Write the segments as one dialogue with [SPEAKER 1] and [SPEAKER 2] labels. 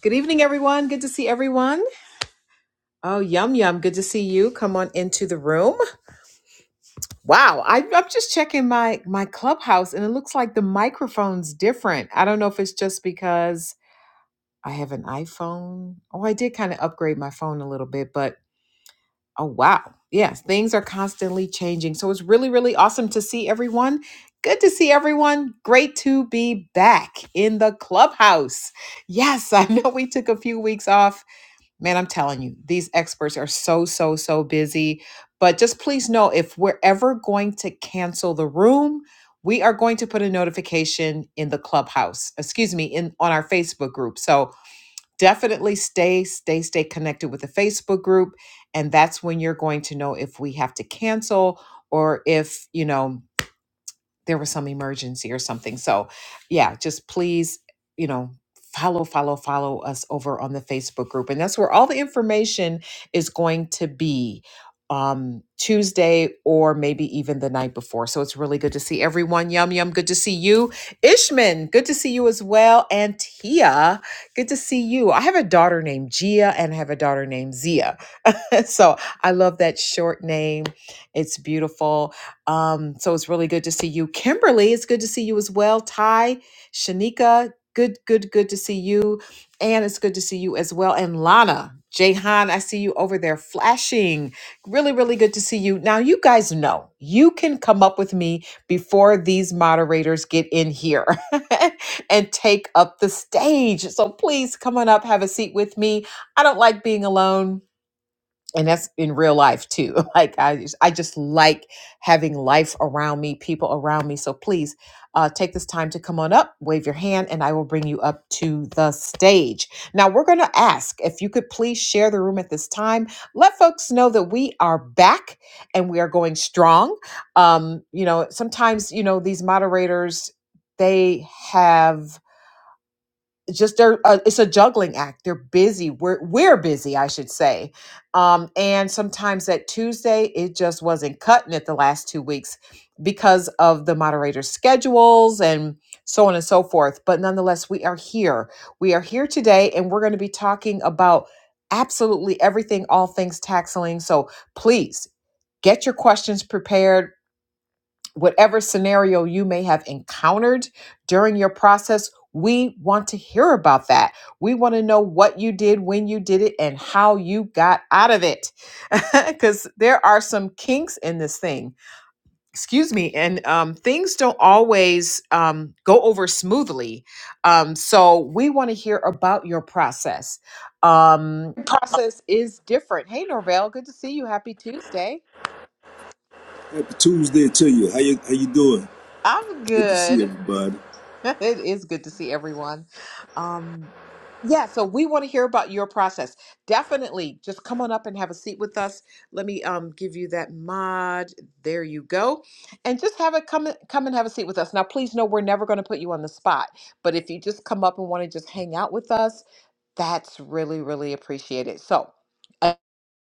[SPEAKER 1] Good evening, everyone. Good to see everyone. Oh, yum yum. Good to see you. Come on into the room. Wow, I, I'm just checking my my clubhouse, and it looks like the microphone's different. I don't know if it's just because I have an iPhone. Oh, I did kind of upgrade my phone a little bit, but oh wow, yes, things are constantly changing. So it's really really awesome to see everyone. Good to see everyone. Great to be back in the clubhouse. Yes, I know we took a few weeks off man, I'm telling you, these experts are so, so, so busy. But just please know if we're ever going to cancel the room, we are going to put a notification in the clubhouse, excuse me, in on our Facebook group. So definitely stay, stay, stay connected with the Facebook group. And that's when you're going to know if we have to cancel or if, you know, there was some emergency or something. So, yeah, just please, you know, follow, follow, follow us over on the Facebook group. And that's where all the information is going to be um Tuesday or maybe even the night before. So it's really good to see everyone. Yum yum, good to see you. Ishman, good to see you as well. And Tia, good to see you. I have a daughter named Gia and I have a daughter named Zia. so I love that short name. It's beautiful. Um, so it's really good to see you. Kimberly, it's good to see you as well. Ty, Shanika, good, good, good to see you. And it's good to see you as well. And Lana, Jahan, I see you over there flashing. Really, really good to see you. Now, you guys know you can come up with me before these moderators get in here and take up the stage. So please come on up, have a seat with me. I don't like being alone and that's in real life too like i just, i just like having life around me people around me so please uh, take this time to come on up wave your hand and i will bring you up to the stage now we're going to ask if you could please share the room at this time let folks know that we are back and we are going strong um, you know sometimes you know these moderators they have just they're uh, it's a juggling act they're busy we're we're busy i should say um and sometimes that tuesday it just wasn't cutting it the last two weeks because of the moderator's schedules and so on and so forth but nonetheless we are here we are here today and we're going to be talking about absolutely everything all things tax lien so please get your questions prepared whatever scenario you may have encountered during your process, we want to hear about that. We want to know what you did, when you did it, and how you got out of it. Because there are some kinks in this thing. Excuse me. And um, things don't always um, go over smoothly. Um, so we want to hear about your process. Um, process is different. Hey, Norvell, good to see you. Happy Tuesday.
[SPEAKER 2] Happy Tuesday to you. How you how you doing?
[SPEAKER 1] I'm
[SPEAKER 2] Good to see
[SPEAKER 1] good.
[SPEAKER 2] everybody.
[SPEAKER 1] it is good to see everyone. Um, yeah, so we want to hear about your process. Definitely, just come on up and have a seat with us. Let me um, give you that mod. There you go, and just have a come come and have a seat with us. Now, please know we're never going to put you on the spot, but if you just come up and want to just hang out with us, that's really really appreciated. So.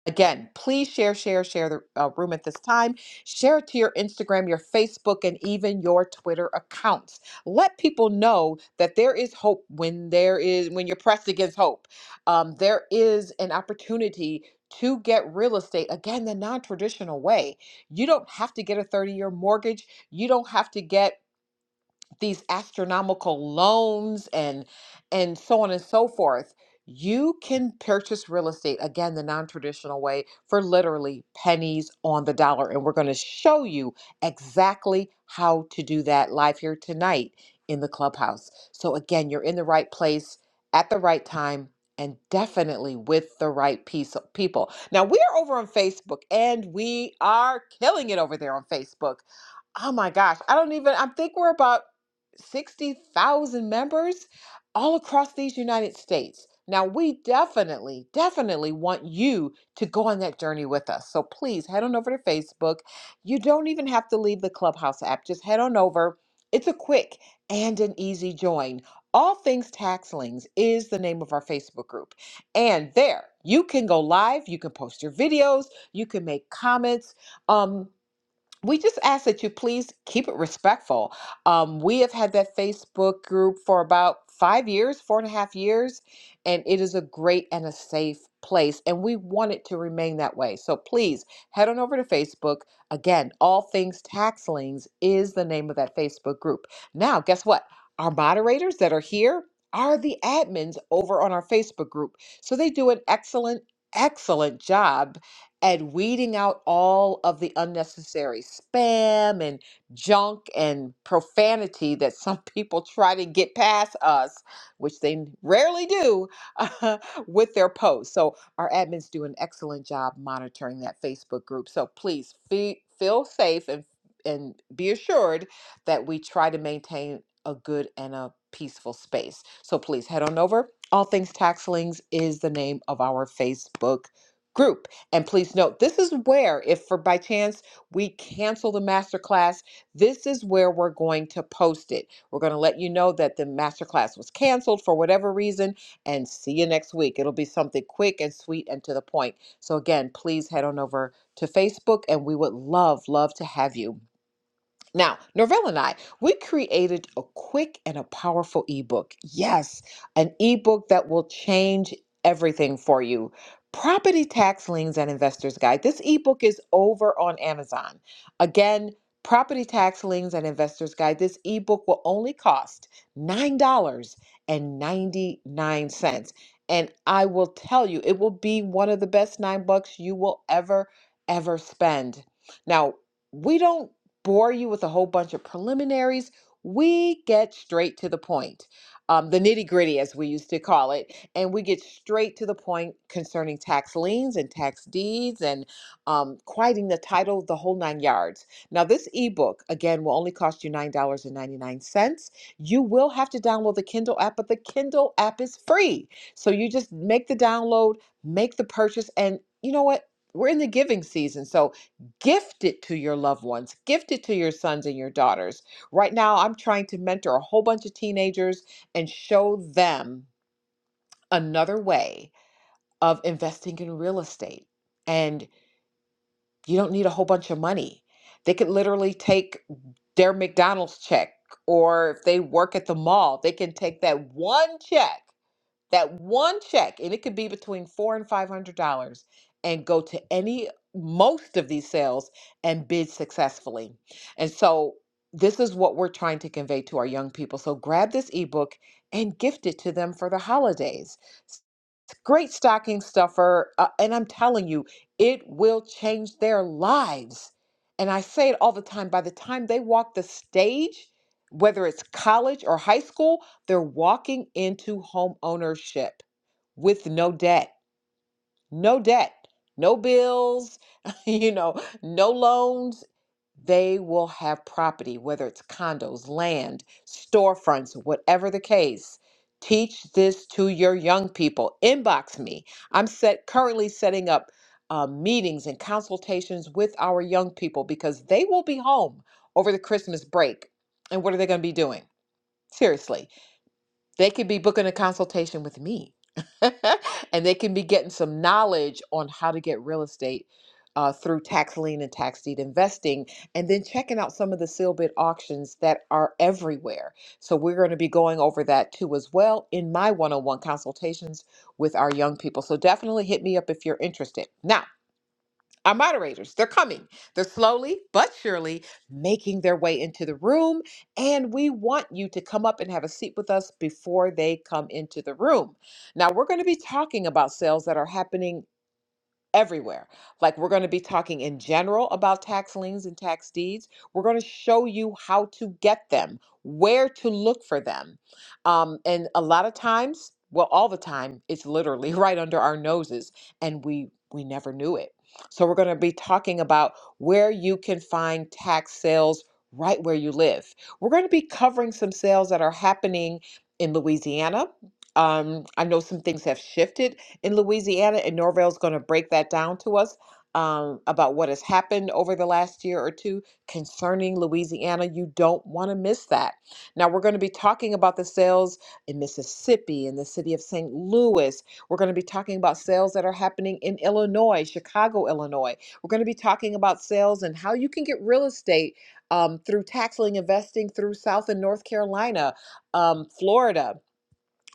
[SPEAKER 1] Again, please share, share, share the uh, room at this time. Share it to your Instagram, your Facebook, and even your Twitter accounts. Let people know that there is hope when there is when you're pressed against hope. Um, there is an opportunity to get real estate again the non-traditional way. You don't have to get a 30-year mortgage. You don't have to get these astronomical loans and and so on and so forth you can purchase real estate again the non-traditional way for literally pennies on the dollar and we're going to show you exactly how to do that live here tonight in the clubhouse so again you're in the right place at the right time and definitely with the right piece of people now we are over on facebook and we are killing it over there on facebook oh my gosh i don't even i think we're about 60,000 members all across these United States. Now, we definitely, definitely want you to go on that journey with us. So please head on over to Facebook. You don't even have to leave the Clubhouse app, just head on over. It's a quick and an easy join. All Things Taxlings is the name of our Facebook group. And there, you can go live, you can post your videos, you can make comments. Um we just ask that you please keep it respectful. Um, we have had that Facebook group for about five years, four and a half years, and it is a great and a safe place, and we want it to remain that way. So please head on over to Facebook. Again, All Things Tax Liens is the name of that Facebook group. Now, guess what? Our moderators that are here are the admins over on our Facebook group. So they do an excellent, excellent job and weeding out all of the unnecessary spam and junk and profanity that some people try to get past us, which they rarely do with their posts. So, our admins do an excellent job monitoring that Facebook group. So, please fe- feel safe and, and be assured that we try to maintain a good and a peaceful space. So, please head on over. All Things Taxlings is the name of our Facebook group. And please note, this is where, if for by chance we cancel the masterclass, this is where we're going to post it. We're going to let you know that the masterclass was canceled for whatever reason, and see you next week. It'll be something quick and sweet and to the point. So, again, please head on over to Facebook, and we would love, love to have you. Now, Norvell and I, we created a quick and a powerful ebook. Yes, an ebook that will change everything for you. Property Tax Liens and Investors Guide. This ebook is over on Amazon. Again, Property Tax Liens and Investors Guide. This ebook will only cost $9.99. And ninety-nine cents. And I will tell you, it will be one of the best nine bucks you will ever, ever spend. Now, we don't bore you with a whole bunch of preliminaries. We get straight to the point, um, the nitty gritty, as we used to call it, and we get straight to the point concerning tax liens and tax deeds and um, quieting the title, the whole nine yards. Now, this ebook, again, will only cost you $9.99. You will have to download the Kindle app, but the Kindle app is free. So you just make the download, make the purchase, and you know what? We're in the giving season. So gift it to your loved ones, gift it to your sons and your daughters. Right now, I'm trying to mentor a whole bunch of teenagers and show them another way of investing in real estate. And you don't need a whole bunch of money. They could literally take their McDonald's check, or if they work at the mall, they can take that one check that one check, and it could be between four and five hundred dollars, and go to any most of these sales and bid successfully. And so this is what we're trying to convey to our young people. So grab this ebook and gift it to them for the holidays. It's a great stocking stuffer, uh, and I'm telling you, it will change their lives. And I say it all the time. By the time they walk the stage, whether it's college or high school, they're walking into home ownership with no debt, no debt, no bills, you know, no loans. They will have property, whether it's condos, land, storefronts, whatever the case. Teach this to your young people. Inbox me. I'm set currently setting up uh, meetings and consultations with our young people because they will be home over the Christmas break. And what are they going to be doing? Seriously they could be booking a consultation with me, and they can be getting some knowledge on how to get real estate uh, through tax lien and tax deed investing, and then checking out some of the seal bid auctions that are everywhere. So, we're going to be going over that too as well in my one on one consultations with our young people. So, definitely hit me up if you're interested. Now, our moderators, they're coming. They're slowly but surely making their way into the room. And we want you to come up and have a seat with us before they come into the room. Now, we're going to be talking about sales that are happening everywhere. Like we're going to be talking in general about tax liens and tax deeds. We're going to show you how to get them, where to look for them. Um, and a lot of times, well, all the time, it's literally right under our noses, and we we never knew it. So we're going to be talking about where you can find tax sales right where you live. We're going to be covering some sales that are happening in Louisiana. Um, I know some things have shifted in Louisiana, and Norvale's going to break that down to us um, about what has happened over the last year or two concerning Louisiana. You don't want to miss that. Now, we're going to be talking about the sales in Mississippi, in the city of St. Louis. We're going to be talking about sales that are happening in Illinois, Chicago, Illinois. We're going to be talking about sales and how you can get real estate um, through tax lien investing through South and North Carolina, um, Florida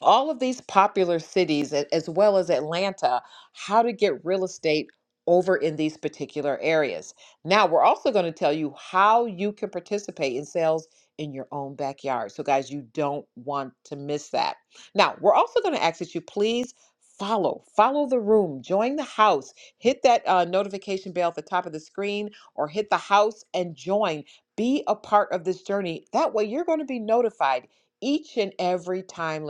[SPEAKER 1] all of these popular cities a- as well as Atlanta how to get real estate over in these particular areas. Now, we're also going to tell you how you can participate in sales in your own backyard. So, guys, you don't want to miss that. Now, we're also going to ask that you please follow follow the room join the house hit that uh, notification bell at the top of the screen or hit the house and join be a part of this journey that way you're going to be notified each and every time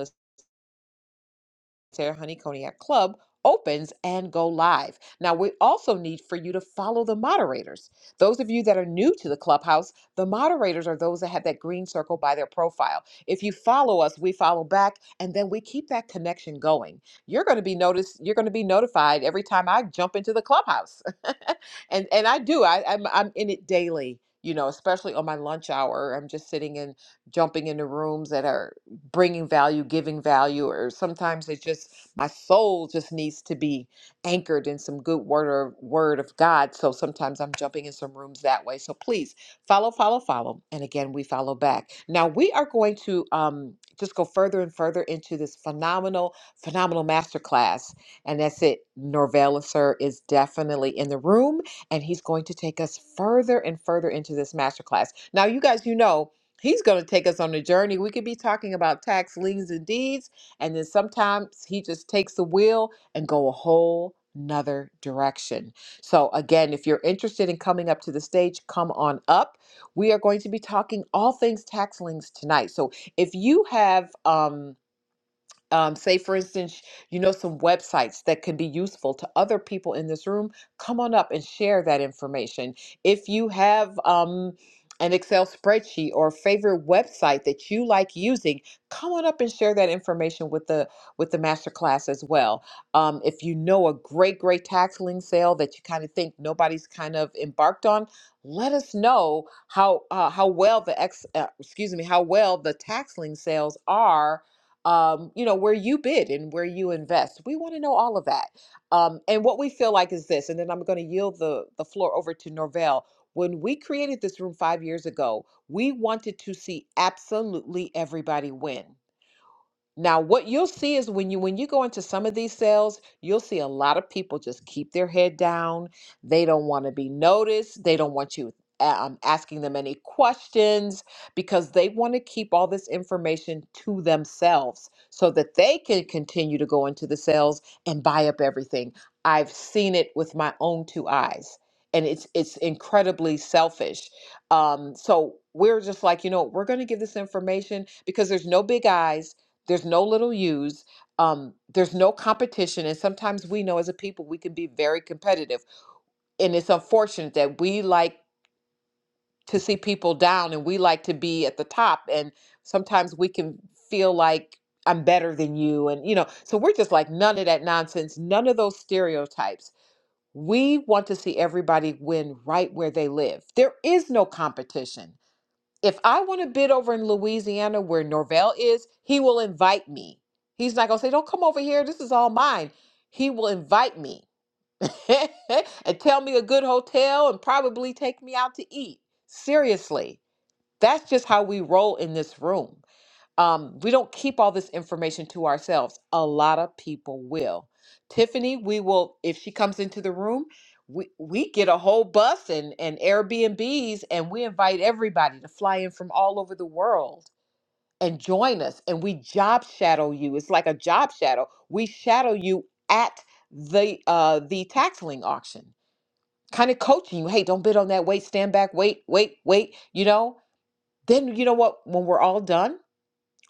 [SPEAKER 1] Sarah Honey Cognac Club opens and go live. Now, we also need for you to follow the moderators. Those of you that are new to the clubhouse, the moderators are those that have that green circle by their profile. If you follow us, we follow back and then we keep that connection going. You're going to be noticed, you're going to be notified every time I jump into the clubhouse. and and I do. I I'm I'm in it daily. You know, especially on my lunch hour, I'm just sitting and jumping into rooms that are bringing value, giving value, or sometimes it just my soul just needs to be anchored in some good word or word of God. So sometimes I'm jumping in some rooms that way. So please follow, follow, follow, and again we follow back. Now we are going to um, just go further and further into this phenomenal, phenomenal masterclass, and that's it. Norvell Sir is definitely in the room, and he's going to take us further and further into this masterclass. Now you guys, you know. He's going to take us on a journey. We could be talking about tax liens and deeds, and then sometimes he just takes the wheel and go a whole nother direction. So again, if you're interested in coming up to the stage, come on up. We are going to be talking all things tax liens tonight. So if you have um um, say for instance you know some websites that can be useful to other people in this room come on up and share that information if you have um, an excel spreadsheet or a favorite website that you like using come on up and share that information with the with the master class as well um, if you know a great great tax lien sale that you kind of think nobody's kind of embarked on let us know how uh, how well the ex uh, excuse me how well the tax lien sales are um, you know, where you bid and where you invest. We want to know all of that. Um, and what we feel like is this, and then I'm going to yield the, the floor over to Norvell. When we created this room five years ago, we wanted to see absolutely everybody win. Now, what you'll see is when you when you go into some of these sales, you'll see a lot of people just keep their head down. They don't want to be noticed. They don't want you um, asking them any questions because they want to keep all this information to themselves so that they can continue to go into the sales and buy up everything. I've seen it with my own two eyes, and it's it's incredibly selfish. Um, so we're just like, you know, we're going to give this information because there's no big eyes there's no little U's. Um, there's no competition. And sometimes we know as a people, we can be very competitive. And it's unfortunate that we like to see people down and we like to be at the top. And sometimes we can feel like I'm better than you. And, you know, so we're just like none of that nonsense, none of those stereotypes. We want to see everybody win right where they live. There is no competition if I want to bid over in Louisiana where Norvell is, he will invite me. He's not going to say, don't come over here. This is all mine. He will invite me and tell me a good hotel and probably take me out to eat. Seriously, that's just how we roll in this room um, we don't keep all this information to ourselves. A lot of people will. Tiffany, we will if she comes into the room, we we get a whole bus and and Airbnbs, and we invite everybody to fly in from all over the world and join us. And we job shadow you. It's like a job shadow. We shadow you at the uh the tax lien auction, kind of coaching you. Hey, don't bid on that. Wait, stand back. Wait, wait, wait. You know. Then you know what? When we're all done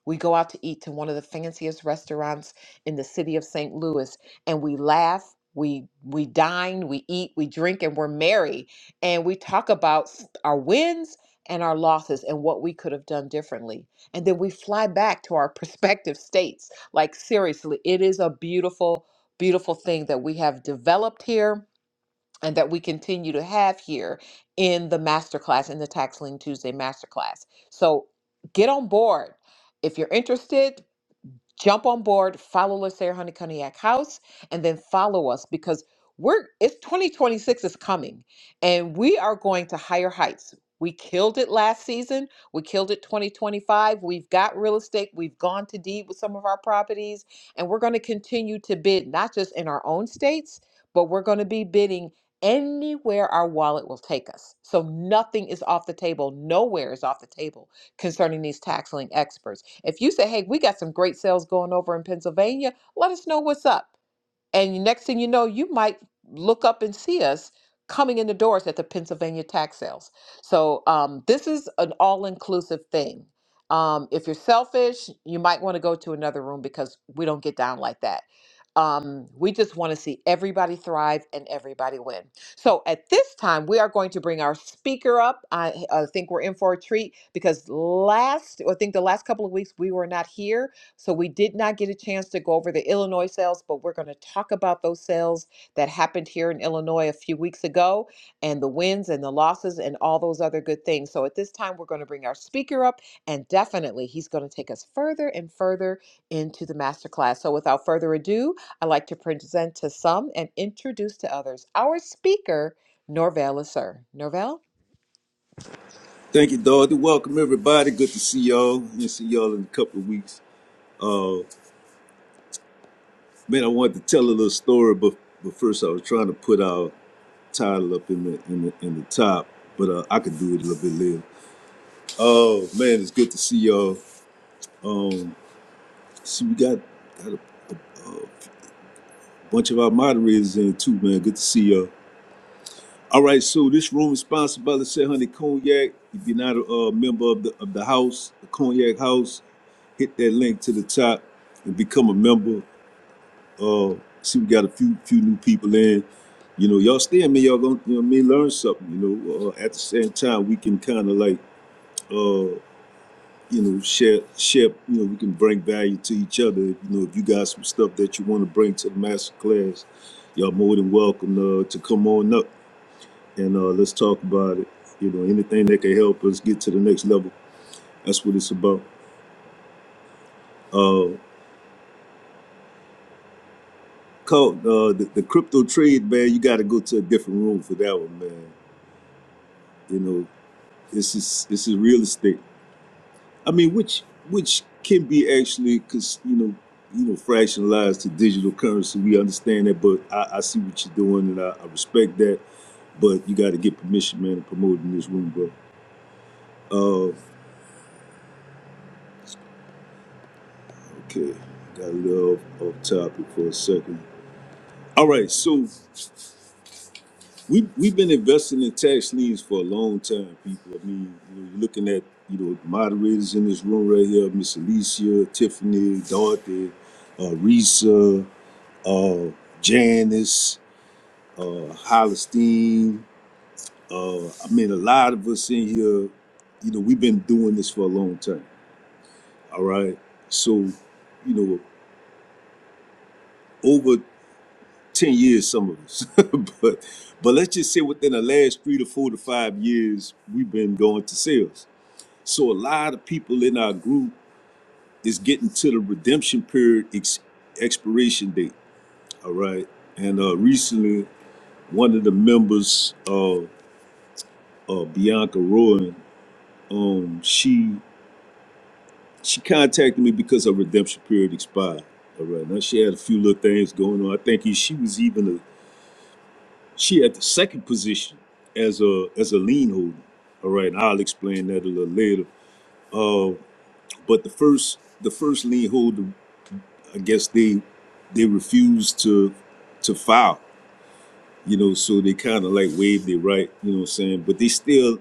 [SPEAKER 1] we go out to eat to one of the fanciest restaurants in the city of St. Louis and we laugh, we we dine, we eat, we drink and we're merry and we talk about s- our wins and our losses and what we could have done differently. And then we fly back to our prospective states. Like seriously, it is a beautiful beautiful thing that we have developed here and that we continue to have here in the masterclass, in the Tax Lien Tuesday masterclass. So get on board. If you're interested, jump on board, follow Lasair Honey Cognac House, and then follow us because we're it's 2026 is coming and we are going to higher heights. We killed it last season. We killed it 2025. We've got real estate. We've gone to deed with some of our properties, and we're going to continue to bid, not just in our own states, but we're going to be bidding anywhere our wallet will take us. So nothing is off the table. Nowhere is off the table concerning these taxing experts. If you say, hey, we got some great sales going over in Pennsylvania, let us know what's up. And the next thing you know, you might look up and see us coming in the doors at the Pennsylvania tax sales. So um, this is an all inclusive thing. Um, if you're selfish, you might want to go to another room because we don't get down like that. Um, we just want to see everybody thrive and everybody win. So at this time, we are going to bring our speaker up. I, I think we're in for a treat because last, I think the last couple of weeks we were not here so we did not get a chance to go over the Illinois sales, but we're going to talk about those sales that happened here in Illinois a few weeks ago and the wins and the losses and all those other good things. So at this time, we're going to bring our speaker up and definitely he's going to take us further and further into the masterclass. So without further ado, I'd like to present to some and introduce to others our speaker, Norvell Lasser. Norvell?
[SPEAKER 2] Thank you, Dorothy. Welcome everybody. Good to see y'all. And see y'all in a couple of weeks. Uh, man, I wanted to tell a little story, but but first I was trying to put our title up in the in the, in the top, but uh, I could do it a little bit later. Oh man, it's good to see y'all. Um, see we got got a, uh bunch of our moderators in too, man. Good to see y'all. All right, so this room is sponsored by the Say Honey Cognac. If you're not a uh, member of the of the house, the Cognac House, hit that link to the top and become a member. Uh, see, we got a few few new people in. You know, y'all stay in me. Y'all gonna you know what learn something. You know, uh, at the same time, we can kind of like uh, you know share share. You know, we can bring value to each other. You know, if you got some stuff that you want to bring to the master class, y'all more than welcome uh, to come on up and uh, let's talk about it. You know, anything that can help us get to the next level, that's what it's about. Uh, Colt, uh, the, the crypto trade, man, you got to go to a different room for that one, man. You know, this is this is real estate. I mean, which which can be actually, cause you know, you know, fractionalized to digital currency. We understand that, but I, I see what you're doing, and I, I respect that. But you got to get permission, man, to promote in this room, bro. Uh, okay, got a little off off topic for a second. All right, so we we've been investing in tax liens for a long time, people. I mean, you know, you're looking at you know the moderators in this room right here, Miss Alicia, Tiffany, Dorothy, uh, Risa, uh, Janice, uh, Hollistein. Uh, I mean, a lot of us in here, you know, we've been doing this for a long time. All right, so you know, over 10 years some of us but but let's just say within the last three to four to five years we've been going to sales so a lot of people in our group is getting to the redemption period ex- expiration date all right and uh recently one of the members of uh, bianca rowan um she she contacted me because her redemption period expired all right now she had a few little things going on i think she was even She at the second position as a as a lien holder. All right, and I'll explain that a little later. Uh, but the first the first lien holder, I guess they they refused to to file. You know, so they kind of like waived their right. You know what I'm saying? But they still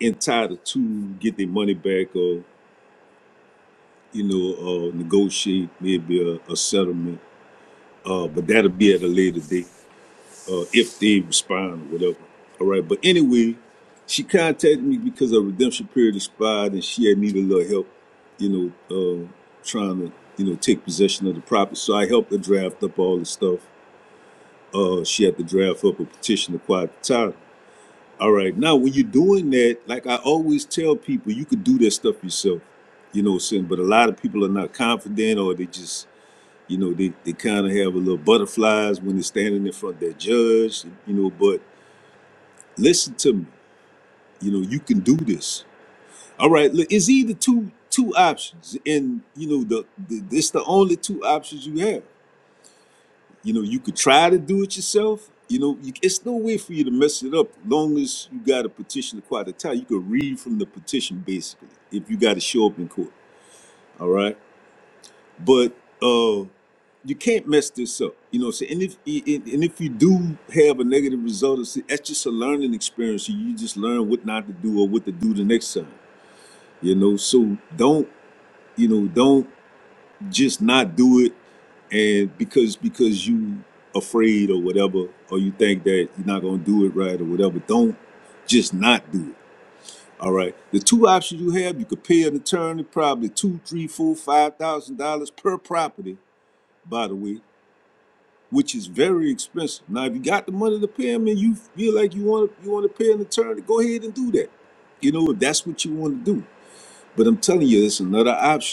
[SPEAKER 2] entitled to get their money back or you know uh, negotiate maybe a, a settlement. Uh, but that'll be at a later date. uh, if they respond or whatever. All right. But anyway, she contacted me because her redemption period expired and she had needed a little help, you know, uh, trying to, you know, take possession of the property. So I helped her draft up all the stuff. Uh, she had to draft up a petition to quiet the title. All right. Now, when you're doing that, like I always tell people, you could do that stuff yourself, you know what I'm saying? But a lot of people are not confident or they just, you know, they, they kind of have a little butterflies when they're standing in front of their judge, you know, but Listen to me. You know, you can do this. All right. Look, it's either two two options, and you know the, the this the only two options you have. You know, you could try to do it yourself. You know, you, it's no way for you to mess it up. Long as you got a petition to quiet the tie. you could read from the petition basically. If you got to show up in court, all right. But uh, you can't mess this up. You know, so and if and and if you do have a negative result, it's- that's just a learning experience. You just learn what not to do or what to do the next time. you know so don't you know don't just not do it and because because you afraid or whatever or you think that you're not going to do it right or whatever don't just not do it all right the two options you have you could pay an attorney probably two three four five thousand dollars per property by the way which is very expensive now if you got the money to pay him and you feel like you want to you want to pay an attorney go ahead and do that you know if that's what you want to do but i'm telling you it's another option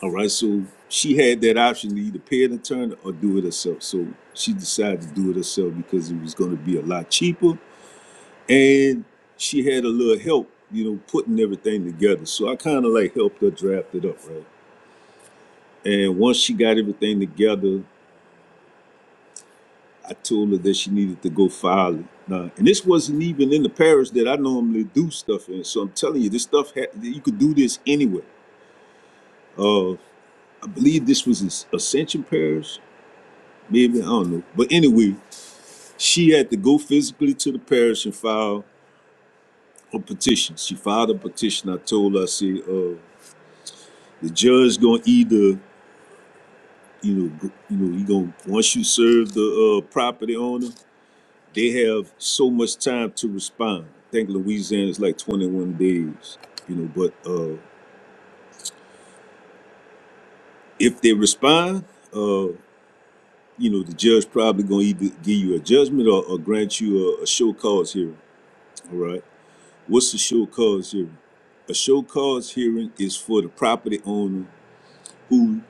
[SPEAKER 2] All right, so she had that option to either pay an attorney or do it herself. So she decided to do it herself because it was going to be a lot cheaper, and she had a little help, you know, putting everything together. So I kind of like helped her draft it up, right? And once she got everything together, I told her that she needed to go file it. Now, and this wasn't even in the parish that I normally do stuff in. So I'm telling you, this stuff had, you could do this anywhere. Uh, I believe this was Ascension Parish maybe I don't know. But anyway, She had to go physically to the parish and file a petition. She filed a petition. I told her, I said, uh, the judge gonna either, you know, you know, he gonna once you serve the uh, property owner, they have so much time to respond. I think Louisiana is like 21 days, you know. But uh, if they respond, uh, you know, the judge probably gonna either give you a judgment or, or grant you a, a show cause hearing. All right What's a show cause hearing? A show cause hearing is for the property owner who,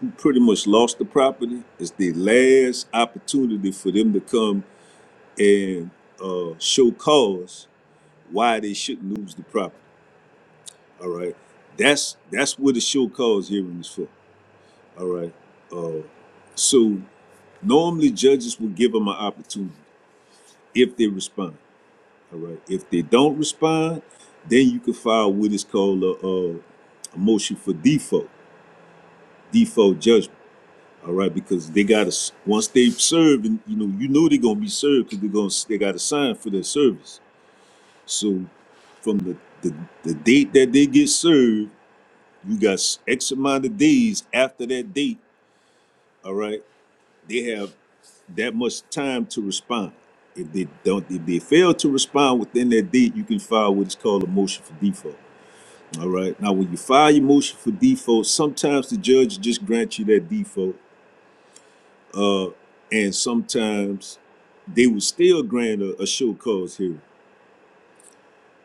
[SPEAKER 2] who pretty much lost the property. It's the last opportunity for them to come and uh, show cause why they shouldn't lose the property. All right, that's that's what a show cause hearing is for. All right, uh, so normally judges will give them an opportunity if they respond. All right. If they don't respond, then you can file what is called a, uh, a motion for default, default judgment. All right, because they got to once they've served, and you know, you know they're gonna be served because they're gonna they got to sign for their service. So from the, the the date that they get served, you got X amount of days after that date. All right, they have that much time to respond. If they don't, if they fail to respond within that date, you can file what is called a motion for default. All right. Now, when you file your motion for default, sometimes the judge just grants you that default, uh, and sometimes they will still grant a, a show cause hearing.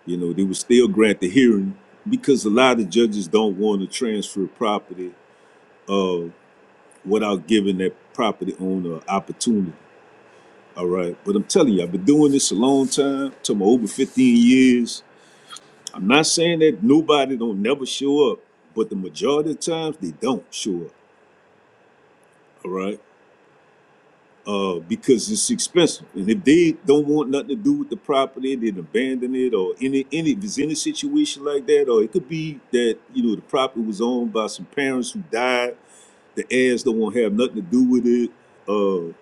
[SPEAKER 2] You know, they will still grant the hearing because a lot of judges don't want to transfer property uh, without giving that property owner an opportunity. All right. But I'm telling you, I've been doing this a long time, to my over 15 years. I'm not saying that nobody don't never show up, but the majority of times they don't show up. All right uh, because it's expensive. And if they don't want nothing to do with the property, they'd abandon it or any any if there's any situation like that, or it could be that, you know, the property was owned by some parents who died, the heirs don't want to have nothing to do with it. Uh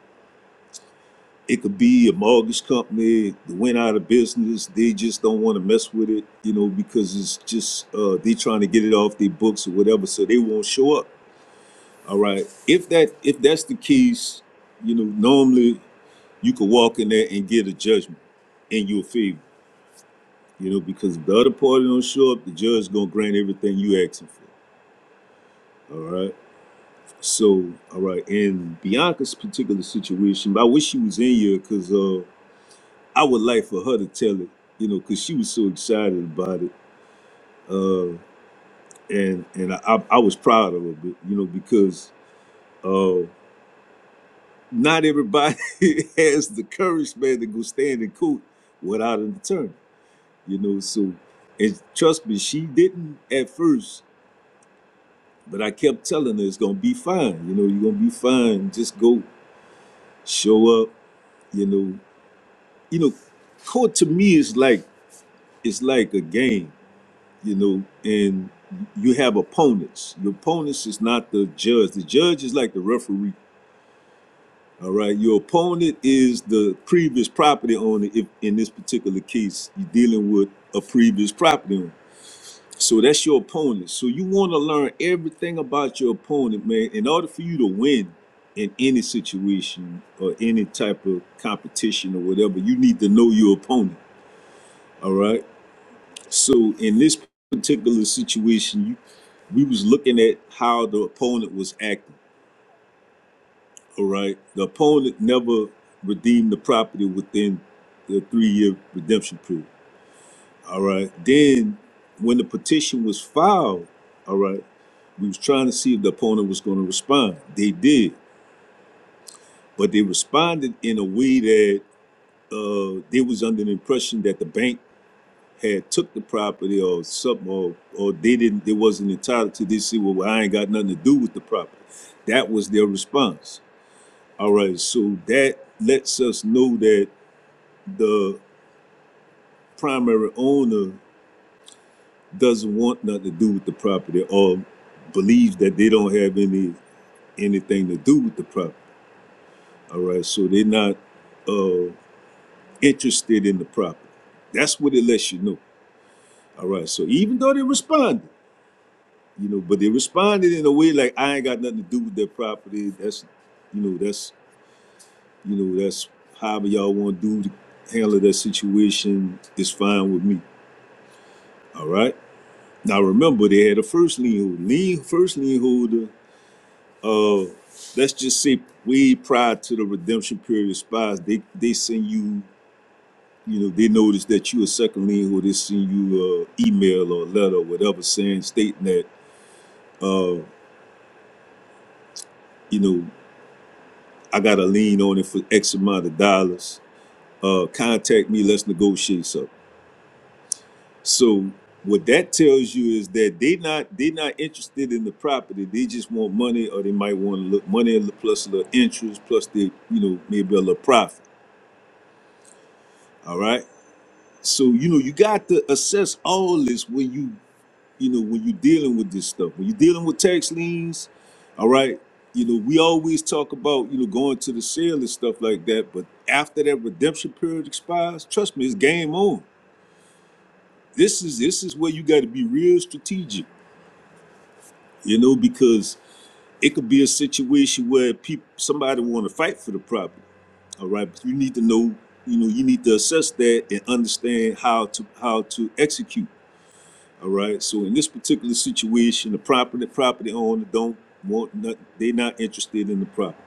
[SPEAKER 2] it could be a mortgage company that went out of business. They just don't want to mess with it, you know, because it's just uh, they trying to get it off their books or whatever, so they won't show up. All right. If that if that's the case, you know, normally you could walk in there and get a judgment in your favor. You know, because if the other party don't show up, the judge gonna grant everything you asking for. All right. So, all right. In Bianca's particular situation, I wish she was in here because uh, I would like for her to tell it. You know, because she was so excited about it, uh, and and I, I I was proud of her. But you know, because uh, not everybody has the courage, man, to go stand in court without an attorney. you know so and trust me she didn't at first but i kept telling her it's gonna be fine you know you're gonna be fine just go show up you know you know court to me is like it's like a game you know and you have opponents your opponents is not the judge the judge is like the referee all right your opponent is the previous property owner if in this particular case you're dealing with a previous property owner So that's your opponent. So you want to learn everything about your opponent, man, in order for you to win in any situation or any type of competition or whatever, you need to know your opponent. All right. So in this particular situation, we was looking at how the opponent was acting. All right. The opponent never redeemed the property within the three year redemption period. All right. Then when the petition was filed, all right. We was trying to see if the opponent was going to respond. They did, but they responded in a way that uh, they was under the impression that the bank had took the property or something, or, or they didn't. They wasn't entitled to this. Say, well, I ain't got nothing to do with the property. That was their response. All right, so that lets us know that the primary owner doesn't want nothing to do with the property or believes that they don't have any anything to do with the property. All right, so they're not uh, interested in the property. That's what it lets you know. All right, so even though they responded, you know, but they responded in a way like I ain't got nothing to do with their property. That's, you know, that's, you know, that's however y'all want to do to handle that situation is fine with me. All right. Now remember, they had a first lien holder. Lien first lien holder. Uh, let's just say way prior to the redemption period expires, they they send you you know, they notice that you a second lien or they send you a email or a letter or whatever saying, stating that, uh, you know, I got a lien on it for X amount of dollars. Uh, contact me. Let's negotiate something. So what that tells you is that they not they not interested in the property. They just want money, or they might want a little money plus a little interest, plus they you know maybe a little profit. All right. So you know you got to assess all this when you you know, when you're dealing with this stuff, when you're dealing with tax liens, all right, you know, we always talk about, you know, going to the sale and stuff like that. But after that redemption period expires, trust me, it's game on. This is this is where you got to be real strategic, you know, because it could be a situation where people somebody want to fight for the property, all right. But you need to know, you know, you need to assess that and understand how to how to execute. All right. So in this particular situation, the property property owner don't want nothing. They are not interested in the property.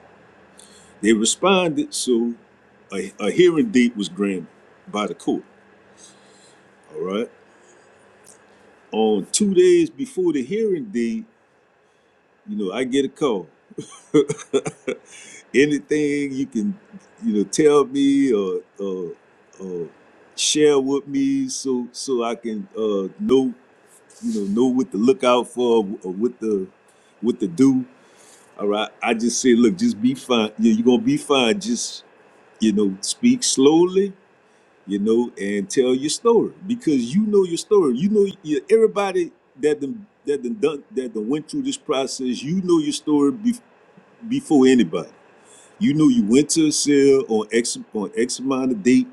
[SPEAKER 2] They responded, so a, a hearing date was granted by the court. All right. On two days before the hearing date, you know, I get a call. Anything you can, you know, tell me or or, or share with me, so so I can uh, know, you know, know what to look out for or what the what to do All right. I just say, look, just be fine. Yeah, you're gonna be fine. Just you know, speak slowly. You know, and tell your story because you know your story. You know you, everybody that done, that done, done that done went through this process. You know your story bef before anybody. You know you went to a sale on X on X amount of date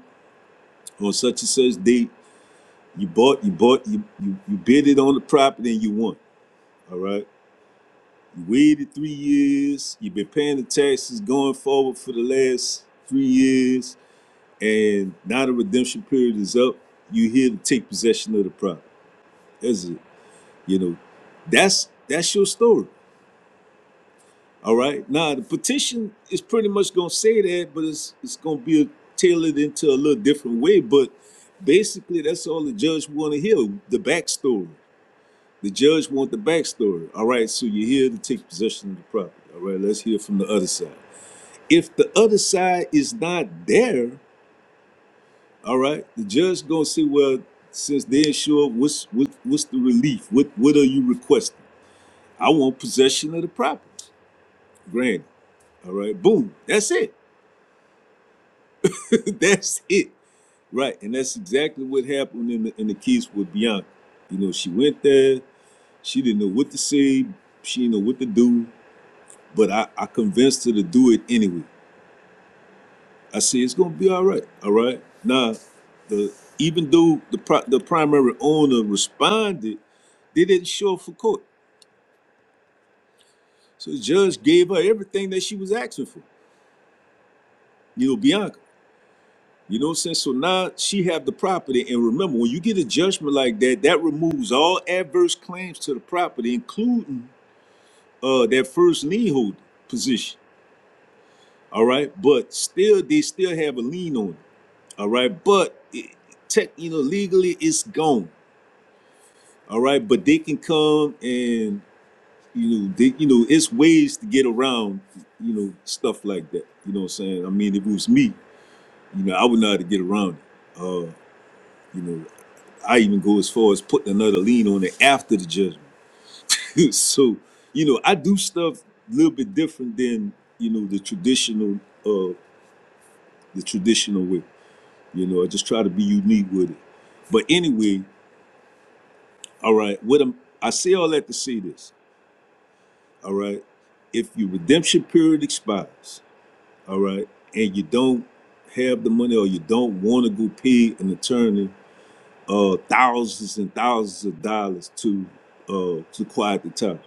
[SPEAKER 2] on such and such date. You bought, you bought, you you, you bid it on the property and you won. All right You waited three years. You've been paying the taxes going forward for the last three years, and now the redemption period is up. You're here to take possession of the property. That's it. You know, that's that's your story. All right. Now the petition is pretty much gonna say that, but it's it's gonna be tailored into a little different way. But basically, that's all the judge want to hear: the backstory. The judge want the backstory. All right. So you're here to take possession of the property. All right. Let's hear from the other side. if the other side is not there, all right, the judge gonna say, well, since they ain't sure, what's what, what's the relief? What what are you requesting? I want possession of the property. Granted, all right, boom, that's it, that's it, right? And that's exactly what happened in the in the case with Bianca. You know, she went there, she didn't know what to say, she didn't know what to do, but I, I convinced her to do it anyway. I say it's gonna be all right. All right. Now, the even though the pri- the primary owner responded, they didn't show up for court. So the judge gave her everything that she was asking for. You know, Bianca. You know what I'm saying? So now she have the property, and remember, when you get a judgment like that, that removes all adverse claims to the property, including uh that first lien holder position. All right, but still, they still have a lien on it. All right, but it, tech, you know, legally, it's gone. All right, but they can come and you know, they, you know, it's ways to get around, you know, stuff like that. You know what I'm saying? I mean, if it was me, you know, I would know how to get around it. Uh, you know, I even go as far as putting another lien on it after the judgment. so, you know, I do stuff a little bit different than you know the traditional, uh, the traditional way. You know, I just try to be unique with it. But anyway, all right, what I'm, I say all that to say this. all right if your redemption period expires all right and you don't have the money or you don't want to go pay an attorney uh thousands and thousands of dollars to uh to quiet the title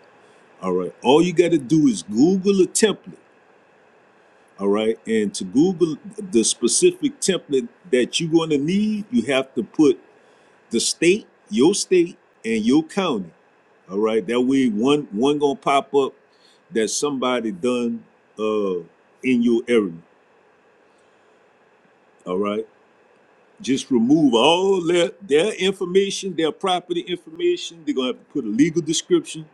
[SPEAKER 2] all right all you got to do is google a template all right and to google the specific template that you're going to need you have to put the state, your state, and your county. All right, that way one one gonna pop up that somebody done uh in your area. All right, just remove all their their information, their property information. They're gonna have to put a legal description.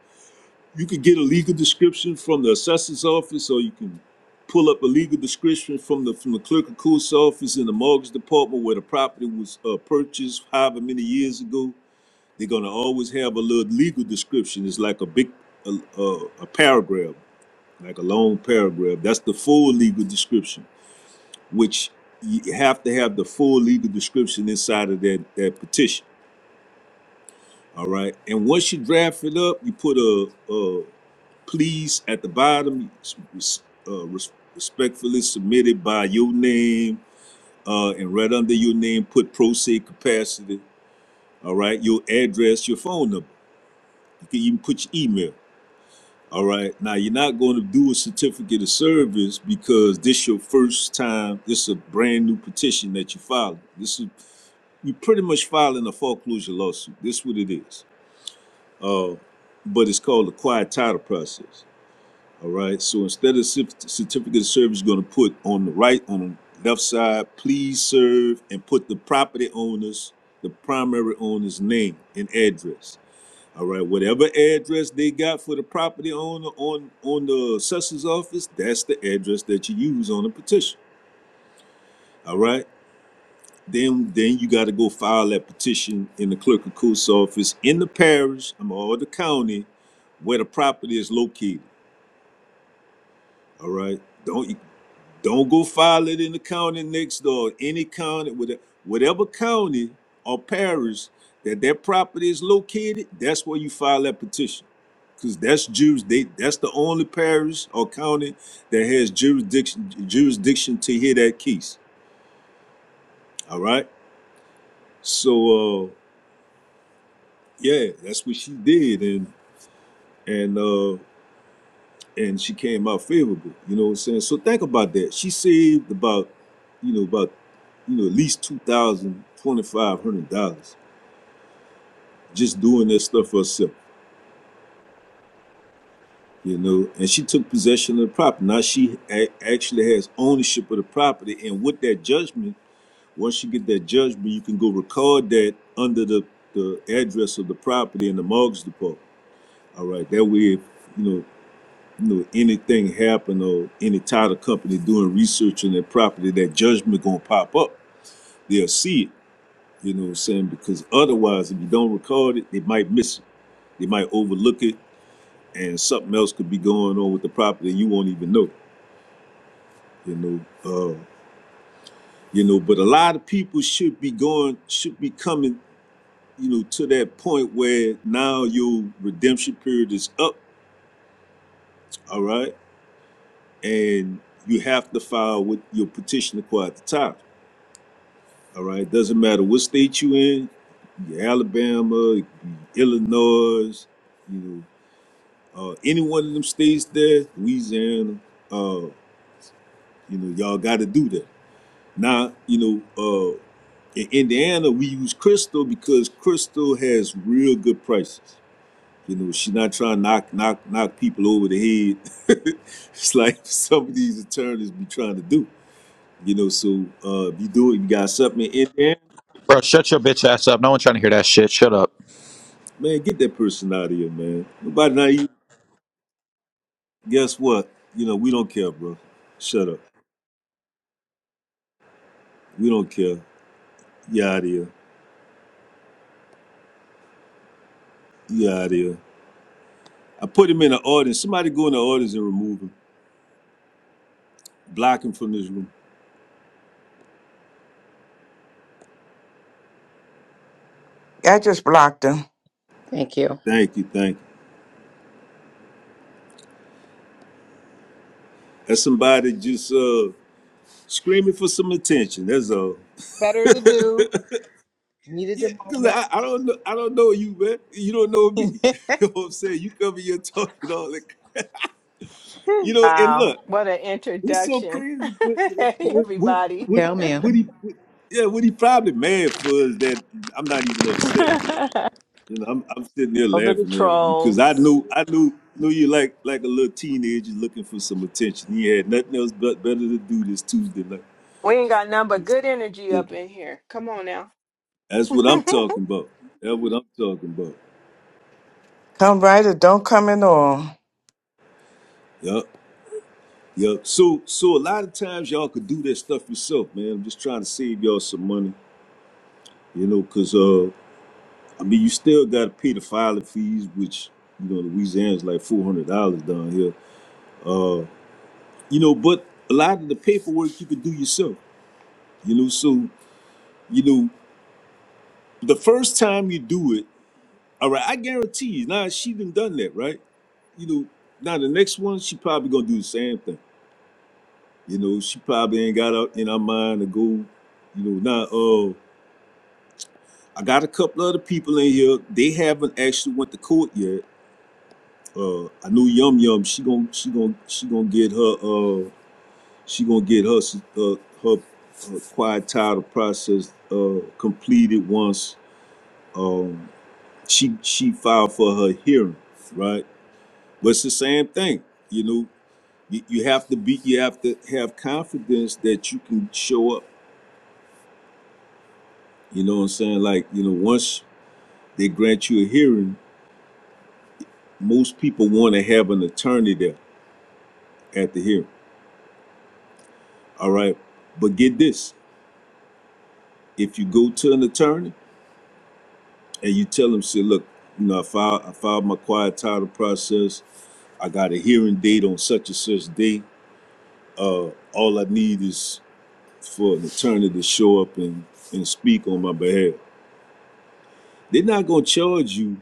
[SPEAKER 2] You could get a legal description from the assessor's office, or you can pull up a legal description from the from the clerk of court's office in the mortgage department where the property was uh, purchased however many years ago They're gonna always have a little legal description. It's like a big a, a, a paragraph, like a long paragraph. That's the full legal description, which you have to have the full legal description inside of that that petition. All right, and once you draft it up, you put a, a please at the bottom, s- s- uh, res- respectfully submitted by your name, uh, and right under your name, put proceed capacity. All right, your address, your phone number. You can even put your email. All right. Now you're not going to do a certificate of service because this your first time. This is a brand new petition that you file. This is you pretty much filing a foreclosure lawsuit. This is what it is. Uh, but it's called the quiet title process. All right. So instead of certificate of service, you're going to put on the right on the left side, please serve, and put the property owners, the primary owner's name and address. All right, whatever address they got for the property owner on on the assessor's office, that's the address that you use on the petition. All right, then then you got to go file that petition in the clerk of court's office in the parish um, or the county where the property is located. All right, don't Don't go file it in the county next door, any county, whate- whatever county or parish that that property is located, that's where you file that petition. Cause that's Jews, they, that's the only parish or county that has jurisdiction, jurisdiction to hear that case. All right. So, uh, yeah, that's what she did. And, and, uh, and she came out favorable. You know what I'm saying? So think about that. She saved about, you know, about, you know, at least two thousand twenty five hundred dollars just doing this stuff herself. You know, and she took possession of the property. Now she a- actually has ownership of the property, and with that judgment, once you get that judgment, you can go record that under the the address of the property in the mortgage department. All right, that way, if, you know. you know, anything happen or any title company doing research on their property, that judgment gonna pop up. They'll see it, you know what I'm saying? Because otherwise, if you don't record it, they might miss it. They might overlook it and something else could be going on with the property and you won't even know, you know. Uh, you know, but a lot of people should be going, should be coming, you know, to that point where now your redemption period is up, all right? And you have to file with your petition to quiet the title All right, doesn't matter what state you in, you Alabama, Illinois, you know, uh, any one of them states there, Louisiana, uh, you know, y'all got to do that. Now, you know, uh, in Indiana, we use Crystal because Crystal has real good prices. You know, she's not trying to knock knock knock people over the head. it's like some of these attorneys be trying to do. You know, so uh, if you do it, you got something in Indiana.
[SPEAKER 3] Bro, shut your bitch ass up. No one trying to hear that shit. Shut up.
[SPEAKER 2] Man, get that person out of here, man. Nobody now you guess what? You know, we don't care, bro. Shut up. We don't care. You out of here. You out of here. I put him in the audience. Somebody go in the audience and remove him. Block him from this room.
[SPEAKER 4] I just blocked him.
[SPEAKER 1] Thank you.
[SPEAKER 2] Thank you, thank you. That's somebody just uh screaming for some attention. That's all.
[SPEAKER 1] Better to do. Needed
[SPEAKER 2] Yeah,
[SPEAKER 1] a
[SPEAKER 2] cause
[SPEAKER 1] moment.
[SPEAKER 2] I, I don't know I don't know you, man. You don't know me. you know what I'm saying? You cover your talk and all that. You know, and
[SPEAKER 5] Wow,
[SPEAKER 2] look.
[SPEAKER 5] what an
[SPEAKER 2] What's so
[SPEAKER 5] introduction.
[SPEAKER 2] crazy with
[SPEAKER 5] hey,
[SPEAKER 2] with with
[SPEAKER 5] everybody.
[SPEAKER 2] with
[SPEAKER 1] Tell me.
[SPEAKER 2] what he what, yeah what he probably mad for is that I'm not even
[SPEAKER 5] Those
[SPEAKER 2] upset. You know, I'm I'm sitting there
[SPEAKER 5] are the
[SPEAKER 2] laughing at him because I
[SPEAKER 5] trolls.
[SPEAKER 2] knew I knew knew you like like a little teenager looking for some attention. He had nothing else but better to do this Tuesday night.
[SPEAKER 5] We ain't got none but good energy
[SPEAKER 2] So
[SPEAKER 5] up in here. Come on now.
[SPEAKER 2] that's what I'm talking about. That's what I'm talking about.
[SPEAKER 4] Come right or don't come at all.
[SPEAKER 2] Yup. Yup. So so a lot of times y'all could do that stuff yourself, man. I'm just trying to save y'all some money. You know, know, 'cause uh, I mean, you still got to pay the filing fees, which you know Louisiana's like four hundred dollars down here. Uh, you know, but a lot of the paperwork you can do yourself. You know, so you know the first time you do it, all right, I guarantee you. Now she done done that, right? You know, now the next one she probably gonna do the same thing. You know, she probably ain't got out in her mind to go. You know, now uh, I got a couple other people in here. They haven't actually went to court yet uh I knew Yum Yum she gon' she gon' she gon' get her uh she gonna get her uh her, her quiet title process uh completed once um she she filed for her hearing right but it's the same thing you know you, you have to be you have to have confidence that you can show up you know what I'm saying like you know once they grant you a hearing most people want to have an attorney there at the hearing all right but get this if you go to an attorney and you tell them, say, look, you know, I filed, I filed my quiet title process. I got a hearing date on such and such day. Uh, all I need is for an attorney to show up and, and speak on my behalf. They're not going to charge you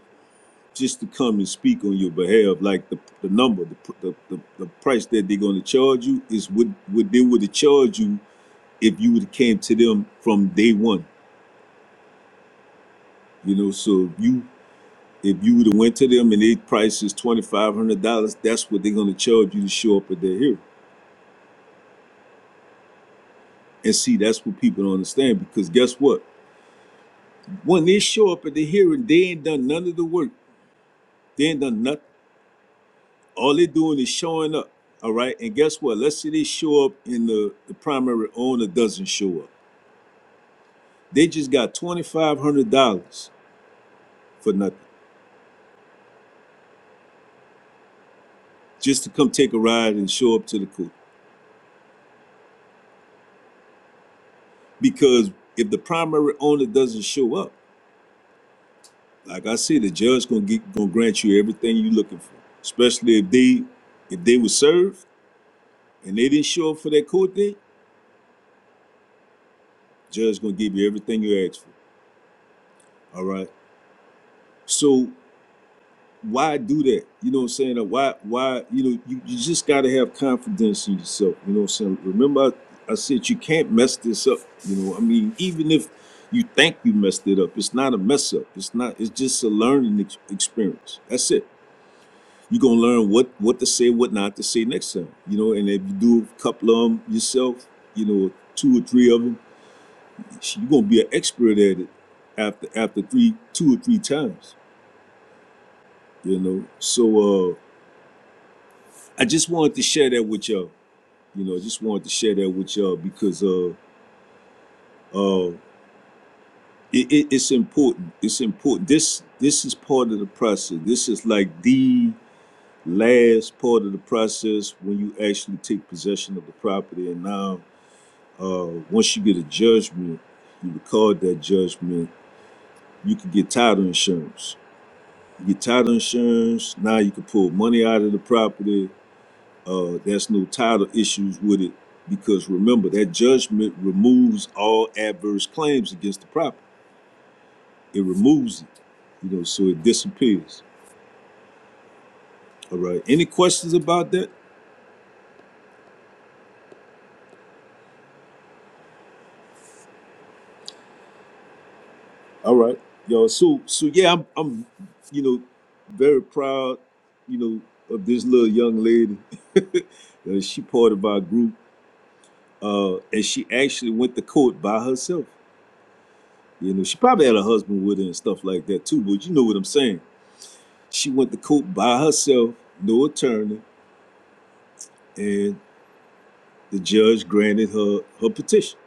[SPEAKER 2] just to come and speak on your behalf. Like the, the number, the, pr- the, the, the price that they're going to charge you is what, what they would have charged you if you would have came to them from day one. You know, so if you If you would have went to them and they price is twenty five hundred dollars, that's what they're gonna charge you to show up at their hearing. And see, that's what people don't understand because guess what? When they show up at the hearing, they ain't done none of the work. They ain't done nothing. All they doing is showing up. All right. And guess what? Let's say they show up and the, the primary owner doesn't show up. They just got twenty five hundred dollars for nothing. Just to come take a ride and show up to the court. Because if the primary owner doesn't show up, Like I said, the judge gonna get gonna grant you everything you looking for. Especially if they if they were served and they didn't show up for that court date, judge gonna give you everything you asked for. All right. So why do that? You know what I'm saying? Uh, Why why you know you, you just gotta have confidence in yourself. You know what I'm saying? Remember I, I said you can't mess this up. You know, I mean, even if you think you messed it up, it's not a mess up. It's not, it's just a learning ex- experience. That's it. You're gonna learn what what to say, what not to say next time. You know, and if you do a couple of them yourself, you know, two or three of them, you're gonna be an expert at it after after three, two or three times. You know, so uh, I just wanted to share that with y'all. You know, I just wanted to share that with y'all because uh, uh, it, it, it's important. It's important. This this is part of the process. This is like the last part of the process when you actually take possession of the property and now Uh, once you get a judgment, you record that judgment. You can get title insurance. You get title insurance. Now you can pull money out of the property. Uh, there's no title issues with it because remember that judgment removes all adverse claims against the property. It removes it, you know, so it disappears. All right. Any questions about that? All right, yo. So, so yeah, I'm, I'm, you know, very proud, you know, of this little young lady. Uh, she part of our group, uh, and she actually went to court by herself. You know, she probably had a husband with her and stuff like that too. But you know what I'm saying? She went to court by herself, no attorney, and the judge granted her her petition.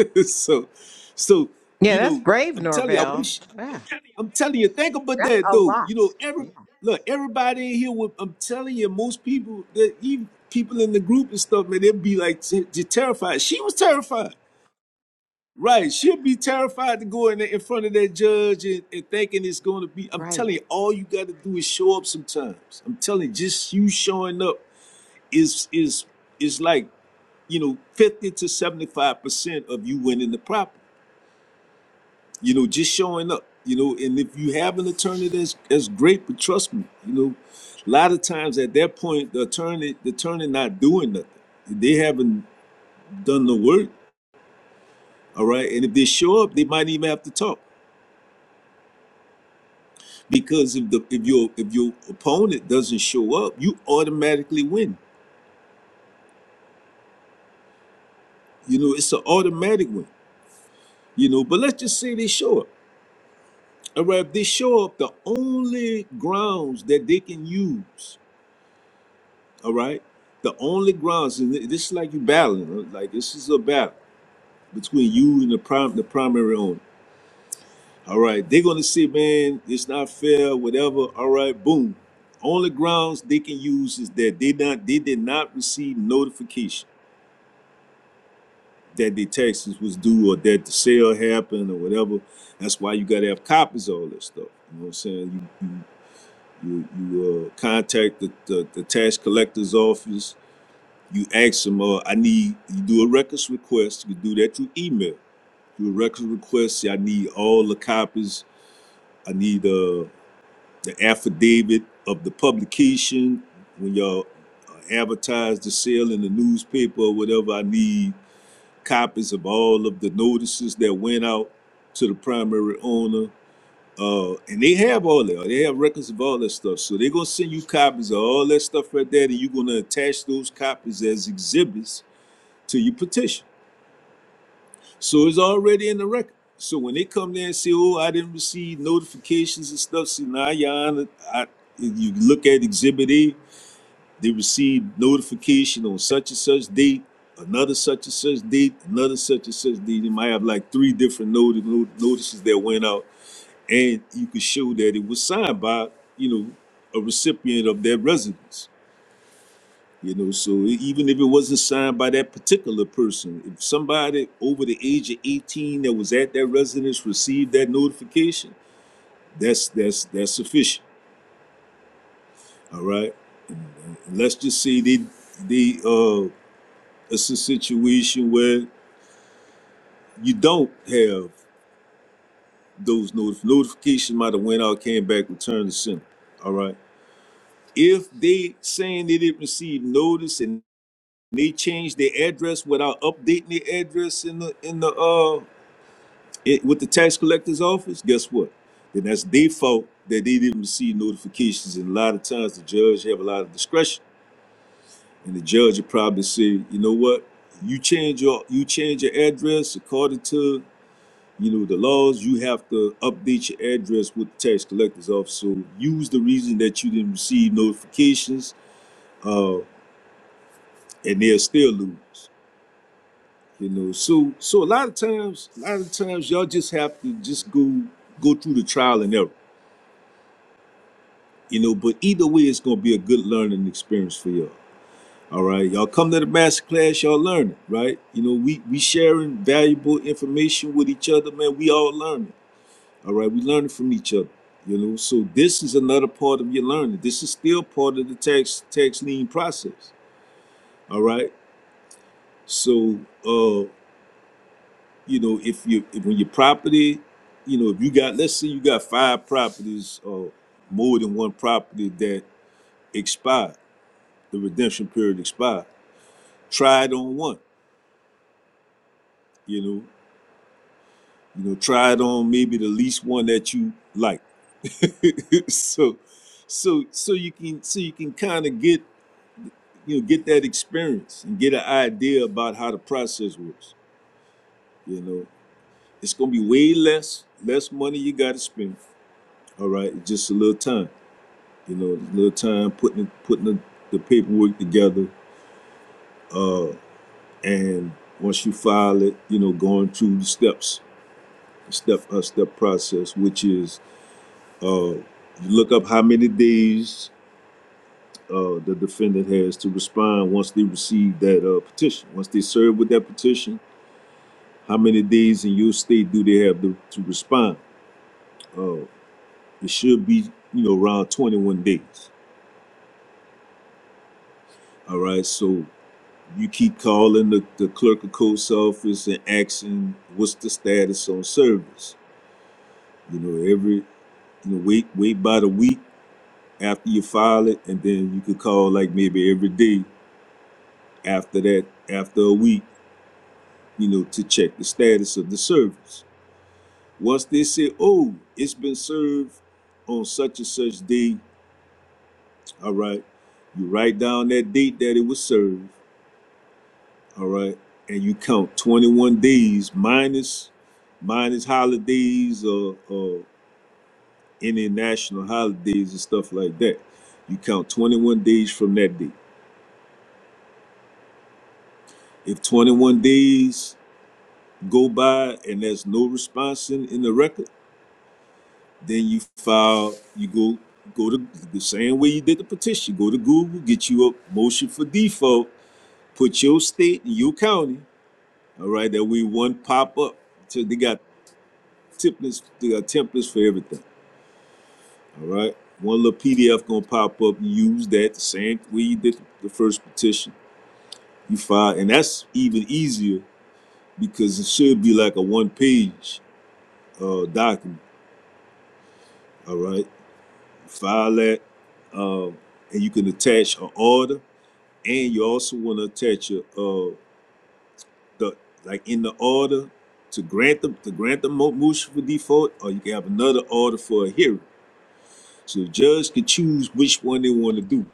[SPEAKER 2] so, so
[SPEAKER 1] Yeah,
[SPEAKER 2] you
[SPEAKER 1] that's
[SPEAKER 2] know,
[SPEAKER 1] brave,
[SPEAKER 2] I'm telling you, I
[SPEAKER 1] Norvell.
[SPEAKER 2] wish.
[SPEAKER 1] Yeah,
[SPEAKER 2] I'm telling you, think about
[SPEAKER 1] that's
[SPEAKER 2] that
[SPEAKER 1] a
[SPEAKER 2] though.
[SPEAKER 1] lot.
[SPEAKER 2] You know, every
[SPEAKER 1] Yeah,
[SPEAKER 2] look, everybody in here. Would, I'm telling you, most people, that even people in the group and stuff, man, they'd be like t- t- terrified. She was terrified, right? She'd be terrified to go in there in front of that judge and, and thinking it's going to be. I'm
[SPEAKER 1] right.
[SPEAKER 2] telling you, all you got to do is show up. Sometimes I'm telling you, just you showing up is is is like you know fifty to seventy five percent of you winning the property. you know, just showing up, you know, and if you have an attorney, that's that's great, but trust me, you know, a lot of times at that point, the attorney, the attorney not doing nothing. They haven't done the work, all right. And if they show up, they might even have to talk because if the if your if your opponent doesn't show up, you automatically win. You know, it's an automatic win. You know, but let's just say they show up. All right, if they show up, the only grounds that they can use All right. The only grounds, and thi- this is like you battling, huh? like this is a battle between you and the prim- the primary owner. All right. They're gonna say, man, it's not fair, whatever. All right, boom. Only grounds they can use is that they not they did not receive notification that the taxes was due or that the sale happened or whatever. That's why you gotta have copies of all this stuff. You know what I'm saying? You you you, you uh, contact the, the the tax collector's office You ask them, uh, I need, you do a records request. You can do that through email. Do a records request. Say, I need all the copies. I need uh, the affidavit of the publication when y'all uh, advertise the sale in the newspaper or whatever. I need copies of all of the notices that went out to the primary owner. Uh, and they have all that. They have records of all that stuff. So they're gonna send you copies of all that stuff right there, and you're gonna attach those copies as exhibits to your petition. So it's already in the record. So when they come there and say, "Oh, I didn't receive notifications and stuff," see now, Jan, I, you look at Exhibit A. They received notification on such and such date, another such and such date, another such and such date. They might have like three different noti- not- notices that went out, and you could show that it was signed by you know a recipient of that residence. You know, so e- even if it wasn't signed by that particular person, if somebody over the age of 18 that was at that residence received that notification, that's that's that's sufficient. All right. Let's just say they they uh it's a situation where you don't have those notif- notification might have went out, came back, returned to sender. All right. If they saying they didn't receive notice and they changed their address without updating their address in the in the uh it, with the tax collector's office, guess what? Then that's default that they didn't receive notifications. And a lot of times the judge have a lot of discretion. And the judge would probably say, you know what? You change your you change your address according to you know the laws. You have to update your address with the tax collector's office. So use the reason that you didn't receive notifications, uh, and they'll still lose. You know, so so a lot of times, a lot of times y'all just have to just go go through the trial and error. You know, but either way, it's gonna be a good learning experience for y'all. All right, y'all come to the master class, y'all learn it, right? You know, we we sharing valuable information with each other, man. We all learning. All right, we learning from each other. You know, so this is another part of your learning. This is still part of the tax tax lien process. All right, so uh, you know, if you if, when your property, you know, if you got, let's say you got five properties or more than one property that expired the redemption period expired. Try it on one, you know. You know, try it on maybe the least one that you like. so so so you can so you can kind of get you know get that experience and get an idea about how the process works. You know, it's gonna be way less, less money you gotta spend. All right, it's just a little time. You know, a little time putting putting the, the paperwork together, uh, and once you file it, you know, going through the steps step a step process, which is uh, look up how many days uh, the defendant has to respond once they receive that uh, petition. Once they serve with that petition, how many days in your state do they have to, to respond? Uh, it should be you know around 21 days. All right, so you keep calling the, the clerk of court's office and asking what's the status on service. You know every you know wait wait by the week after you file it, and then you could call like maybe every day after that, after a week, you know, to check the status of the service. Once they say, oh, it's been served on such and such day, all right, you write down that date that it was served, all right, and you count 21 days minus minus holidays or, or any national holidays and stuff like that. You count 21 days from that date. If 21 days go by and there's no response in, in the record, then you file, you go go to the same way you did the petition. Go to Google, get you a motion for default, put your state and your county, all right, that we one pop up. So they got templates, they got templates for everything. All right. One little PDF gonna pop up, you use that the same way you did the first petition. You file, and that's even easier because it should be like a one page uh, document. All right file that, um, and you can attach an order, and you also want to attach a, uh, the like in the order to grant them to grant the mo- motion for default, or you can have another order for a hearing. So the judge can choose which one they want to do.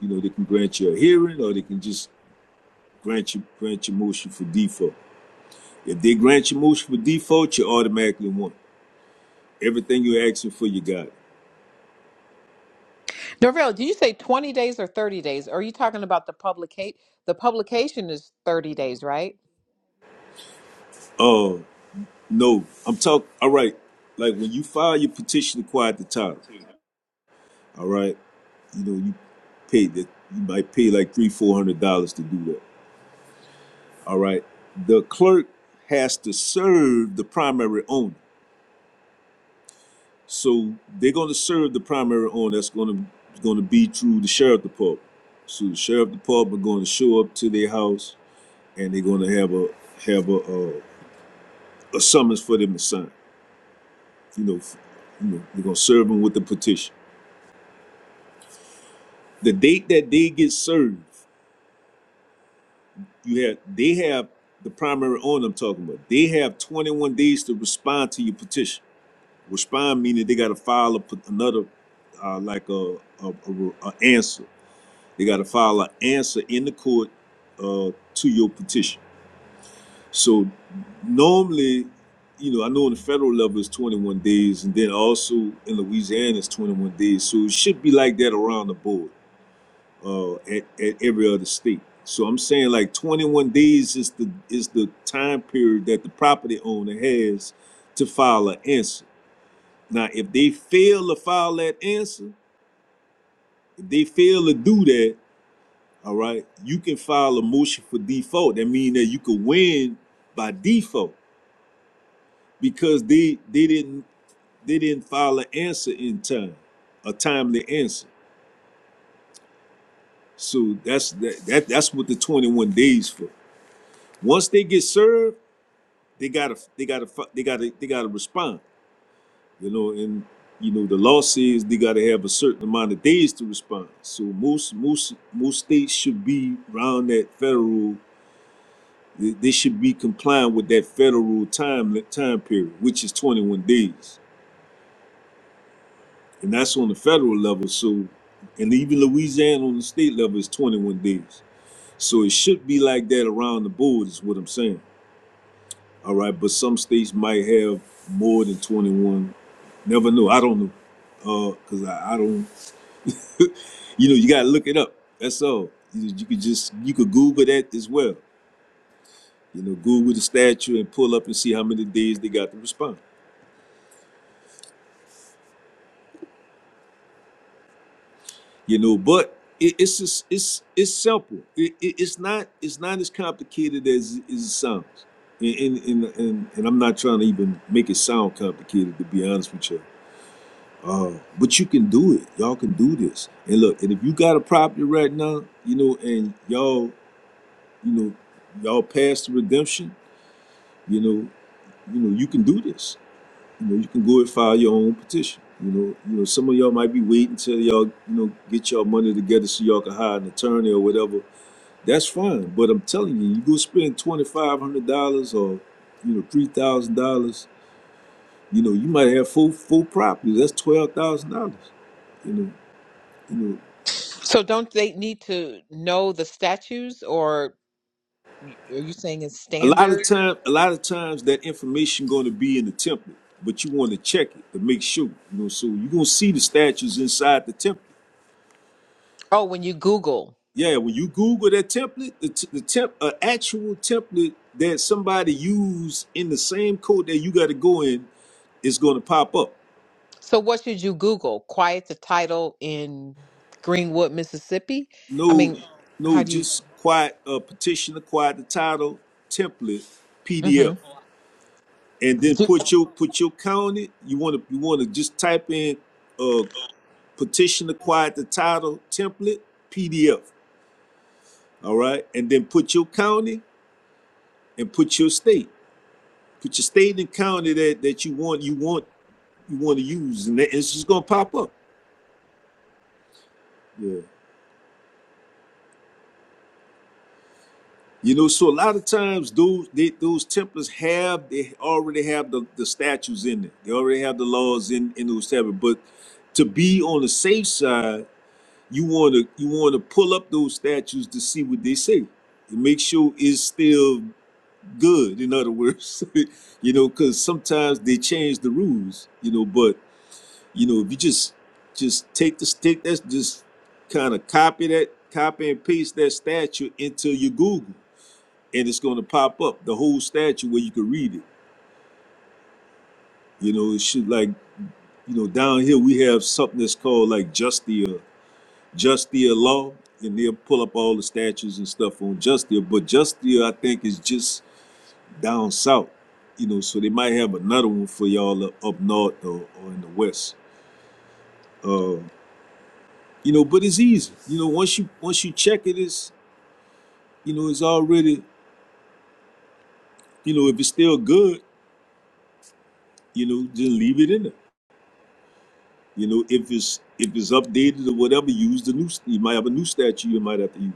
[SPEAKER 2] You know, they can grant you a hearing, or they can just grant you grant your motion for default. If they grant your motion for default, you automatically won. Everything you're asking for, you got.
[SPEAKER 1] Norvell, did you say 20 days or 30 days? Are you talking about the publicate? The publication is 30 days, right?
[SPEAKER 2] Uh, No, I'm talking. All right, like when you file your petition to quiet the title, all right, you know you pay that you might pay like three, four hundred dollars to do that. All right, the clerk has to serve the primary owner, so they're going to serve the primary owner. That's going to going to be through the sheriff department. So the sheriff department going to show up to their house, and they're going to have a have a, a a summons for them to sign. You know, f- you know they're going to serve them with the petition. the date that they get served, you have they have the primary owner I'm talking about. They have 21 days to respond to your petition. Respond meaning they got to file a, pet- another, uh, like a, a, a, a answer. They got to file an answer in the court uh, to your petition. So normally, you know, I know on the federal level it's 21 days, and then also in Louisiana it's 21 days. So it should be like that around the board uh, at, at every other state. So I'm saying like 21 days is the is the time period that the property owner has to file an answer. Now, if they fail to file that answer, if they fail to do that, all right, you can file a motion for default. That means that you could win by default because they they didn't they didn't file an answer in time, a timely answer. So that's that, that that's what the 21 days for. Once they get served they gotta they gotta they gotta they gotta respond you know and you know the law says they gotta have a certain amount of days to respond so most most most states should be around that federal they they should be complying with that federal time time period which is 21 days and that's on the federal level so and even louisiana on the state level is 21 days so it should be like that around the board is what i'm saying All right, but some states might have more than 21. Never know. I don't know. Uh, cause I, I don't. You know, you gotta look it up. That's all. You, you could just you could Google that as well. You know, Google the statue and pull up and see how many days they got to respond. You know, but it, it's just it's it's simple. It, it, it's not it's not as complicated as, as it sounds. And and, and and and I'm not trying to even make it sound complicated. To be honest with you Uh, but you can do it. Y'all can do this. And look, and if you got a property right now, you know, and y'all, you know, y'all pass the redemption, you know, you know, you can do this. You know, you can go and file your own petition. You know, you know, some of y'all might be waiting until y'all, you know, get y'all money together so y'all can hire an attorney or whatever. That's fine. But I'm telling you, you go spend twenty five hundred dollars or, you know, three thousand dollars. You know, you might have four four properties. That's twelve thousand dollars. You know, you know.
[SPEAKER 1] So don't they need to know the statutes or are you saying it's
[SPEAKER 2] A lot of
[SPEAKER 1] standard?
[SPEAKER 2] time, a lot of times that information going to be in the template, but you want to check it to make sure. You know, so you're gonna see the statues inside the template.
[SPEAKER 1] Oh, when you Google.
[SPEAKER 2] Yeah, when you Google that template, the, t- the temp, an actual template that somebody used in the same code that you got to go in is going to pop up.
[SPEAKER 1] So what should you Google? Quiet the title in Greenwood, Mississippi? I
[SPEAKER 2] No,
[SPEAKER 1] mean,
[SPEAKER 2] no,
[SPEAKER 1] how do you?
[SPEAKER 2] just quiet uh, petition quiet the title template PDF,
[SPEAKER 1] hmm
[SPEAKER 2] and then put your put your county. You want to you want to just type in uh. petition acquired the title template PDF. All right. And then put your county and put your state. Put your state and county that, that you want, you want, you want to use. And that, it's just gonna pop up. Yeah. You know, so a lot of times those they, those templates have they already have the, the statutes in it. They already have the laws in, in those templates. But to be on the safe side, you wanna you wanna pull up those statutes to see what they say. To make sure it's still good in other words you know because sometimes they change the rules you know but you know if you just just take the stick that's just kind of copy that copy and paste that statue into your google and it's going to pop up the whole statue where you can read it you know it should like you know down here we have something that's called like justia justia law and they'll pull up all the statues and stuff on justia but justia i think is just down south. You know, so they might have another one for y'all up, up north or, or in the west. Uh, you know, but it's easy. You know, once you once you check it, it's you know, it's already you know, if it's still good, you know, just leave it in there. You know, if it's if it's updated or whatever, use the new. You might have a new statue you might have to use.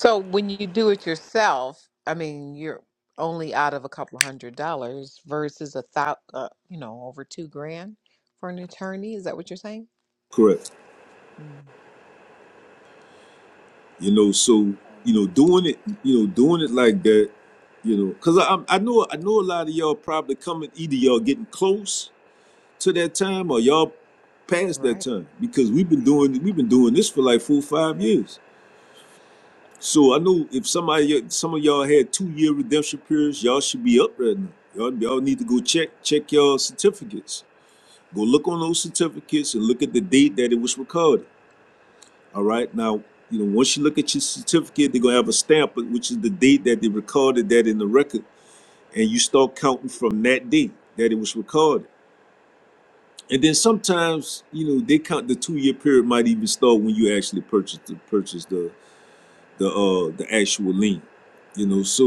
[SPEAKER 1] So when you do it yourself, I mean, you're only out of a couple hundred dollars versus a thou, uh, you know, over two grand for an attorney. Is that what you're saying?
[SPEAKER 2] Correct.
[SPEAKER 1] Mm,
[SPEAKER 2] You know, so you know, doing it, you know, doing it like that, you know, because I I'm- I know I know a lot of y'all probably coming either y'all getting close to that time or y'all past that
[SPEAKER 1] right.
[SPEAKER 2] time because we've been doing we've been doing this for like four or five years. So I know if somebody some of y'all had two year redemption periods, y'all should be up right now. Y'all y'all need to go check check y'all certificates. Go look on those certificates and look at the date that it was recorded. All right now. You know, once you look at your certificate, they're gonna have a stamp, which is the date that they recorded that in the record, and you start counting from that date that it was recorded. And then sometimes, you know, they count the two year period might even start when you actually purchase the purchase the the uh the actual lien. You know, so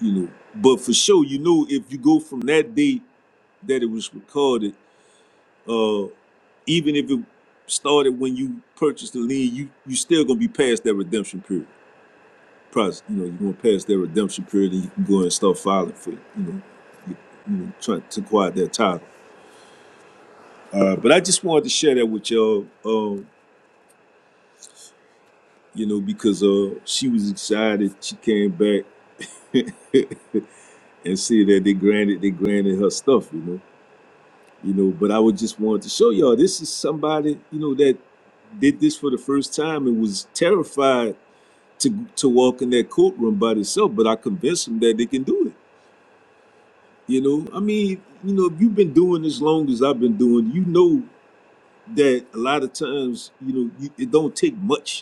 [SPEAKER 2] you know, but for sure, you know, if you go from that date that it was recorded, uh, even if it started when you purchased the lien, you you still gonna be past that redemption period. Process, you know, you're gonna pass that redemption period, and you can go and start filing for you know, you, you know, trying to acquire that title. Uh, but I just wanted to share that with y'all. Um, you know, because uh, she was excited. She came back and said that they granted they granted her stuff, you know, you know. But I would just wanted to show y'all this is somebody, you know, that did this for the first time and was terrified to to walk in that courtroom by themselves. But I convinced them that they can do it. You know, I mean, you know, if you've been doing as long as I've been doing, you know that a lot of times, you know, you, it don't take much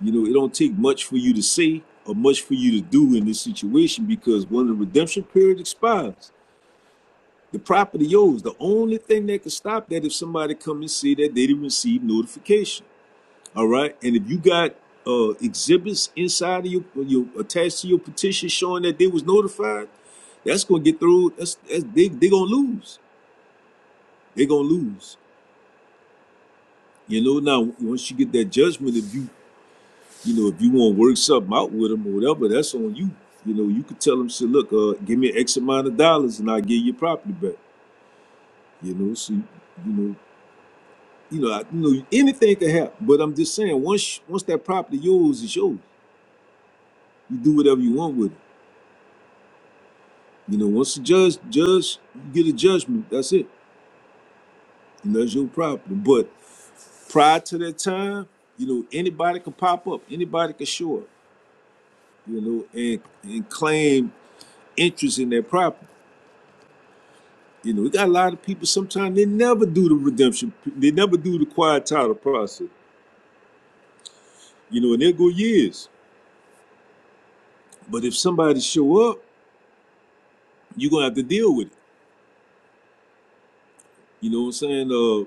[SPEAKER 2] You know, it don't take much for you to say or much for you to do in this situation because when the redemption period expires, the property yours. The only thing that can stop that if somebody come and say that they didn't receive notification. All right, and if you got uh, exhibits inside of your, your attached to your petition showing that they was notified, that's gonna get through. That's, that's they they gonna lose. They gonna lose. You know. Now once you get that judgment, if you you know, if you want to work something out with them or whatever, that's on you. You know, you could tell them, shit, look, uh, give me X amount of dollars and I'll give you property back. You know, so, you know, you know, I, you know, anything can happen. But I'm just saying, once once that property yours is yours, you do whatever you want with it. You know, once the judge judge you get a judgment, that's it. You know, that's your property. But prior to that time, you know, anybody can pop up, anybody can show up, you know, and and claim interest in that property You know, we got a lot of people sometimes they never do the redemption, they never do the quiet title process, you know, and they'll go years. But if somebody show up, you're gonna have to deal with it. You know what I'm saying? Uh,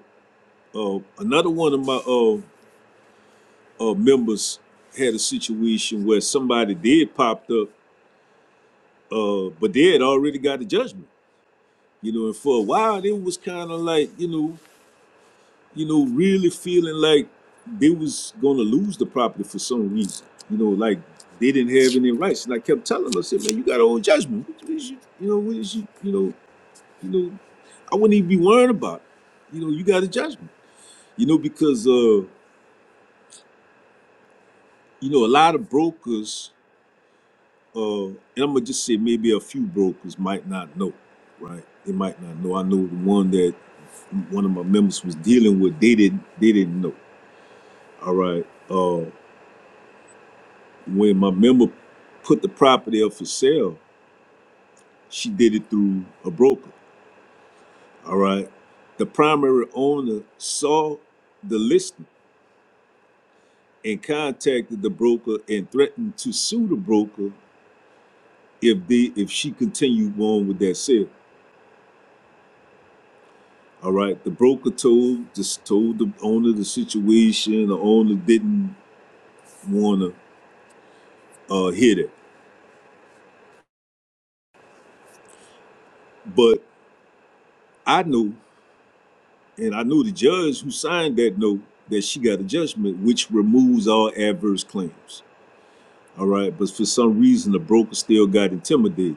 [SPEAKER 2] uh another one of my uh, uh members had a situation where somebody did popped up, uh, but they had already got a judgment. You know, and for a while it was kind of like, you know, you know, really feeling like they was gonna lose the property for some reason. You know, like they didn't have any rights. And I kept telling them, I said, man, you got old judgment. what is you, you know, what is you, you know, you know, I wouldn't even be worrying about it. You know, you got a judgment. You know, because uh, you know, a lot of brokers, uh, and I'm gonna just say maybe a few brokers might not know, right? They might not know. I know the one that one of my members was dealing with, they didn't they didn't know. All right. Uh, When my member put the property up for sale, she did it through a broker. All right. The primary owner saw the listing and contacted the broker and threatened to sue the broker if they if she continued on with that sale. All right. The broker told just told the owner the situation. The owner didn't want to uh, hear that, but I knew. And I know the judge who signed that note that she got a judgment which removes all adverse claims. All right. But for some reason, the broker still got intimidated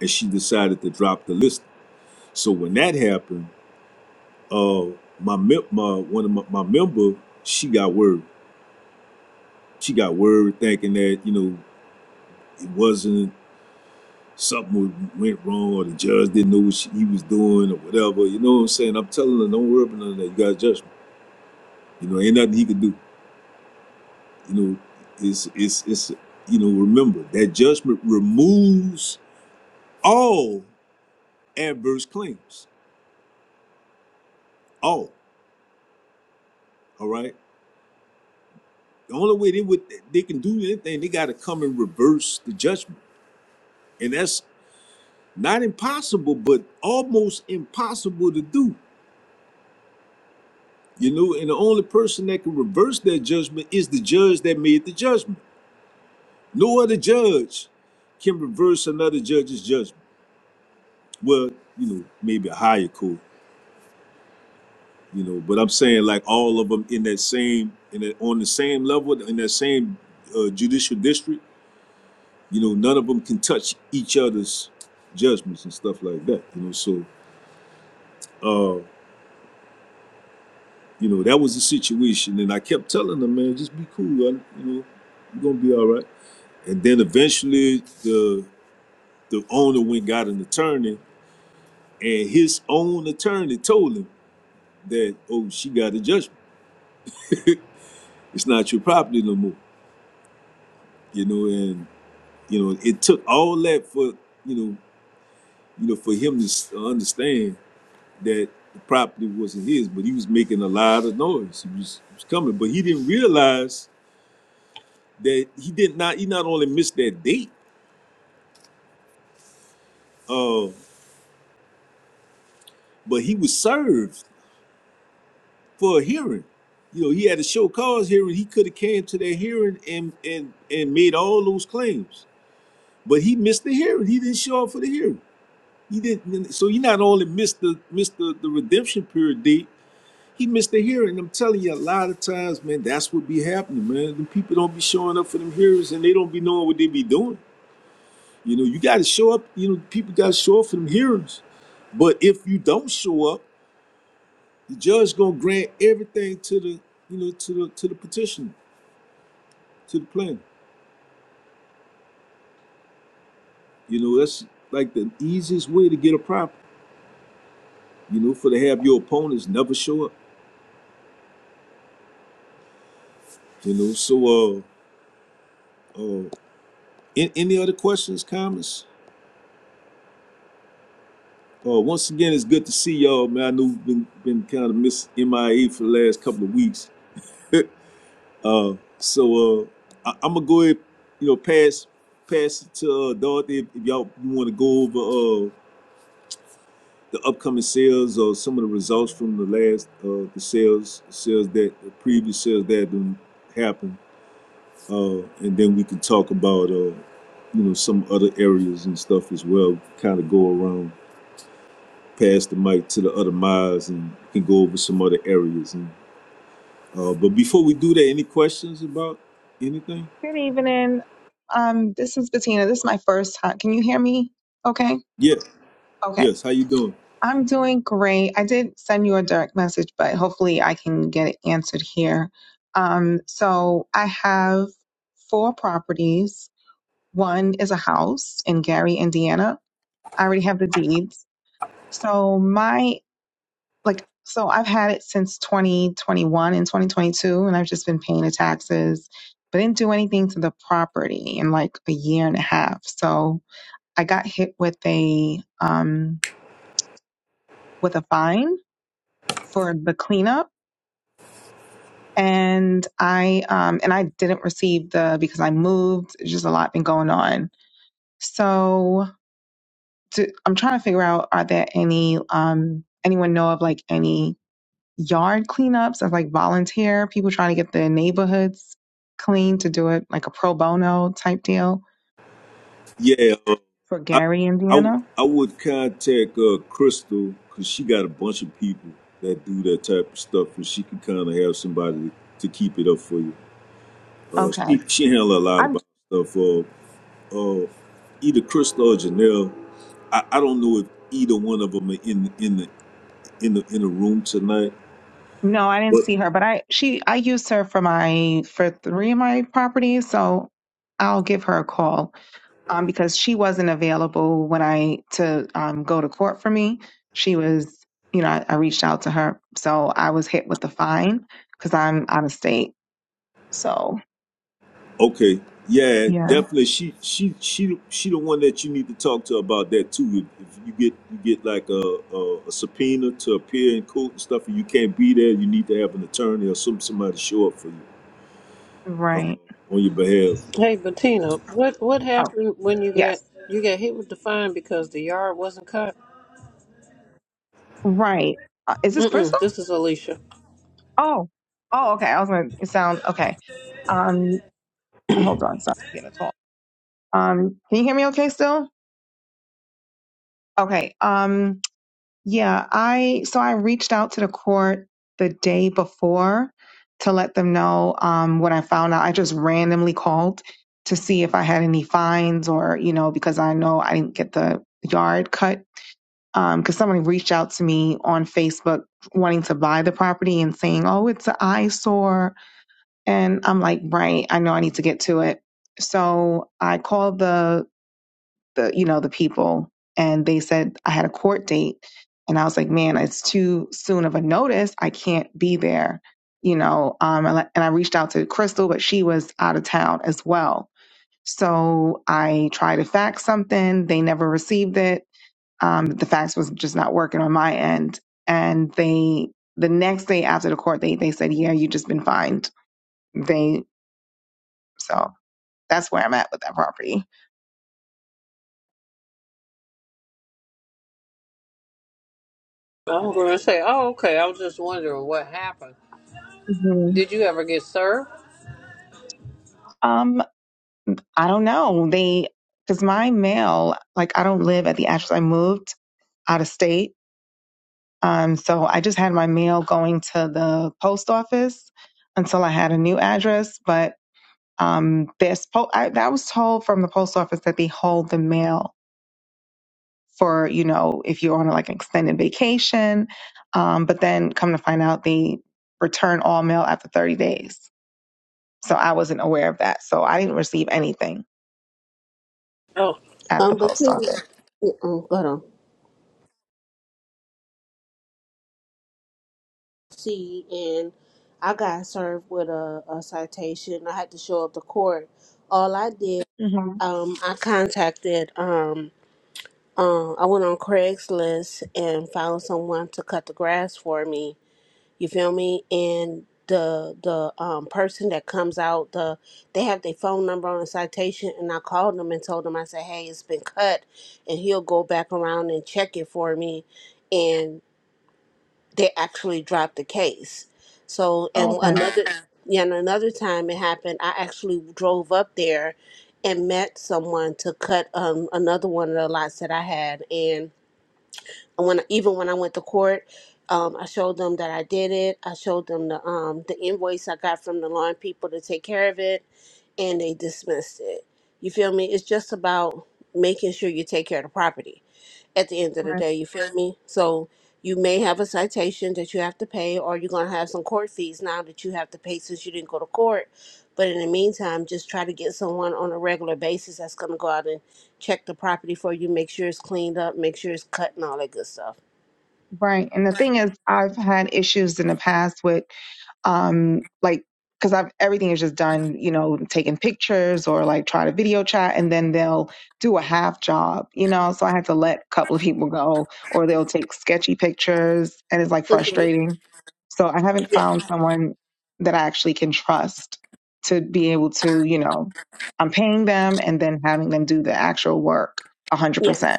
[SPEAKER 2] and she decided to drop the list. So when that happened, uh, my, my one of my, my member, she got worried. She got worried thinking that, you know, it wasn't something went wrong or the judge didn't know what she, he was doing or whatever. You know what I'm saying? I'm telling her, don't worry about none of that. You got a judgment. You know, ain't nothing he could do. You know, it's it's it's you know, remember that judgment removes all adverse claims. All. All right. The only way they would they can do anything, they gotta come and reverse the judgment. And that's not impossible, but almost impossible to do. You know, and the only person that can reverse that judgment is the judge that made the judgment. No other judge can reverse another judge's judgment. Well, you know, maybe a higher court you know. But I'm saying like all of them in that same in that on the same level in that same uh, judicial district. You know, none of them can touch each other's judgments and stuff like that. You know, so uh, you know that was the situation, and I kept telling them, man, just be cool. I, you know, you're gonna be all right. And then eventually, the the owner went and got an attorney, and his own attorney told him that, oh, she got a judgment. It's not your property no more. You know, and. You know, it took all that for you know, you know, for him to understand that the property wasn't his, but he was making a lot of noise. He was, he was coming, but he didn't realize that he did not. He not only missed that date, uh, but he was served for a hearing. You know, he had a show cause hearing. He could have came to that hearing and and and made all those claims, but he missed the hearing. He didn't show up for the hearing. He didn't. So he not only missed the missed the, the redemption period date He missed the hearing. I'm telling you, a lot of times, man, that's what be happening, man. The people don't be showing up for them hearings, and they don't be knowing what they be doing. You know, you got to show up. You know, people got to show up for them hearings. But if you don't show up, the judge gonna grant everything to the, you know, to the to the petitioner, to the plaintiff. You know, that's like the easiest way to get a problem. You know, for to have your opponents never show up. You know, so uh, uh, an- any other questions, comments? Uh, once again, it's good to see y'all, man. I know we've been, been kind of miss MIA for the last couple of weeks. uh, so uh, I, I'm gonna go ahead, you know, pass pass it to uh, Dorothy if, if y'all you want to go over uh, the upcoming sales or some of the results from the last uh, the sales sales that the previous sales that have been happened, uh, and then we can talk about uh, you know some other areas and stuff as well. Kind of go around pass the mic to the other miles and can go over some other areas. And uh, but before we do that, any questions about anything?
[SPEAKER 6] Good evening. Um, this is Bettina. This is my first time. Can you hear me? Okay.
[SPEAKER 2] Yeah.
[SPEAKER 6] Okay.
[SPEAKER 2] Yes. How you doing?
[SPEAKER 6] I'm doing great. I did send you a direct message, but hopefully I can get it answered here. Um, so I have four properties. One is a house in Gary, Indiana. I already have the deeds. So my like so I've had it since 2021 and 2022 and I've just been paying the taxes but didn't do anything to the property in like a year and a half. So I got hit with a um with a fine for the cleanup and I um and I didn't receive the because I moved It's just a lot been going on. So to, I'm trying to figure out are there any um anyone know of like any yard cleanups of like volunteer people trying to get their neighborhoods clean to do it like a pro bono type deal
[SPEAKER 2] Yeah. Uh,
[SPEAKER 6] for
[SPEAKER 2] I,
[SPEAKER 6] Gary,
[SPEAKER 2] I
[SPEAKER 6] Indiana.
[SPEAKER 2] I would contact uh, Crystal because she got a bunch of people that do that type of stuff, and she can kind of have somebody to keep it up for you. Uh,
[SPEAKER 6] Okay.
[SPEAKER 2] she she handle a lot
[SPEAKER 6] I'm
[SPEAKER 2] about stuff. Uh, uh, either Crystal or Janelle. I, I don't know if either one of them are in in the in the in the room tonight.
[SPEAKER 6] no, I didn't
[SPEAKER 2] But
[SPEAKER 6] see her, but I she I used her for my for three of my properties, so I'll give her a call um because she wasn't available when I to um go to court for me. She was, you know, I, I reached out to her, so I was hit with the fine because I'm out of state. So
[SPEAKER 2] okay, yeah,
[SPEAKER 6] yeah,
[SPEAKER 2] definitely. She she she she the one that you need to talk to about that too. If if you get you get like a a, a subpoena to appear in court and stuff, and you can't be there, you need to have an attorney or some somebody show up for you
[SPEAKER 6] right.
[SPEAKER 2] on your behalf.
[SPEAKER 7] Hey Bettina, what what
[SPEAKER 6] Oh
[SPEAKER 7] happened when you got
[SPEAKER 6] yes.
[SPEAKER 7] you got hit with the fine because the yard wasn't cut?
[SPEAKER 6] Right. Uh, is this Crystal?
[SPEAKER 7] Mm-mm, this is Alicia.
[SPEAKER 6] Oh. Oh, okay. I was gonna it sound okay. Um hold on, sorry, I'm getting a call. Um can you hear me okay still? Okay. Um yeah, I so I reached out to the court the day before to let them know um what I found out. I just randomly called to see if I had any fines or, you know, because I know I didn't get the yard cut. Um, because someone reached out to me on Facebook wanting to buy the property and saying, Oh, it's an eyesore And I'm like, right, I know I need to get to it. So I called the the you know the people and they said I had a court date and I was like, man, it's too soon of a notice. I can't be there, you know. Um and I and I reached out to Crystal, but she was out of town as well. So I tried to fax something, they never received it. Um the fax was just not working on my end and they the next day after the court date, they said, "Yeah, you just been fined." They so that's where I'm at with that property.
[SPEAKER 7] I was going to say, oh okay. I was just wondering what happened.
[SPEAKER 6] hmm
[SPEAKER 7] Did you ever get served?
[SPEAKER 6] Um, I don't know. They, because my mail, like I don't live at the address. I moved out of state. Um, so I just had my mail going to the post office until I had a new address. But um, this po- I, that was told from the post office that they hold the mail for you know if you're on like an extended vacation. Um, but then come to find out they return all mail after 30 days. So I wasn't aware of that. So I didn't receive anything
[SPEAKER 7] Oh,
[SPEAKER 6] at the
[SPEAKER 8] Um, but
[SPEAKER 6] post
[SPEAKER 8] see,
[SPEAKER 6] office.
[SPEAKER 8] um, got on. See, and I got served with a, a citation. I had to show up to court. All I did,
[SPEAKER 6] hmm
[SPEAKER 8] um, I contacted, um, um, I went on Craigslist and found someone to cut the grass for me. You feel me? And the the um person that comes out, the they have their phone number on the citation, and I called them and told them I said, hey, it's been cut, and he'll go back around and check it for me, and they actually dropped the case. So and
[SPEAKER 6] okay.
[SPEAKER 8] another yeah, and another time it happened, I actually drove up there and met someone to cut um another one of the lots that I had and when even when I went to court, um, I showed them that I did it. I showed them the um the invoice I got from the lawn people to take care of it and they dismissed it. You feel me? It's just about making sure you take care of the property at the end of the
[SPEAKER 6] Right.
[SPEAKER 8] day. You feel me? So you may have a citation that you have to pay, or you're gonna have some court fees now that you have to pay since you didn't go to court. But in the meantime, just try to get someone on a regular basis that's gonna go out and check the property for you, make sure it's cleaned up, make sure it's cut, and all that good stuff.
[SPEAKER 6] Right. And the thing is, I've had issues in the past with um like because i've everything is just done you know taking pictures or like try to video chat and then they'll do a half job you know so i had to let a couple of people go or they'll take sketchy pictures and it's like
[SPEAKER 8] hmm
[SPEAKER 6] frustrating so i haven't
[SPEAKER 8] Yeah,
[SPEAKER 6] found someone that i actually can trust to be able to you know i'm paying them and then having them do the actual work
[SPEAKER 8] yeah.
[SPEAKER 6] 100%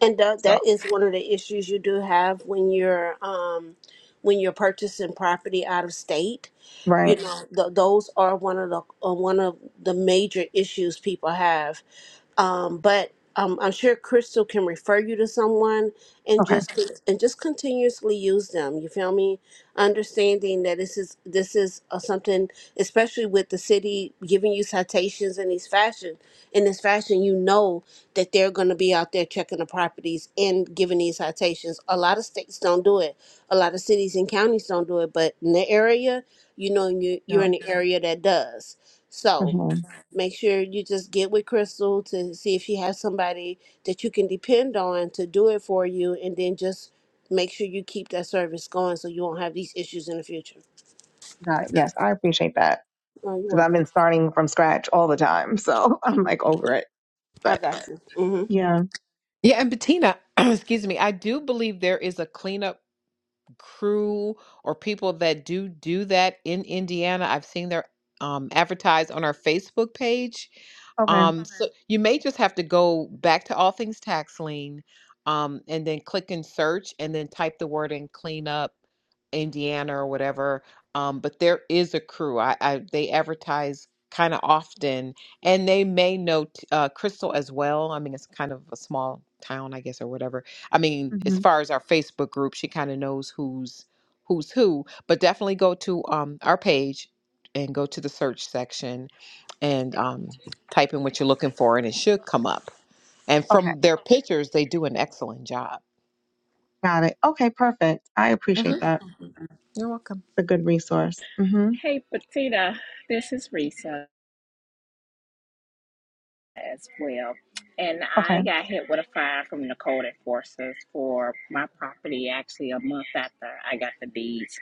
[SPEAKER 8] And that,
[SPEAKER 6] so
[SPEAKER 8] that is one of the issues you do have when you're um, when you're purchasing property out of state.
[SPEAKER 6] right
[SPEAKER 8] You know, th- those are one of the uh, one of the major issues people have um, but um, I'm sure Crystal can refer you to someone and
[SPEAKER 6] okay
[SPEAKER 8] just and just continuously use them. You feel me? Understanding that this is this is uh, something, especially with the city giving you citations in these fashion in this fashion, you know that they're going to be out there checking the properties and giving these citations. A lot of states don't do it. A lot of cities and counties don't do it, but in the area, you know, you you're
[SPEAKER 6] yeah
[SPEAKER 8] in the area that does. So
[SPEAKER 6] hmm
[SPEAKER 8] make sure you just get with Crystal to see if she has somebody that you can depend on to do it for you, and then just make sure you keep that service going so you won't have these issues in the future.
[SPEAKER 6] yes i appreciate that
[SPEAKER 8] Oh, you're
[SPEAKER 6] because I've
[SPEAKER 8] welcome.
[SPEAKER 6] been starting from scratch all the time. So I'm like over it.
[SPEAKER 8] I
[SPEAKER 6] But
[SPEAKER 8] got you. Mm-hmm.
[SPEAKER 6] yeah,
[SPEAKER 1] Yeah, and Bettina, excuse me, I do believe there is a cleanup crew or people that do do that in Indiana. I've seen their um, advertised on our Facebook page.
[SPEAKER 6] okay,
[SPEAKER 1] Um, so Okay. you may just have to go back to All Things Tax Lien, um, and then click and search, and then type the word in clean up Indiana or whatever. Um, but there is a crew. I, I they advertise kind of often, and they may know t- uh, Crystal as well. I mean, it's kind of a small town, I guess, or whatever I mean, as
[SPEAKER 6] hmm
[SPEAKER 1] far as our Facebook group, she kind of knows who's who's who. But definitely go to um, our page and go to the search section and um, type in what you're looking for, and it should come up. And
[SPEAKER 6] okay,
[SPEAKER 1] from their pictures, they do an excellent job.
[SPEAKER 6] got it. Okay, perfect. I appreciate
[SPEAKER 1] hmm
[SPEAKER 6] that.
[SPEAKER 1] You're welcome.
[SPEAKER 6] It's a good resource. hmm
[SPEAKER 9] Hey, Bettina, this is Risa as well. And
[SPEAKER 6] Okay.
[SPEAKER 9] I got hit with a fine from the code enforcers for my property actually a month after I got the deeds.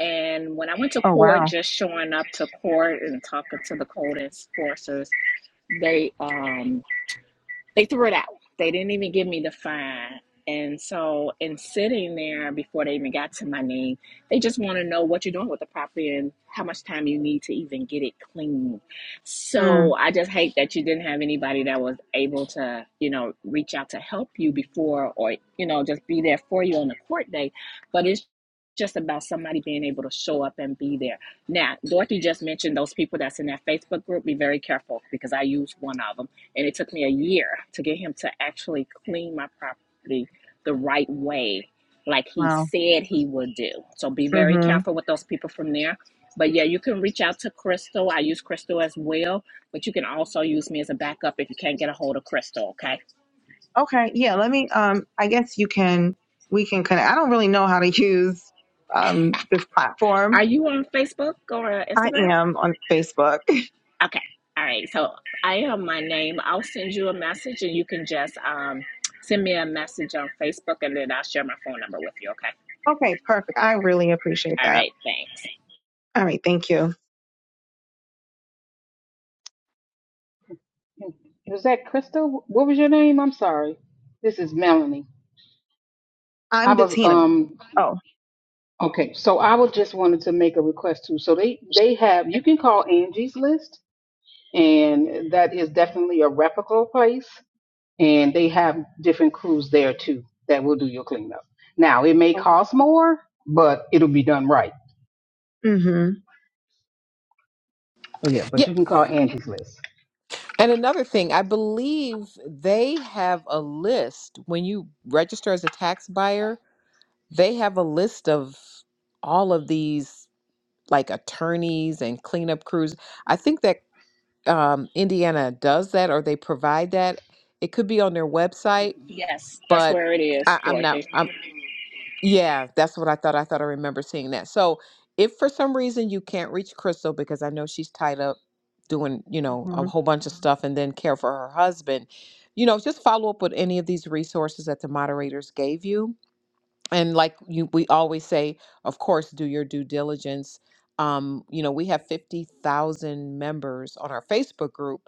[SPEAKER 9] And when I went to
[SPEAKER 6] Oh
[SPEAKER 9] court,
[SPEAKER 6] wow.
[SPEAKER 9] just showing up to court and talking to the code enforcers, they um They threw it out. They didn't even give me the fine. And so, in sitting there before they even got to my name, they just want to know what you're doing with the property and how much time you need to even get it clean.
[SPEAKER 6] Mm,
[SPEAKER 9] So, I just hate that you didn't have anybody that was able to, you know, reach out to help you before or, you know, just be there for you on the court day. But it's just about somebody being able to show up and be there. Now, Dorothy just mentioned those people that's in that Facebook group. Be very careful because I use one of them and it took me a year to get him to actually clean my property the right way, like he
[SPEAKER 6] wow.
[SPEAKER 9] said he would do. So be very
[SPEAKER 6] hmm
[SPEAKER 9] careful with those people from there. But yeah, you can reach out to Crystal. I use Crystal as well, but you can also use me as a backup if you can't get a hold of Crystal, okay?
[SPEAKER 6] Okay. Yeah. Let me. Um. I guess you can. We can connect. I don't really know how to use um this platform.
[SPEAKER 9] Are you on Facebook or
[SPEAKER 6] I
[SPEAKER 9] Instagram?
[SPEAKER 6] am on Facebook.
[SPEAKER 9] Okay. All right. So I am my name. I'll send you a message and you can just um, send me a message on Facebook and then I'll share my phone number with you, okay?
[SPEAKER 6] Okay. Perfect. I really appreciate
[SPEAKER 9] All
[SPEAKER 6] that.
[SPEAKER 9] right. Thanks.
[SPEAKER 6] All right. Thank you.
[SPEAKER 10] Was that Crystal? What was your name? I'm sorry. This is Melanie. I
[SPEAKER 6] I'm
[SPEAKER 10] was
[SPEAKER 6] Bettina.
[SPEAKER 10] um
[SPEAKER 6] Oh.
[SPEAKER 10] okay, so I was just wanted to make a request too. So they they have you can call Angie's List, and that is definitely a reputable place, and they have different crews there too that will do your cleanup. Now it may cost more, but it'll be done right.
[SPEAKER 6] Mm-hmm.
[SPEAKER 10] But yeah, but
[SPEAKER 1] Yeah.
[SPEAKER 10] you can call Angie's List.
[SPEAKER 1] And another thing, I believe they have a list when you register as a tax buyer. They have a list of all of these like attorneys and cleanup crews. I think that um, Indiana does that or they provide that. It could be on their website,
[SPEAKER 9] Yes, that's
[SPEAKER 1] but
[SPEAKER 9] where it is,
[SPEAKER 1] I, I'm not.
[SPEAKER 9] Dorothy.
[SPEAKER 1] I'm yeah, that's what I thought. I thought I remember seeing that. So if for some reason you can't reach Crystal because I know she's tied up doing you know a
[SPEAKER 6] Mm-hmm.
[SPEAKER 1] whole bunch of stuff and then care for her husband, you know, just follow up with any of these resources that the moderators gave you and like you we always say of course do your due diligence um you know we have 50,000 members on our Facebook group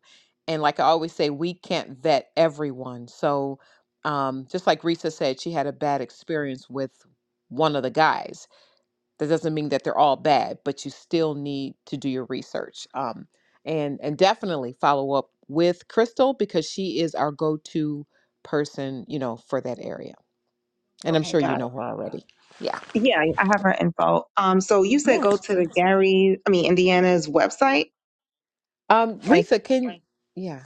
[SPEAKER 1] and like I always say we can't vet everyone so um just like Risa said she had a bad experience with one of the guys that doesn't mean that they're all bad but you still need to do your research um and and definitely follow up with Crystal because she is our go-to person you know for that area and I'm
[SPEAKER 6] Okay.
[SPEAKER 1] sure
[SPEAKER 6] Got
[SPEAKER 1] you
[SPEAKER 6] it.
[SPEAKER 1] know her already Yeah.
[SPEAKER 6] Yeah, I have her info. Um, so you said
[SPEAKER 1] Yeah.
[SPEAKER 6] go to the Gary, I mean Indiana's website.
[SPEAKER 1] Um,
[SPEAKER 6] Like,
[SPEAKER 1] Risa, can yeah,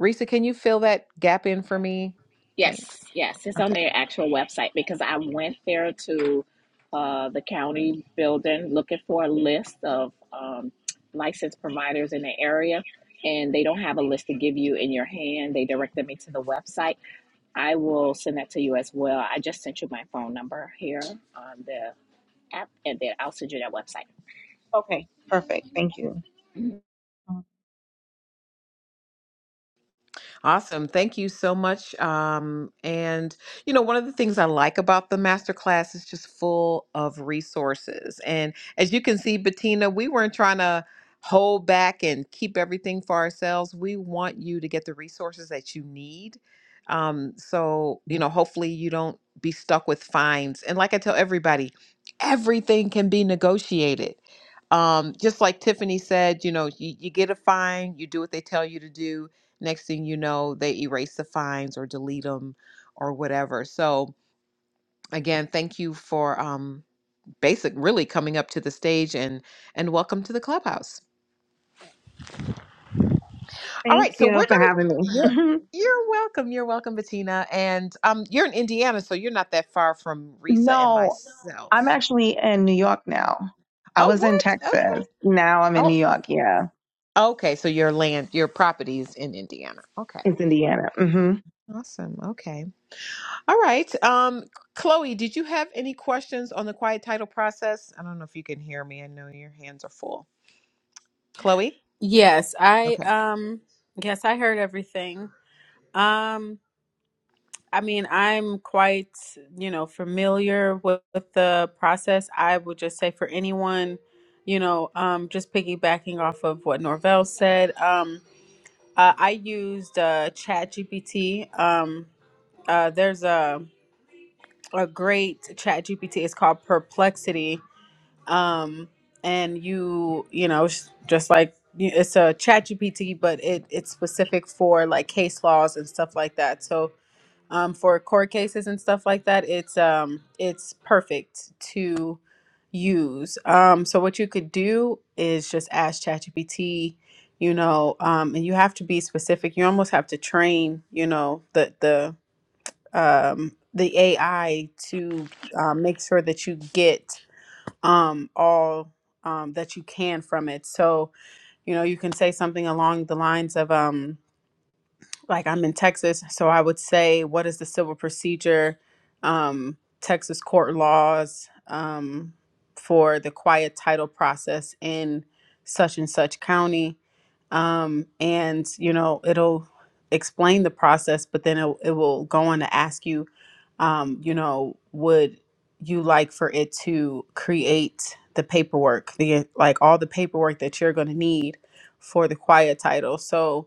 [SPEAKER 1] Risa, can you fill that gap in for me?
[SPEAKER 9] Yes,
[SPEAKER 1] Thanks.
[SPEAKER 9] yes, it's on
[SPEAKER 1] Okay.
[SPEAKER 9] their actual website because I went there to uh, the county building looking for a list of um, licensed providers in the area, and they don't have a list to give you in your hand. They directed me to the website. I will send that to you as well. I just sent you my phone number here on the app, and then I'll send you that website.
[SPEAKER 6] okay, perfect. Thank you.
[SPEAKER 1] Awesome. Thank you so much. Um, and, you know, one of the things I like about the masterclass is just full of resources. And as you can see, Bettina, we weren't trying to hold back and keep everything for ourselves. We want you to get the resources that you need. Um, so, you know, hopefully you don't be stuck with fines. And like I tell everybody, everything can be negotiated. Um, just like Tiffany said, you know, you, you get a fine, you do what they tell you to do next thing you know they erase the fines or delete them or whatever so again thank you for um basic really coming up to the stage and and welcome to the clubhouse all
[SPEAKER 6] Thank
[SPEAKER 1] right so
[SPEAKER 6] you
[SPEAKER 1] we're
[SPEAKER 6] for
[SPEAKER 1] gonna
[SPEAKER 6] having me.
[SPEAKER 1] you're,
[SPEAKER 6] Mhm.
[SPEAKER 1] you're welcome you're welcome bettina and um you're in indiana so you're not that far from risa and
[SPEAKER 6] No, I'm
[SPEAKER 1] myself
[SPEAKER 6] actually in New York now. I
[SPEAKER 1] oh
[SPEAKER 6] was in
[SPEAKER 1] what okay
[SPEAKER 6] Texas. Now I'm in
[SPEAKER 1] oh
[SPEAKER 6] New York. Yeah,
[SPEAKER 1] okay so your land your property is in indiana okay
[SPEAKER 6] it's Indiana. Mm-hmm.
[SPEAKER 1] awesome okay All right. Um, Chloe, did you have any questions on the quiet title process? I don't know if you can hear me. I know your hands are full. Chloe?
[SPEAKER 11] Yes, I
[SPEAKER 1] Okay.
[SPEAKER 11] um yes, I heard everything. Um I mean, I'm quite, you know, familiar with, with the process. I would just say for anyone, you know, um just piggybacking off of what Norvell said, um uh, I used uh ChatGPT. Um uh there's a a great ChatGPT. It's called Perplexity um and you you know s- just like you- it's a chat gpt but it it's specific for like case laws and stuff like that so um for court cases and stuff like that it's um it's perfect to use um so what you could do is just ask chat gpt you know um and you have to be specific you almost have to train you know the the um the ai to uh, make sure that you get um, all um, that you can from it. So, you know, you can say something along the lines of, um like I'm in Texas, so I would say, what is the civil procedure, um, Texas court laws um, for the quiet title process in such and such county, um, and you know it'll explain the process, but then it, it will go on to ask you, um, you know, would you like for it to create the paperwork, the like all the paperwork that you're going to need for the quiet title, so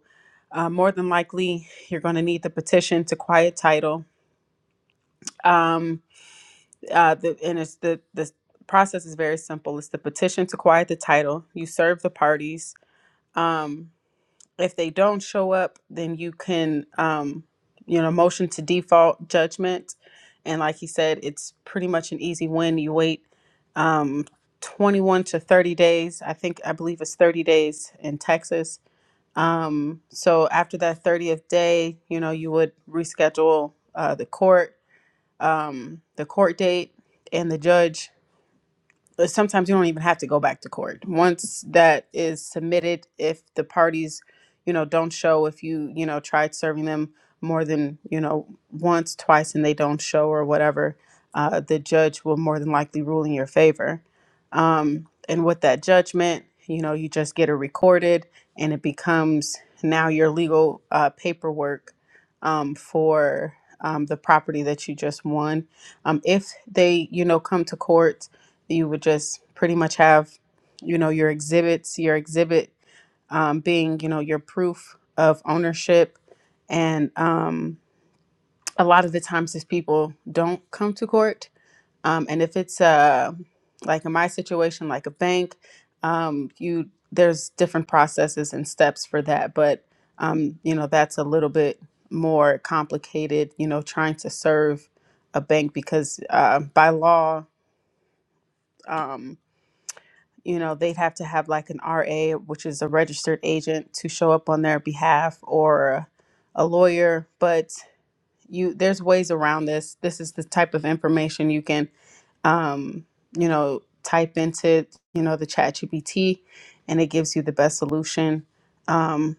[SPEAKER 11] uh, more than likely, you're going to need the petition to quiet title. Um, uh, the, and it's the, the process is very simple. It's the petition to quiet the title. You serve the parties. Um, if they don't show up, then you can, um, you know, motion to default judgment. And like he said, it's pretty much an easy win. You wait um, 21 to 30 days. I think, I believe it's 30 days in Texas um, so after that 30th day, you know, you would reschedule uh, the court, um, the court date, and the judge uh, sometimes you don't even have to go back to court once that is submitted if the parties you know don't show if you you know tried serving them more than you know once twice and they don't show or whatever uh, the judge will more than likely rule in your favor um, and with that judgment you know you just get it recorded and it becomes now your legal uh, paperwork um, for um, the property that you just won um, if they you know come to court you would just pretty much have, you know, your exhibits, your exhibit um, being, you know, your proof of ownership. And um, a lot of the times, these people don't come to court. Um, and if it's uh, like in my situation, like a bank, um, you there's different processes and steps for that. But um, you know, that's a little bit more complicated. You know, trying to serve a bank because uh, by law. um, you know, they'd have to have like an RA, which is a registered agent, to show up on their behalf or a lawyer. But you, there's ways around this. This is the type of information you can, um, you know, type into, you know, the chat GPT and it gives you the best solution. Um,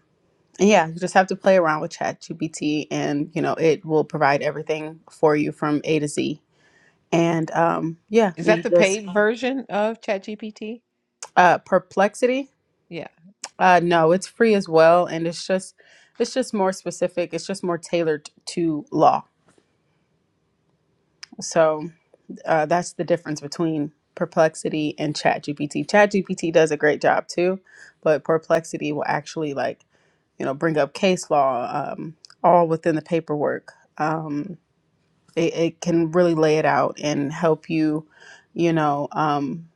[SPEAKER 11] and yeah, you just have to play around with chat GPT and, you know, it will provide everything for you from A to Z. And um, yeah,
[SPEAKER 1] Is that
[SPEAKER 11] you
[SPEAKER 1] the
[SPEAKER 11] just,
[SPEAKER 1] paid version of ChatGPT?
[SPEAKER 11] uh, perplexity.
[SPEAKER 1] Yeah.
[SPEAKER 11] Uh, no, it's free as well, and it's just it's just more specific. It's just more tailored to law. So uh, that's the difference between Perplexity and ChatGPT. ChatGPT does a great job too, but Perplexity will actually like you know bring up case law um, all within the paperwork. Um, it, it can really lay it out and help you, you know, um,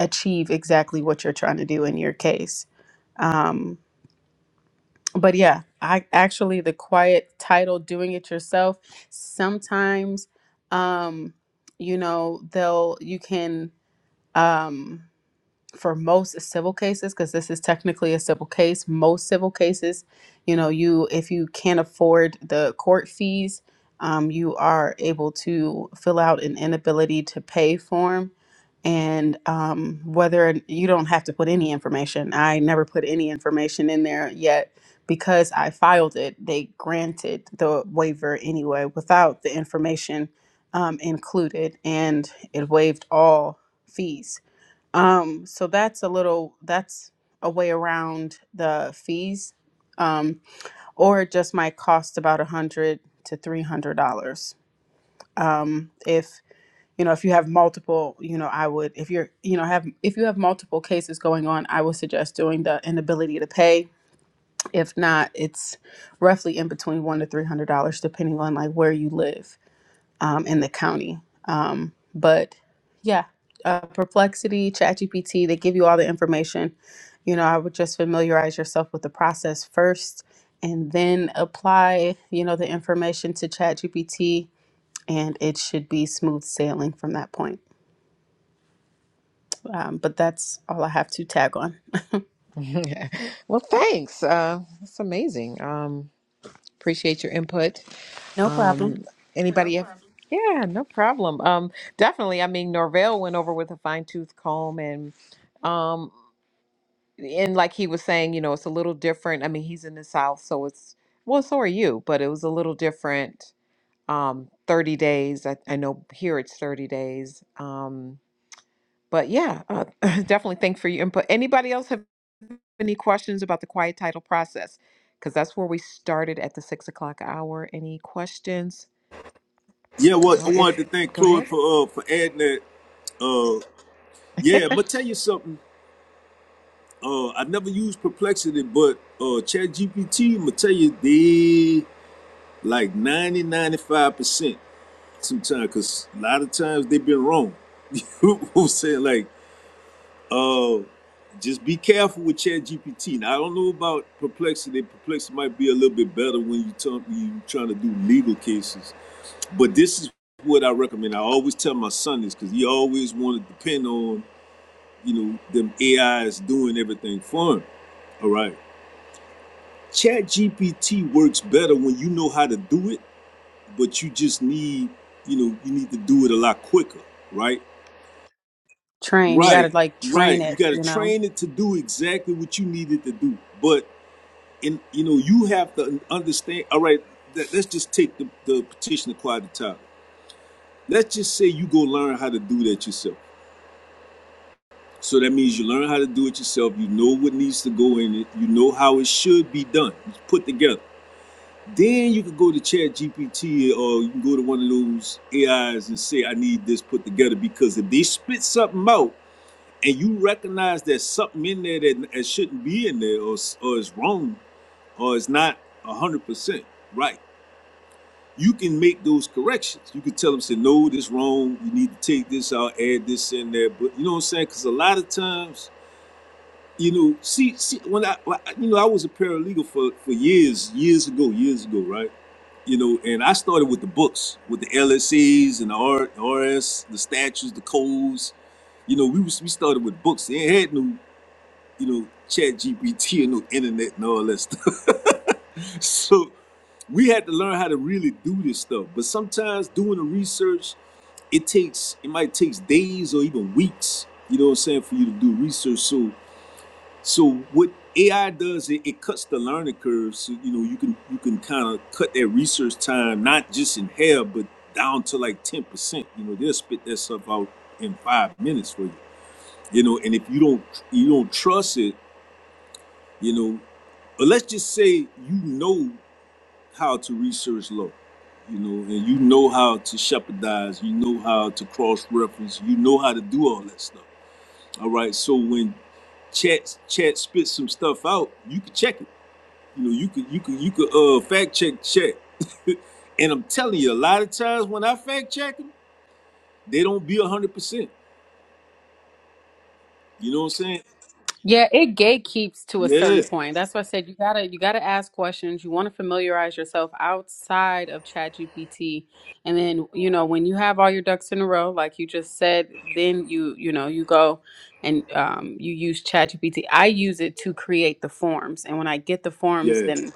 [SPEAKER 11] achieve exactly what you're trying to do in your case. Um, but yeah, I actually the quiet title doing it yourself sometimes um you know they'll you can um for most civil cases because this is technically a civil case most civil cases you know you if you can't afford the court fees um, you are able to fill out an inability to pay form and um, whether you don't have to put any information i never put any information in there yet because i filed it they granted the waiver anyway without the information um, included and it waived all fees um, so that's a little that's a way around the fees, um, or it just might cost about a hundred to three hundred dollars. Um, if you know if you have multiple, you know I would if you're you know have if you have multiple cases going on, I would suggest doing the inability to pay. If not, it's roughly in between one to three hundred dollars depending on like where you live um, in the county. Um, but yeah, uh, Perplexity, ChatGPT, they give you all the information. You know, I would just familiarize yourself with the process first and then apply, you know, the information to ChatGPT, and it should be smooth sailing from that point. Um, but that's all I have to tag on.
[SPEAKER 1] well, thanks. Uh, that's amazing. Um, appreciate your input.
[SPEAKER 11] No
[SPEAKER 1] Um,
[SPEAKER 11] problem.
[SPEAKER 1] anybody? No have- problem. yeah, no problem. Um, definitely. I mean, Norvell went over with a fine tooth comb and. um, and like he was saying, you know, it's a little different. I mean, he's in the South, so it's well, so are you, but it was a little different. Um, 30 days. I, I know here it's 30 days. Um, but yeah, uh, definitely thanks for your input. Anybody else have any questions about the quiet title process? Because that's where we started at the six o'clock hour. Any questions?
[SPEAKER 2] Yeah, well, I
[SPEAKER 1] Oh, if
[SPEAKER 2] wanted to thank
[SPEAKER 1] go
[SPEAKER 2] Chloe
[SPEAKER 1] ahead.
[SPEAKER 2] for uh for adding that. Uh, yeah, but tell you something. Uh, I never used perplexity, but uh, ChatGPT, I'm gonna tell you they like 90 95 percent. sometimes because a lot of times they've been wrong. You know what I'm saying? Like, uh, just be careful with ChatGPT. Now, I don't know about perplexity. Perplexity might be a little bit better when you talk, you trying to do legal cases. But this is what I recommend. I always tell my son this because he always wanted to depend on, you know, them AIs doing everything for him. All right. ChatGPT works better when you know how to do it, but you just need, you know, you need to do it a lot quicker, right?
[SPEAKER 11] Train, you got to
[SPEAKER 2] Right,
[SPEAKER 11] like train
[SPEAKER 2] right. You
[SPEAKER 11] it,
[SPEAKER 2] got to
[SPEAKER 11] you know?
[SPEAKER 2] train it to do exactly what you need it to do. But in you know, you have to understand. All right, let, let's just take the the petition acquired the title. Let's just say you go learn how to do that yourself. So that means you learn how to do it yourself. You know what needs to go in it. You know how it should be done. It's put together. Then you can go to Chat GPT or you can go to one of those AIs and say, I need this put together. Because if they spit something out and you recognize there's something in there that, that shouldn't be in there or, or is wrong or is not 100% right you can make those corrections you can tell them say no this wrong you need to take this out add this in there but you know what i'm saying because a lot of times you know see, see when I, you know i was a paralegal for for years years ago years ago right you know and i started with the books with the lscs and the rs the statutes the codes you know, we was we started with books. They ain't had no you know, chat GPT and no internet and all that stuff. so we had to learn how to really do this stuff. But sometimes doing the research, it takes it might take days or even weeks, you know what I'm saying, for you to do research. So so what AI does it, it cuts the learning curve. So you know you can you can kind of cut that research time, not just in half, but down to like 10%. You know, they'll spit that stuff out in five minutes for you. You know, and if you don't you don't trust it, you know But let's just say you know how to research law, you know, and you know how to shepherdize, you know how to cross reference, you know how to do all that stuff. All right. So when chat chat spits some stuff out, you can check it. You know, you could you could you could uh fact check chat. and I'm telling you, a lot of times when I fact check them, they don't be a hundred percent. You know what I'm saying?
[SPEAKER 11] Yeah, it gatekeeps to a
[SPEAKER 2] Yeah,
[SPEAKER 11] certain point. That's why I said you gotta you gotta ask questions. You want to familiarize yourself outside of ChatGPT, and then you know when you have all your ducks in a row, like you just said, then you you know you go and um, you use ChatGPT. I use it to create the forms, and when I get the forms,
[SPEAKER 2] yeah.
[SPEAKER 11] then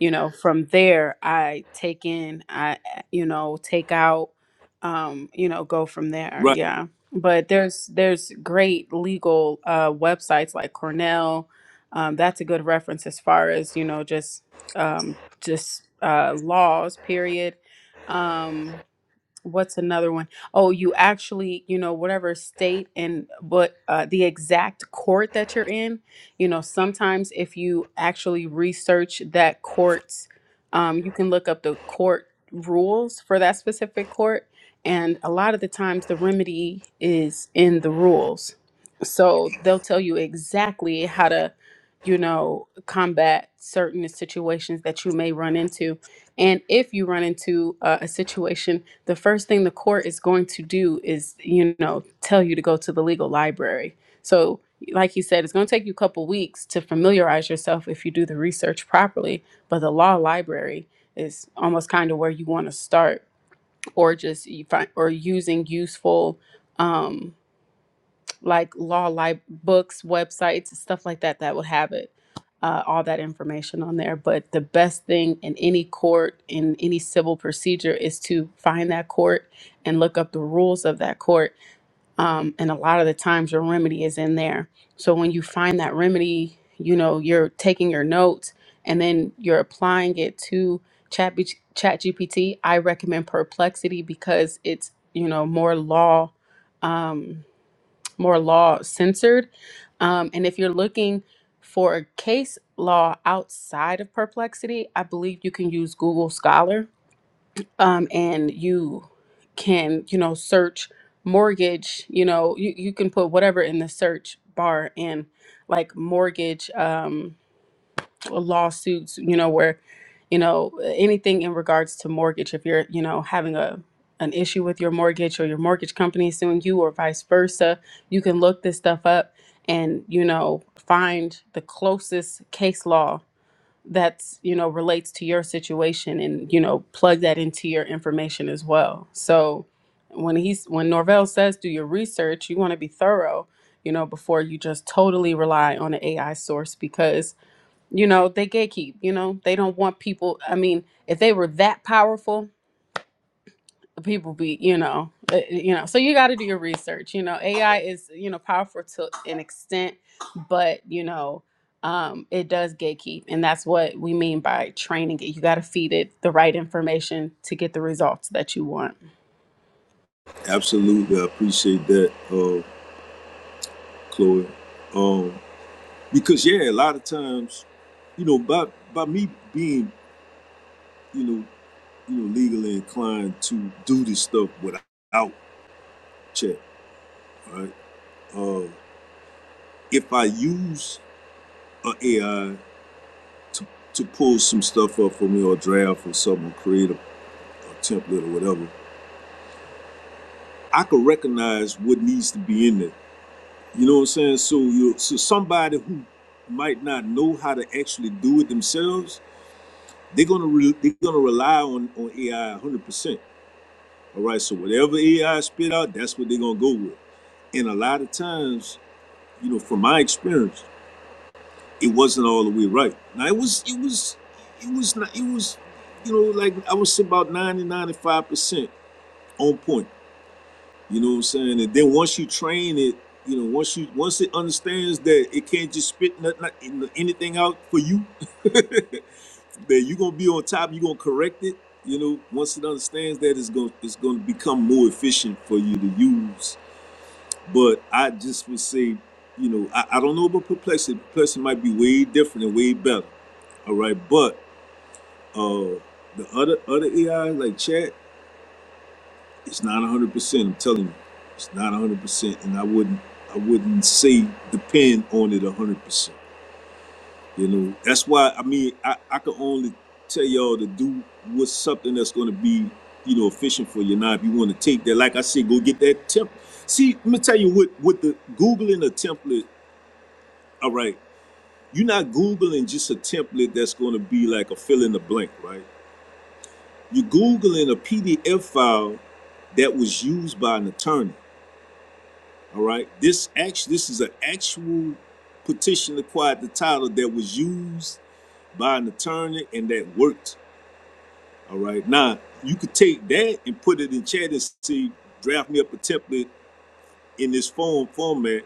[SPEAKER 11] you know from there I take in, I you know take out, um, you know go from there.
[SPEAKER 2] Right.
[SPEAKER 11] Yeah but there's there's great legal uh, websites like Cornell. Um, that's a good reference as far as you know, just um, just uh, laws. Period. Um, what's another one? Oh, you actually, you know, whatever state and what uh, the exact court that you're in, you know, sometimes if you actually research that court's, um, you can look up the court rules for that specific court. And a lot of the times the remedy is in the rules. So they'll tell you exactly how to, you know, combat certain situations that you may run into. And if you run into uh, a situation the first thing the court is going to do is you know tell you to go to the legal library so like you said it's going to take you a couple weeks to familiarize yourself if you do the research properly but the law library is almost kind of where you want to start or just you find or using useful um, like law like books websites stuff like that that would have it uh, all that information on there but the best thing in any court in any civil procedure is to find that court and look up the rules of that court um, and a lot of the times your remedy is in there so when you find that remedy you know you're taking your notes and then you're applying it to chat B- chat gpt i recommend perplexity because it's you know more law um, more law censored. Um, and if you're looking for a case law outside of perplexity, I believe you can use Google Scholar um, and you can, you know, search mortgage, you know, you, you can put whatever in the search bar and like mortgage. Um, lawsuits, you know, where, you know, anything in regards to mortgage, if you're, you know, having a an issue with your mortgage or your mortgage company suing you or vice versa, you can look this stuff up and, you know, find the closest case law that's, you know, relates to your situation and, you know, plug that into your information as well. So when he's when Norvell says do your research, you want to be thorough, you know, before you just totally rely on an AI source because you know they gatekeep you know they don't want people i mean if they were that powerful people be you know uh, you know so you got to do your research you know ai is you know powerful to an extent but you know um it does gatekeep and that's what we mean by training it you got to feed it the right information to get the results that you want
[SPEAKER 2] Absolutely. I appreciate that, uh, Chloe. Um Because yeah, a lot of times, you know, by by me being, you know, you know, legally inclined to do this stuff without check, right? Uh, if I use an AI to to pull some stuff up for me or draft or something, or create a, a template or whatever, I can recognize what needs to be in there. You know what I'm saying? So you so somebody who might not know how to actually do it themselves, they're gonna re- they're gonna rely on on AI 100%. All right, so whatever AI spit out, that's what they're gonna go with. And a lot of times, you know, from my experience, it wasn't all the way right. Now it was, it was, it was not, it was, you know, like I would say about 90, 95 percent on point. You know what I'm saying? And then once you train it, you know, once you once it understands that it can't just spit nothing, not- anything out for you, that you're gonna be on top, you're gonna correct it. You know, once it understands that, it's gonna it's gonna become more efficient for you to use But I just would say, you know, I, I don't know about perplexity. Perplexity might be way different and way better. All right. But uh the other other AI like chat, it's not one hundred percent, I'm telling you. It's not one hundred percent. And I wouldn't I wouldn't say depend on it one hundred percent. You know, that's why I mean I, I can only tell y'all to do what's something that's gonna be, you know, efficient for you. Now if you wanna take that, like I said, go get that template. See, let me tell you what what the Googling a template, all right. You're not Googling just a template that's going to be like a fill in the blank, right? You're Googling a PDF file that was used by an attorney. All right. This act this is an actual petition to quiet the title that was used by an attorney and that worked. All right. Now you could take that and put it in chat and see, draft me up a template in this form format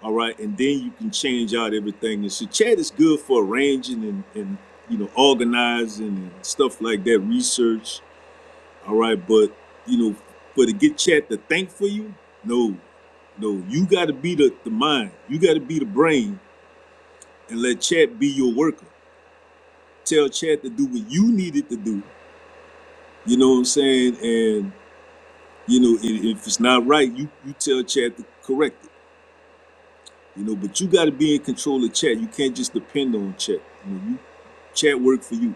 [SPEAKER 2] All right, and then you can change out everything. And so chat is good for arranging and, and you know organizing and stuff like that, research. All right, but you know, for to get chat to think for you, no, no, you got to be the, the mind, you got to be the brain, and let chat be your worker. Tell chat to do what you need it to do. You know what I'm saying? And you know, i- if it's not right, you you tell chat to correct it. You know, but you got to be in control of chat. You can't just depend on chat. You you. know you chat work for you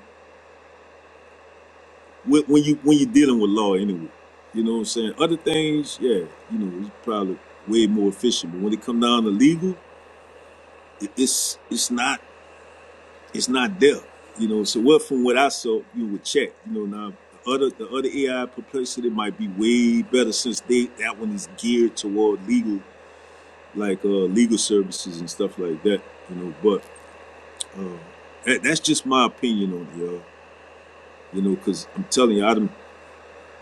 [SPEAKER 2] when, when you when you're dealing with law anyway. You know what I'm saying? Other things, yeah, you know, it's probably way more efficient. But when it come down to legal, it, it's it's not it's not there. You know, so what from what I saw, you would chat. You know, now the other the other AI perplexity might be way better since they that one is geared toward legal like uh legal services and stuff like that. You know, but uh, that, that's just my opinion on it, y'all. You know, because I'm telling you, I done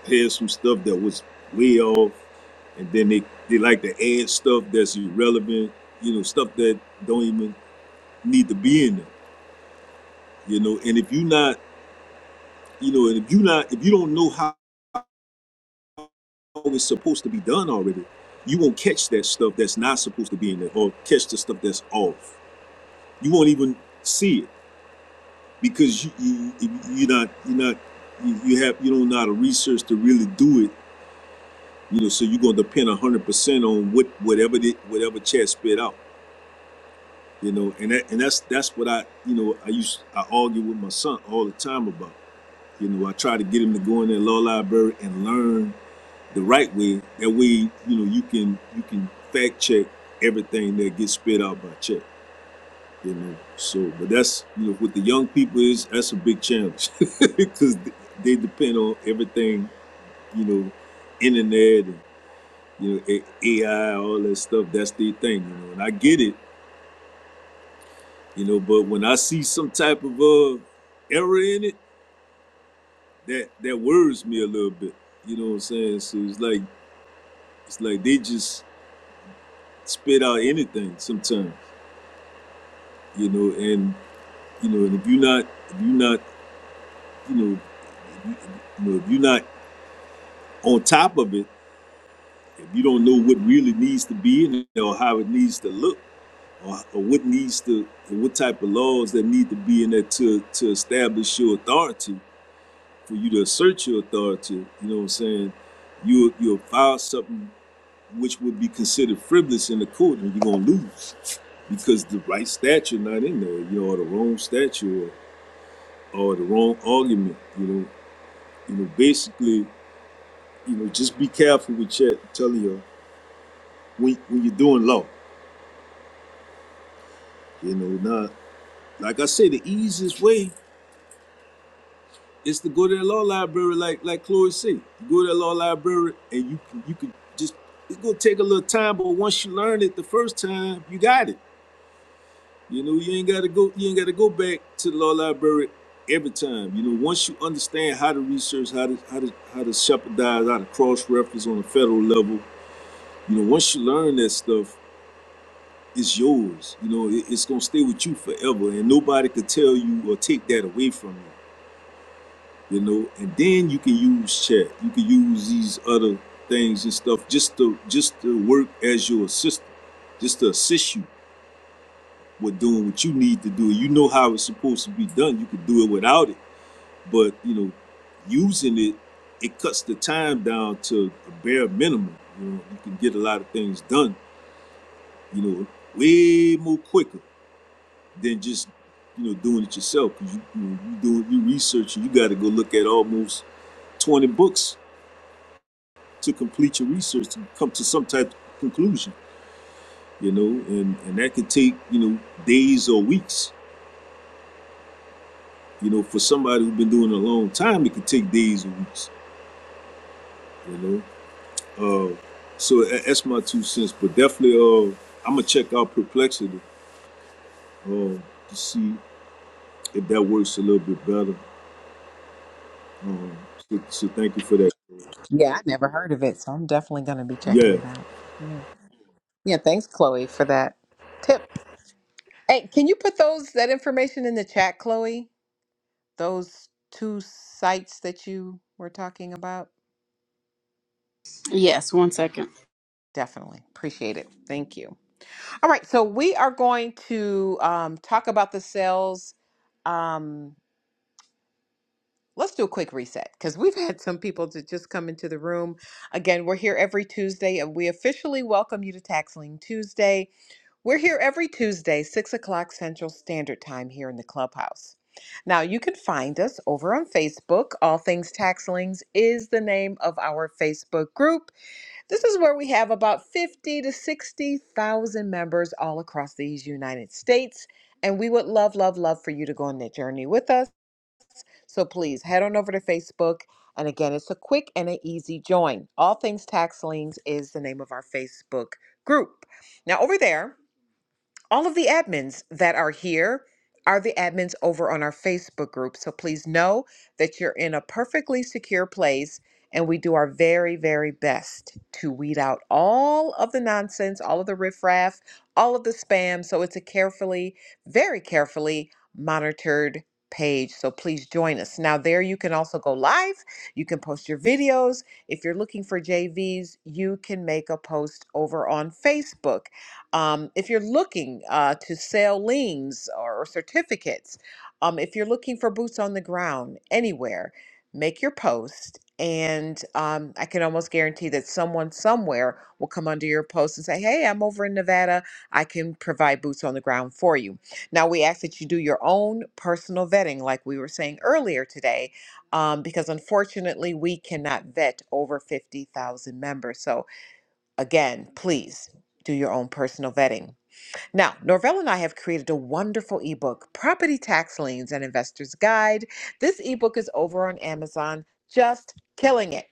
[SPEAKER 2] pairs some stuff that was way off, and then they they like to add stuff that's irrelevant. You know, stuff that don't even need to be in there. You know, and if you not, you know, and if you not, if you don't know how it's supposed to be done already, you won't catch that stuff that's not supposed to be in there, or catch the stuff that's off. You won't even see it because you, you you're not you're not you, you have you don't know how to research to really do it. You know, so you're gonna depend a hundred percent on what whatever the, whatever chat spit out. you know and that, and that's that's what i you know i used i argue with my son all the time about you know i try to get him to go in that law library and learn the right way that way you know you can you can fact check everything that gets spit out by check you know so but that's you know with the young people is that's a big challenge because they depend on everything you know internet and you know ai all that stuff that's their thing you know and i get it You know, but when I see some type of uh error in it, that that worries me a little bit. You know what I'm saying? So it's like it's like they just spit out anything sometimes. You know, and you know, and if you're not if you're not you know if you, you know if you're not on top of it, if you don't know what really needs to be in it or how it needs to look or, or what needs to or what type of laws that need to be in there to to establish your authority for you to assert your authority, you know what I'm saying, you you'll file something which would be considered frivolous in the court and you're gonna lose because the right statute not in there, you know, or the wrong statute or, or the wrong argument, you know. You know, basically, you know, just be careful with chat telling you when when you're doing law. You know, now like I say, the easiest way It's to go to the law library, like like Chloe said. go to the law library, and you can you can just it's gonna take a little time, but once you learn it the first time, you got it. You know, you ain't gotta go you ain't gotta go back to the law library every time. You know, once you understand how to research, how to how to how to shepherdize, how to cross reference on a federal level, you know, once you learn that stuff, it's yours. You know, it, it's gonna stay with you forever, and nobody could tell you or take that away from you. you know and then you can use chat you can use these other things and stuff just to just to work as your assistant just to assist you with doing what you need to do you know how it's supposed to be done you could do it without it but you know using it it cuts the time down to a bare minimum you know you can get a lot of things done you know way more quicker than just you know doing it yourself because you, you know, you doing you researching you got to go look at almost 20 books to complete your research to come to some type of conclusion, you know, and, and that could take, you know, days or weeks. You know, for somebody who's been doing it a long time, it could take days or weeks, you know. Uh, so tha- that's my two cents, but definitely uh, I'm going to check out Perplexity uh, to see if that works a little bit better. Um, so, so thank you for that.
[SPEAKER 1] Yeah, I never heard of it, so I'm definitely going to be checking
[SPEAKER 2] Yeah,
[SPEAKER 1] it out. Yeah. Yeah, thanks, Chloe, for that tip. Hey, can you put those that information in the chat, Chloe? Those two sites that you were talking about?
[SPEAKER 11] yes one second
[SPEAKER 1] Definitely. Appreciate it. Thank you. All right, so we are going to um, talk about the sales. Um, let's do a quick reset because we've had some people to just come into the room. Again, we're here every Tuesday, and we officially welcome you to Taxling Tuesday. We're here every Tuesday, 6 o'clock Central Standard Time here in the clubhouse. Now, you can find us over on Facebook. All Things Taxlings is the name of our Facebook group. This is where we have about 50 to 60,000 members all across these United States. And we would love, love, love for you to go on that journey with us. So please head on over to Facebook. And again, it's a quick and an easy join. All Things Taxlings is the name of our Facebook group. Now, over there, all of the admins that are here are the admins over on our Facebook group. So please know that you're in a perfectly secure place and we do our very, very best to weed out all of the nonsense, all of the riffraff, all of the spam. So it's a carefully, very carefully monitored page. So please join us. Now, there you can also go live. You can post your videos. If you're looking for JVs, you can make a post over on Facebook um, if you're looking uh, to sell liens or certificates, um, if you're looking for boots on the ground anywhere, make your post. And um, I can almost guarantee that someone somewhere will come under your post and say, Hey, I'm over in Nevada. I can provide boots on the ground for you. Now, we ask that you do your own personal vetting, like we were saying earlier today, um, because unfortunately, we cannot vet over 50,000 members. So Again, please do your own personal vetting. Now, Norvell and I have created a wonderful ebook, Property Tax Liens and Investor's Guide. This ebook is over on Amazon, just killing it.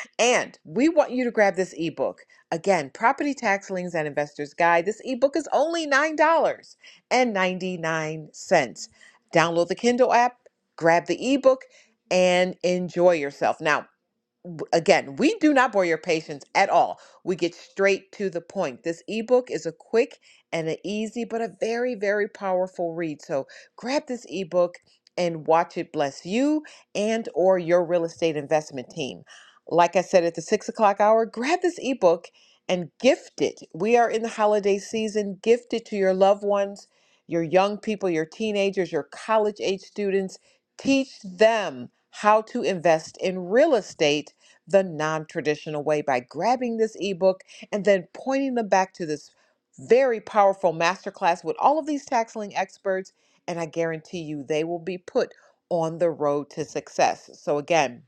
[SPEAKER 1] and we want you to grab this ebook. Again, Property Tax Liens and Investor's Guide. This ebook is only $9.99. Download the Kindle app, grab the ebook, and enjoy yourself. Now, w- again, we do not bore your patience at all. We get straight to the point. This ebook is a quick and an easy, but a very, very powerful read. So grab this ebook and watch it bless you and or your real estate investment team. Like I said at the six o'clock hour, grab this ebook and gift it. We are in the holiday season. Gift it to your loved ones, your young people, your teenagers, your college age students. Teach them how to invest in real estate the non traditional way by grabbing this ebook and then pointing them back to this very powerful masterclass with all of these taxling experts. And I guarantee you, they will be put on the road to success. So, again,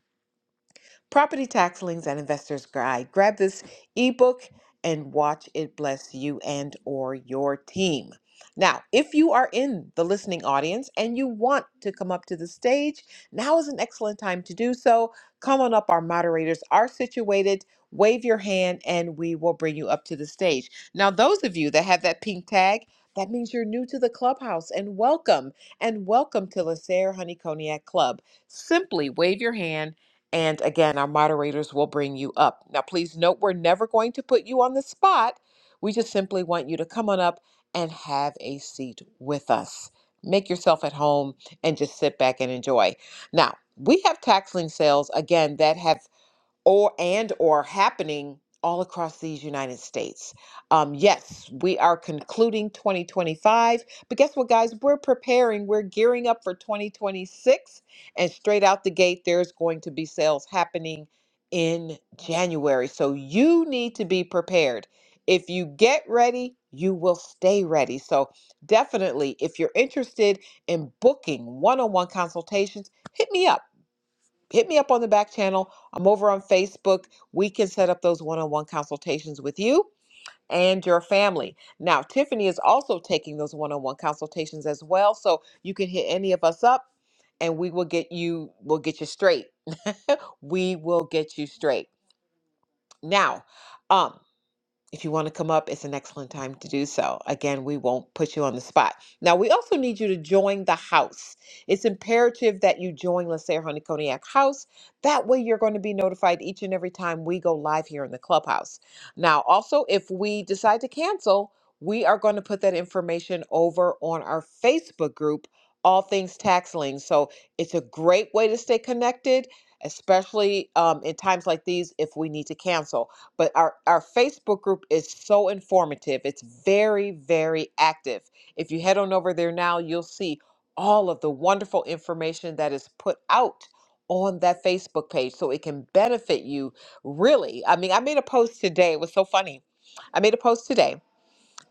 [SPEAKER 1] Property Tax Liens and Investors Guide. Grab this ebook and watch it bless you and or your team. Now, if you are in the listening audience and you want to come up to the stage, now is an excellent time to do so. Come on up, our moderators are situated. Wave your hand and we will bring you up to the stage. Now, those of you that have that pink tag, that means you're new to the clubhouse and welcome and welcome to Lacer Honey Cognac Club. Simply wave your hand and again, our moderators will bring you up. Now, please note we're never going to put you on the spot. We just simply want you to come on up and have a seat with us. Make yourself at home and just sit back and enjoy. Now, we have tax lien sales again that have or and or happening all across these United States. Um, yes, we are concluding 2025, but guess what, guys? We're preparing. We're gearing up for 2026, and straight out the gate, there's going to be sales happening in January. So you need to be prepared. If you get ready, you will stay ready. So definitely, if you're interested in booking one-on-one consultations, hit me up hit me up on the back channel. I'm over on Facebook. We can set up those one on one consultations with you and your family. Now, Tiffany is also taking those one on one consultations as well. So you can hit any of us up and we will get you, we'll get you straight. We will get you straight. Now, um, if you want to come up, it's an excellent time to do so. Again, we won't put you on the spot. Now, we also need you to join the house. It's imperative that you join Lasair Honey Cognac House. That way, you're going to be notified each and every time we go live here in the clubhouse. Now, also, if we decide to cancel, we are going to put that information over on our Facebook group, All Things Tax Lien. So it's a great way to stay connected, especially um, in times like these if we need to cancel. But our, our Facebook group is so informative. It's very, very active. If you head on over there now, you'll see all of the wonderful information that is put out on that Facebook page so it can benefit you really. I mean, I made a post today. It was so funny. I made a post today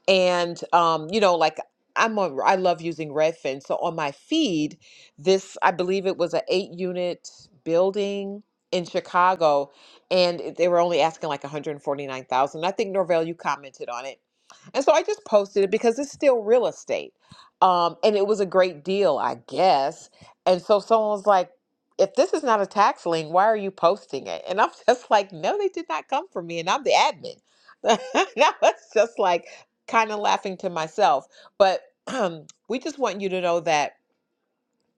[SPEAKER 1] and um, you know, like I'm on, I love using Redfin. So on my feed, this I believe it was an eight unit building in Chicago, and it- they were only asking like 149,000. I think Norvell, you commented on it and so I just posted it because it's still real estate. Um, and it was a great deal, I guess. And so someone was like, if this is not a tax lien, why are you posting it? And I'm just like, no, they did not come for me. And I'm the admin. And I was just like, kind of laughing to myself. But we just want you to know that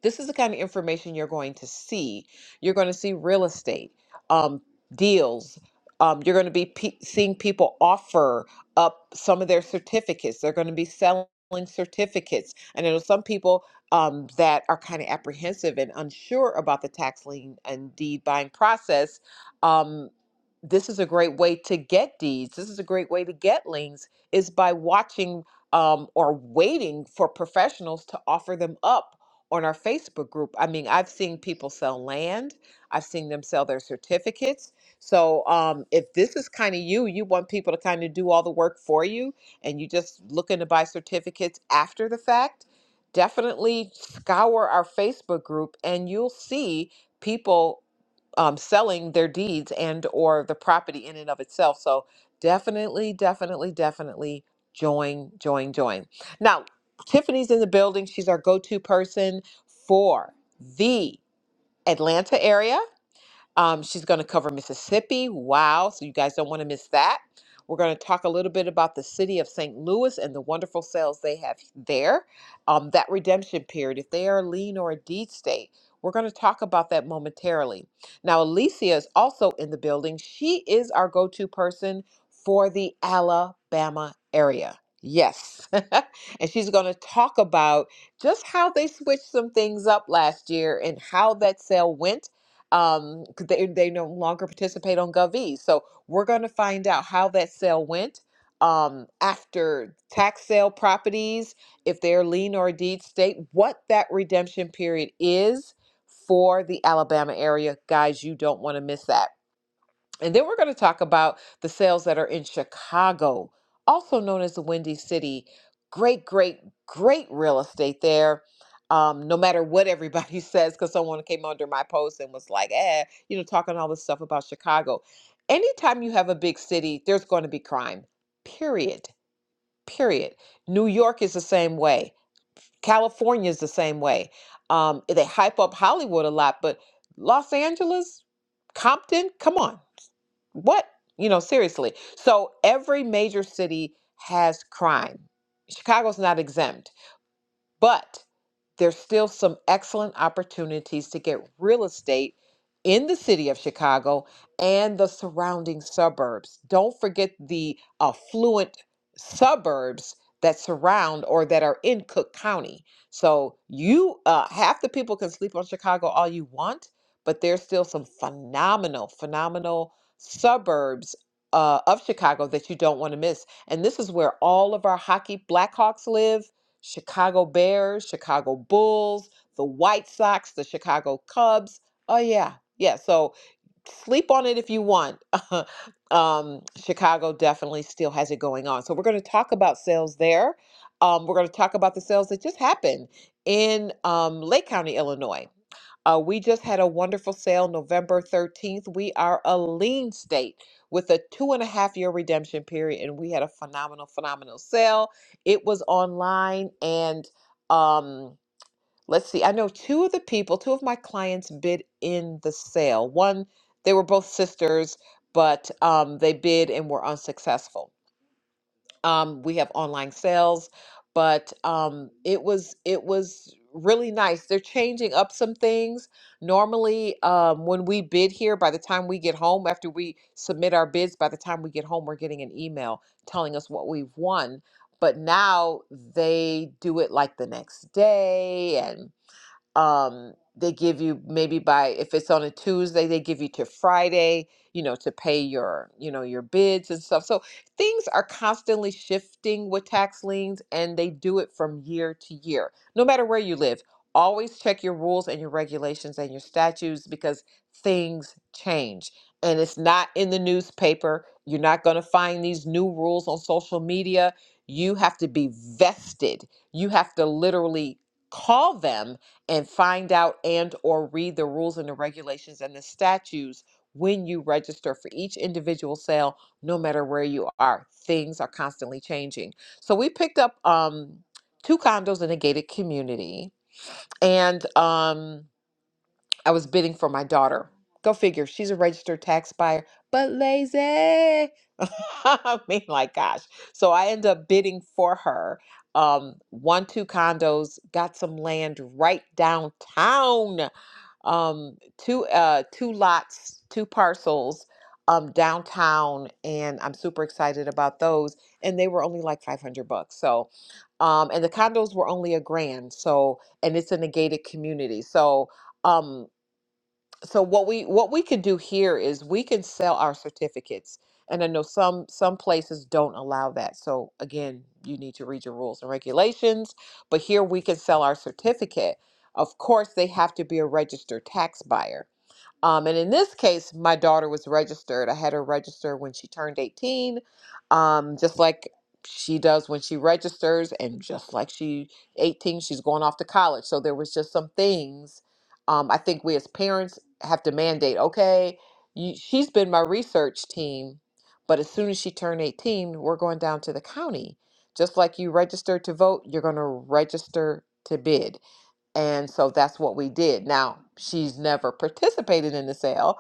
[SPEAKER 1] this is the kind of information you're going to see. You're going to see real estate um, deals. Um, you're going to be pe- seeing people offer up some of their certificates. They're going to be selling certificates. And I know some people um, that are kind of apprehensive and unsure about the tax lien and deed buying process. Um, this is a great way to get deeds. This is a great way to get liens is by watching um, or waiting for professionals to offer them up on our Facebook group. I mean, I've seen people sell land. I've seen them sell their certificates. So, um, if this is kind of you, you want people to kind of do all the work for you, and you just looking to buy certificates after the fact, definitely scour our Facebook group, and you'll see people um, selling their deeds and or the property in and of itself. So definitely, definitely, definitely join, join, join. Now, Tiffany's in the building. She's our go-to person for the Atlanta area. Um, she's going to cover Mississippi. Wow. So you guys don't want to miss that. We're going to talk a little bit about the city of St. Louis and the wonderful sales they have there. Um, that redemption period, if they are a lien or a deed state, we're going to talk about that momentarily. Now, Alicia is also in the building. She is our go to person for the Alabama area. Yes. and she's going to talk about just how they switched some things up last year and how that sale went um 'cause they they no longer participate on gov so we're going to find out how that sale went um after tax sale properties if they're lien or deed state what that redemption period is for the alabama area guys you don't want to miss that and then we're going to talk about the sales that are in Chicago, also known as the Windy City. Great, great, great real estate there. Um, no matter what everybody says, because someone came under my post and was like, eh, you know, talking all this stuff about Chicago. Anytime you have a big city, there's going to be crime, period. Period. New York is the same way. California is the same way. Um, they hype up Hollywood a lot, but Los Angeles, Compton, come on. What? You know, seriously. So every major city has crime. Chicago's not exempt but there's still some excellent opportunities to get real estate in the city of Chicago and the surrounding suburbs. Don't forget the affluent suburbs that surround or that are in Cook County. So you uh, half the people can sleep on Chicago all you want, but there's still some phenomenal, phenomenal suburbs uh, of Chicago that you don't want to miss. And this is where all of our hockey Blackhawks live Chicago Bears, Chicago Bulls, the White Sox, the Chicago Cubs. Oh yeah. Yeah, so sleep on it if you want. um, Chicago definitely still has it going on. So we're going to talk about sales there. Um, we're going to talk about the sales that just happened in um, Lake County, Illinois. Uh, we just had a wonderful sale November 13th. We are a lean state with a two and a half year redemption period, and we had a phenomenal, phenomenal sale. It was online, and um, let's see, I know two of the people, two of my clients bid in the sale. One, they were both sisters, but um, they bid and were unsuccessful um, we have online sales but um, it was it was really nice they're changing up some things normally um, when we bid here by the time we get home after we submit our bids by the time we get home we're getting an email telling us what we've won but now they do it like the next day and um they give you maybe by if it's on a tuesday they give you to friday you know to pay your you know your bids and stuff so things are constantly shifting with tax liens and they do it from year to year no matter where you live always check your rules and your regulations and your statutes because things change and it's not in the newspaper you're not going to find these new rules on social media you have to be vested you have to literally call them and find out and or read the rules and the regulations and the statutes when you register for each individual sale no matter where you are things are constantly changing so we picked up um two condos in a gated community and um I was bidding for my daughter. Go figure. She's a registered tax buyer, but lazy. I mean, like, gosh. So I end up bidding for her. Um, one, two condos, got some land right downtown. Um, two, uh, two lots, two parcels, um, downtown, and I'm super excited about those. And they were only like 500 bucks. So, um, and the condos were only a grand. So, and it's in a gated community. So, um so what we what we could do here is we could sell our certificates and i know some some places don't allow that so again you need to read your rules and regulations but here we can sell our certificate of course they have to be a registered tax buyer um, and in this case, my daughter was registered. I had her register when she turned 18, um, just like she does when she registers, and just like she 18, she's going off to college. So there was just some things um, I think we as parents have to mandate. Okay, you, she's been my research team, but as soon as she turned 18, we're going down to the county. Just like you registered to vote, you're going to register to bid and so that's what we did. Now, she's never participated in the sale,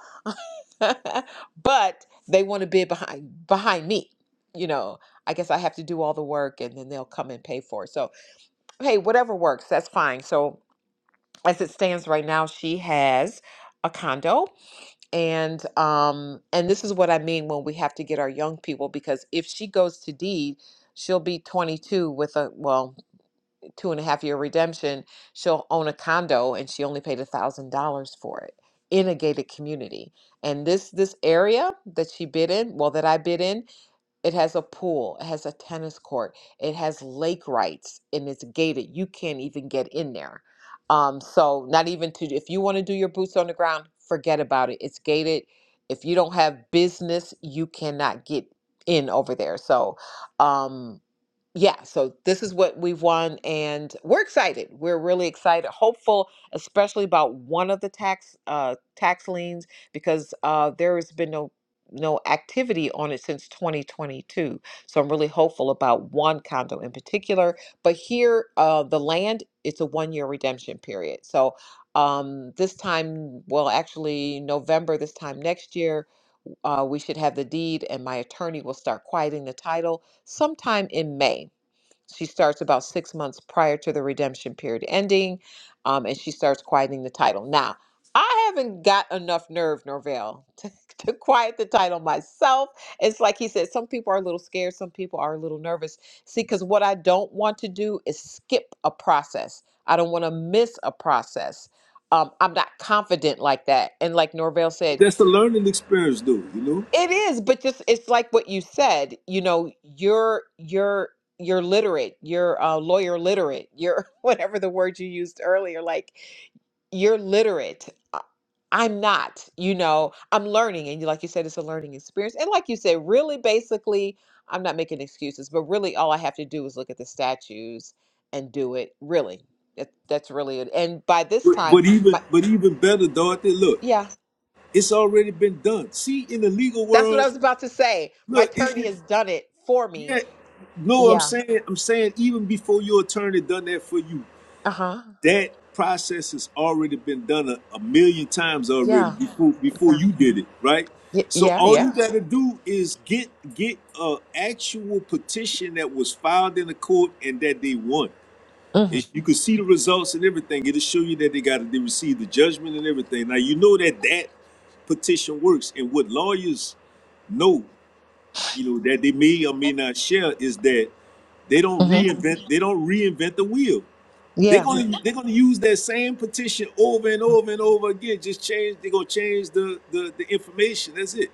[SPEAKER 1] but they want to bid behind behind me. You know, I guess I have to do all the work and then they'll come and pay for it. So, hey, whatever works, that's fine. So, as it stands right now, she has a condo and um and this is what I mean when we have to get our young people because if she goes to deed, she'll be 22 with a well, two and a half year redemption, she'll own a condo and she only paid a thousand dollars for it in a gated community. And this this area that she bid in, well that I bid in, it has a pool, it has a tennis court, it has lake rights and it's gated. You can't even get in there. Um so not even to if you want to do your boots on the ground, forget about it. It's gated. If you don't have business, you cannot get in over there. So um yeah, so this is what we've won, and we're excited. We're really excited, hopeful, especially about one of the tax uh, tax liens because uh, there has been no no activity on it since 2022. So I'm really hopeful about one condo in particular. But here, uh, the land, it's a one year redemption period. So um, this time, well, actually November this time next year, uh, we should have the deed, and my attorney will start quieting the title sometime in May. She starts about six months prior to the redemption period ending, um, and she starts quieting the title. Now, I haven't got enough nerve, Norvell, to, to quiet the title myself. It's like he said, some people are a little scared, some people are a little nervous. See, because what I don't want to do is skip a process, I don't want to miss a process. Um, I'm not confident like that. And like Norvell said,
[SPEAKER 2] that's the learning experience, though, you know.
[SPEAKER 1] it is, but just it's like what you said, you know, you're you're you're literate, you're uh, lawyer literate, you're whatever the word you used earlier, like you're literate. I- I'm not, you know, I'm learning and you like you said it's a learning experience. And like you said, really basically, I'm not making excuses, but really all I have to do is look at the statues and do it. Really. That, that's really it. And by this
[SPEAKER 2] But,
[SPEAKER 1] time,
[SPEAKER 2] but even
[SPEAKER 1] my
[SPEAKER 2] but even better, Dorothy, look,
[SPEAKER 1] yeah,
[SPEAKER 2] it's already been done. See, in the legal
[SPEAKER 1] that's what I
[SPEAKER 2] world,
[SPEAKER 1] was about to say. My
[SPEAKER 2] Look, it,
[SPEAKER 1] attorney
[SPEAKER 2] it,
[SPEAKER 1] has done it for me.
[SPEAKER 2] yeah, no, I'm
[SPEAKER 1] Yeah
[SPEAKER 2] saying, I'm saying, even before your attorney done that for you,
[SPEAKER 1] Uh-huh.
[SPEAKER 2] that process has already been done a, a million times already
[SPEAKER 1] Yeah.
[SPEAKER 2] before before
[SPEAKER 1] Yeah.
[SPEAKER 2] you did it, right?
[SPEAKER 1] Y-
[SPEAKER 2] So
[SPEAKER 1] yeah.
[SPEAKER 2] all
[SPEAKER 1] Yeah.
[SPEAKER 2] you got to do is get get a actual petition that was filed in the court and that they won. It,
[SPEAKER 1] Mm-hmm.
[SPEAKER 2] you can see the results and everything. It'll show you that they got they received the judgment and everything. Now you know that that petition works, and what lawyers know you know that they may or may not share is that they don't
[SPEAKER 1] Mm-hmm.
[SPEAKER 2] reinvent they don't reinvent the wheel. They're
[SPEAKER 1] Yeah.
[SPEAKER 2] gonna Yeah. they're gonna use that same petition over and over and over again. Just change they're gonna change the the, the information. That's it.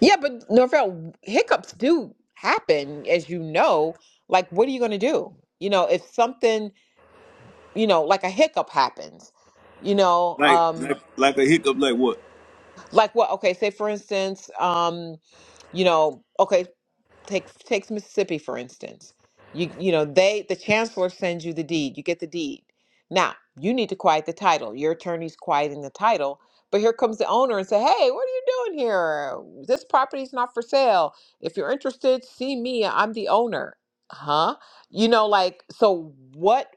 [SPEAKER 1] Yeah, but Norvell, hiccups do happen, as you know. Like, what are you gonna do? You know, if something, you know, like a hiccup happens, you know,
[SPEAKER 2] Like like
[SPEAKER 1] um,
[SPEAKER 2] like a hiccup. Like what?
[SPEAKER 1] like what? Okay, say for instance, um, you know, okay, Take takes Mississippi for instance. You you know they the chancellor sends you the deed. You get the deed. Now you need to quiet the title. Your attorney's quieting the title, but here comes the owner and say, "Hey, what are you doing here? This property's not for sale. If you're interested, see me. I'm the owner." Huh? You know, like so. What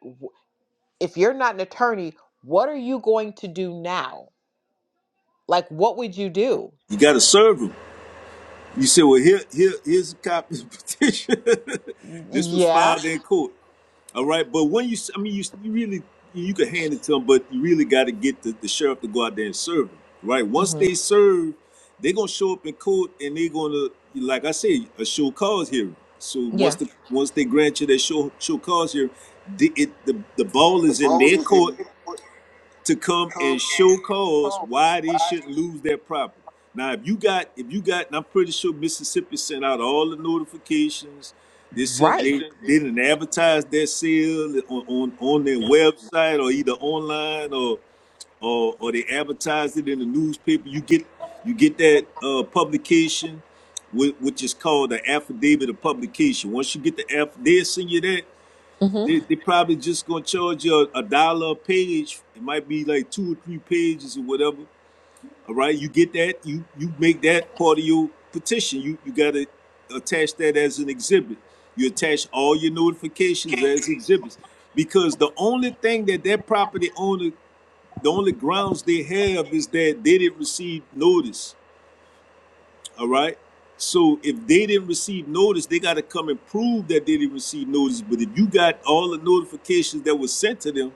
[SPEAKER 1] if you're not an attorney? What are you going to do now? Like, what would you do?
[SPEAKER 2] You gotta serve them. You say, well here here here's a copy of the petition. this was
[SPEAKER 1] Yeah.
[SPEAKER 2] filed in court. All right, but when you, I mean, you, you really, you can hand it to them, but you really got to get the, the sheriff to go out there and serve them, right? Once
[SPEAKER 1] Mm-hmm.
[SPEAKER 2] they serve, they're gonna show up in court and they're gonna, like I say, a show cause hearing. So once
[SPEAKER 1] Yeah.
[SPEAKER 2] the once they grant you that show show cause hearing, the, it the the ball
[SPEAKER 1] The
[SPEAKER 2] is in
[SPEAKER 1] ball
[SPEAKER 2] their
[SPEAKER 1] is in.
[SPEAKER 2] court to come
[SPEAKER 1] YouTube
[SPEAKER 2] and
[SPEAKER 1] and
[SPEAKER 2] show cause
[SPEAKER 1] show
[SPEAKER 2] why they
[SPEAKER 1] why
[SPEAKER 2] should lose
[SPEAKER 1] they
[SPEAKER 2] their property. Now, if you got, if you got, and I'm pretty sure Mississippi sent out all the notifications. They
[SPEAKER 1] should
[SPEAKER 2] sent,
[SPEAKER 1] right. They
[SPEAKER 2] they,
[SPEAKER 1] should,
[SPEAKER 2] they
[SPEAKER 1] they,
[SPEAKER 2] didn't advertise their sale on, on, on their website or either online or, or, or they advertised it in the newspaper. You get, you get that uh, publication, whi- which is called the affidavit of publication. Once you get the aff, they send you that.
[SPEAKER 1] Mm-hmm.
[SPEAKER 2] They they probably just gonna charge you a, a dollar a page. It might be like two or three pages or whatever. All right, you get that. You you make that part of your petition. You you gotta attach that as an exhibit. You attach all your notifications as exhibits because the only thing that that property owner, the only grounds they have is that they didn't receive notice. All right. So if they didn't receive notice, they got to come and prove that they didn't receive notice. But if you got all the notifications that was sent to them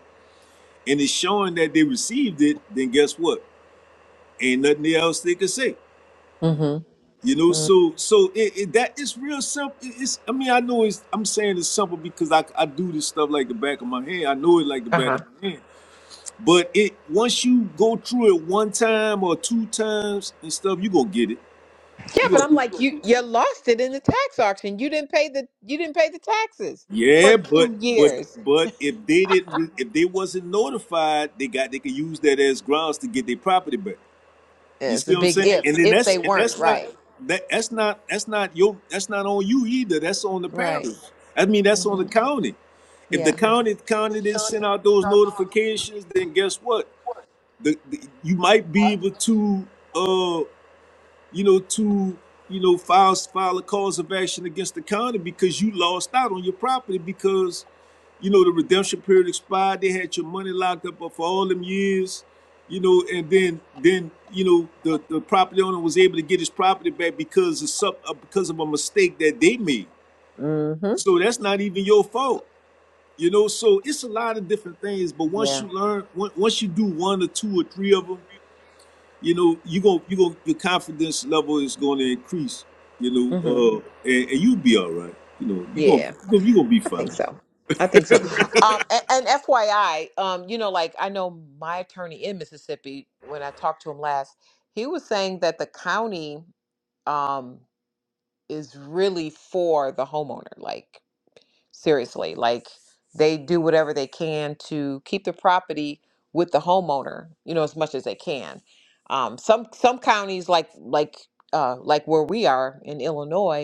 [SPEAKER 2] and it's showing that they received it, then guess what? Ain't nothing else they can say.
[SPEAKER 1] Mm-hmm.
[SPEAKER 2] You know, so so it, it that is real simple. It- It's I mean I know it's I'm saying it's simple because I I do this stuff like the back of my hand. I know it like the back
[SPEAKER 1] Uh-huh.
[SPEAKER 2] of my hand. But it once you go through it one time or two times and stuff, you gonna get it.
[SPEAKER 1] Yeah,
[SPEAKER 2] You
[SPEAKER 1] but I'm
[SPEAKER 2] gonna
[SPEAKER 1] like, you you lost it in the tax auction. You didn't pay the you didn't pay the taxes for
[SPEAKER 2] Yeah,
[SPEAKER 1] two
[SPEAKER 2] but but
[SPEAKER 1] years.
[SPEAKER 2] but if they didn't, re- if they wasn't notified, they got they could use that as grounds to get their property back. You
[SPEAKER 1] Yeah, it's
[SPEAKER 2] see
[SPEAKER 1] a
[SPEAKER 2] what I'm
[SPEAKER 1] big
[SPEAKER 2] saying? And
[SPEAKER 1] if.
[SPEAKER 2] then
[SPEAKER 1] If
[SPEAKER 2] that's
[SPEAKER 1] they
[SPEAKER 2] and
[SPEAKER 1] weren't,
[SPEAKER 2] that's not
[SPEAKER 1] right.
[SPEAKER 2] that that's not that's not your that's not on you either. That's on the parish.
[SPEAKER 1] Right.
[SPEAKER 2] I mean, that's on the
[SPEAKER 1] Mm-hmm.
[SPEAKER 2] county. If the
[SPEAKER 1] Yeah.
[SPEAKER 2] county
[SPEAKER 1] they
[SPEAKER 2] county didn't
[SPEAKER 1] showing
[SPEAKER 2] send out those notifications, then guess what? The, the- you might be able to. uh, you know, to you know file file a cause of action against the county because you lost out on your property because you know the redemption period expired. They had your money locked up for all them years, you know, and then then you know the the property owner was able to get his property back because of some uh, because of a mistake that they made.
[SPEAKER 1] Mm-hmm.
[SPEAKER 2] So that's not even your fault. You know, so it's a lot of different things, but once
[SPEAKER 1] Yeah.
[SPEAKER 2] you learn, once you do one or two or three of them, you know, you go, you go, your confidence level is going to increase, you know,
[SPEAKER 1] Mm-hmm.
[SPEAKER 2] uh, and, and you'll be all right. You know, you going
[SPEAKER 1] Yeah.
[SPEAKER 2] you gonna, you gonna be fine.
[SPEAKER 1] think so. I think so. Um, and, and FYI, um, you know, like I know my attorney in Mississippi, when I talked to him last, he was saying that the county um, is really for the homeowner. Like, seriously, like they do whatever they can to keep the property with the homeowner, you know, as much as they can. Um, some some counties like like uh, like where we are in Illinois,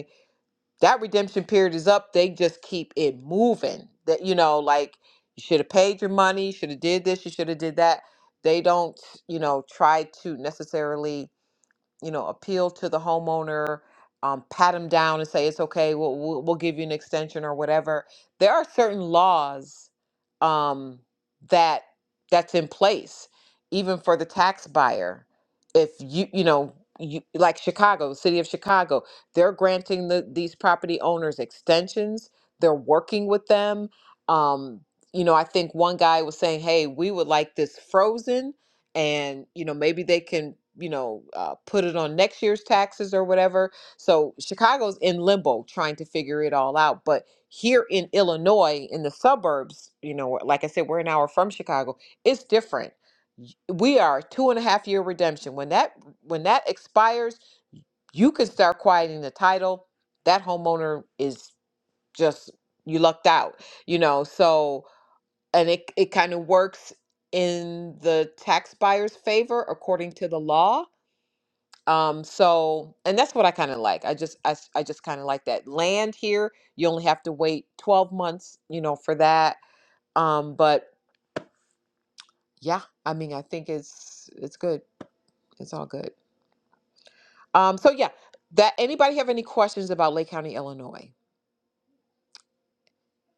[SPEAKER 1] that redemption period is up they just keep it moving that you know like you should have paid your money should have did this you should have did that they don't you know try to necessarily you know, appeal to the homeowner, um, pat him down and say it's okay. We'll, we'll we'll give you an extension or whatever. There are certain laws um, that that's in place, even for the tax buyer. If you you know you like Chicago, the city of Chicago, they're granting the these property owners extensions. They're working with them. Um, you know, I think one guy was saying, "Hey, we would like this frozen." and you know maybe they can you know uh, put it on next year's taxes or whatever so chicago's in limbo trying to figure it all out but here in illinois in the suburbs you know like i said we're an hour from chicago it's different Y- we are two and a half year redemption when that when that expires you can start quieting the title that homeowner is just you lucked out you know so and it, it kind of works in the tax buyer's favor according to the law um so and that's what i kind of like i just I, s- I just kind of like that land here you only have to wait 12 months you know for that um but yeah i mean i think it's it's good it's all good um so yeah that anybody have any questions about lake county illinois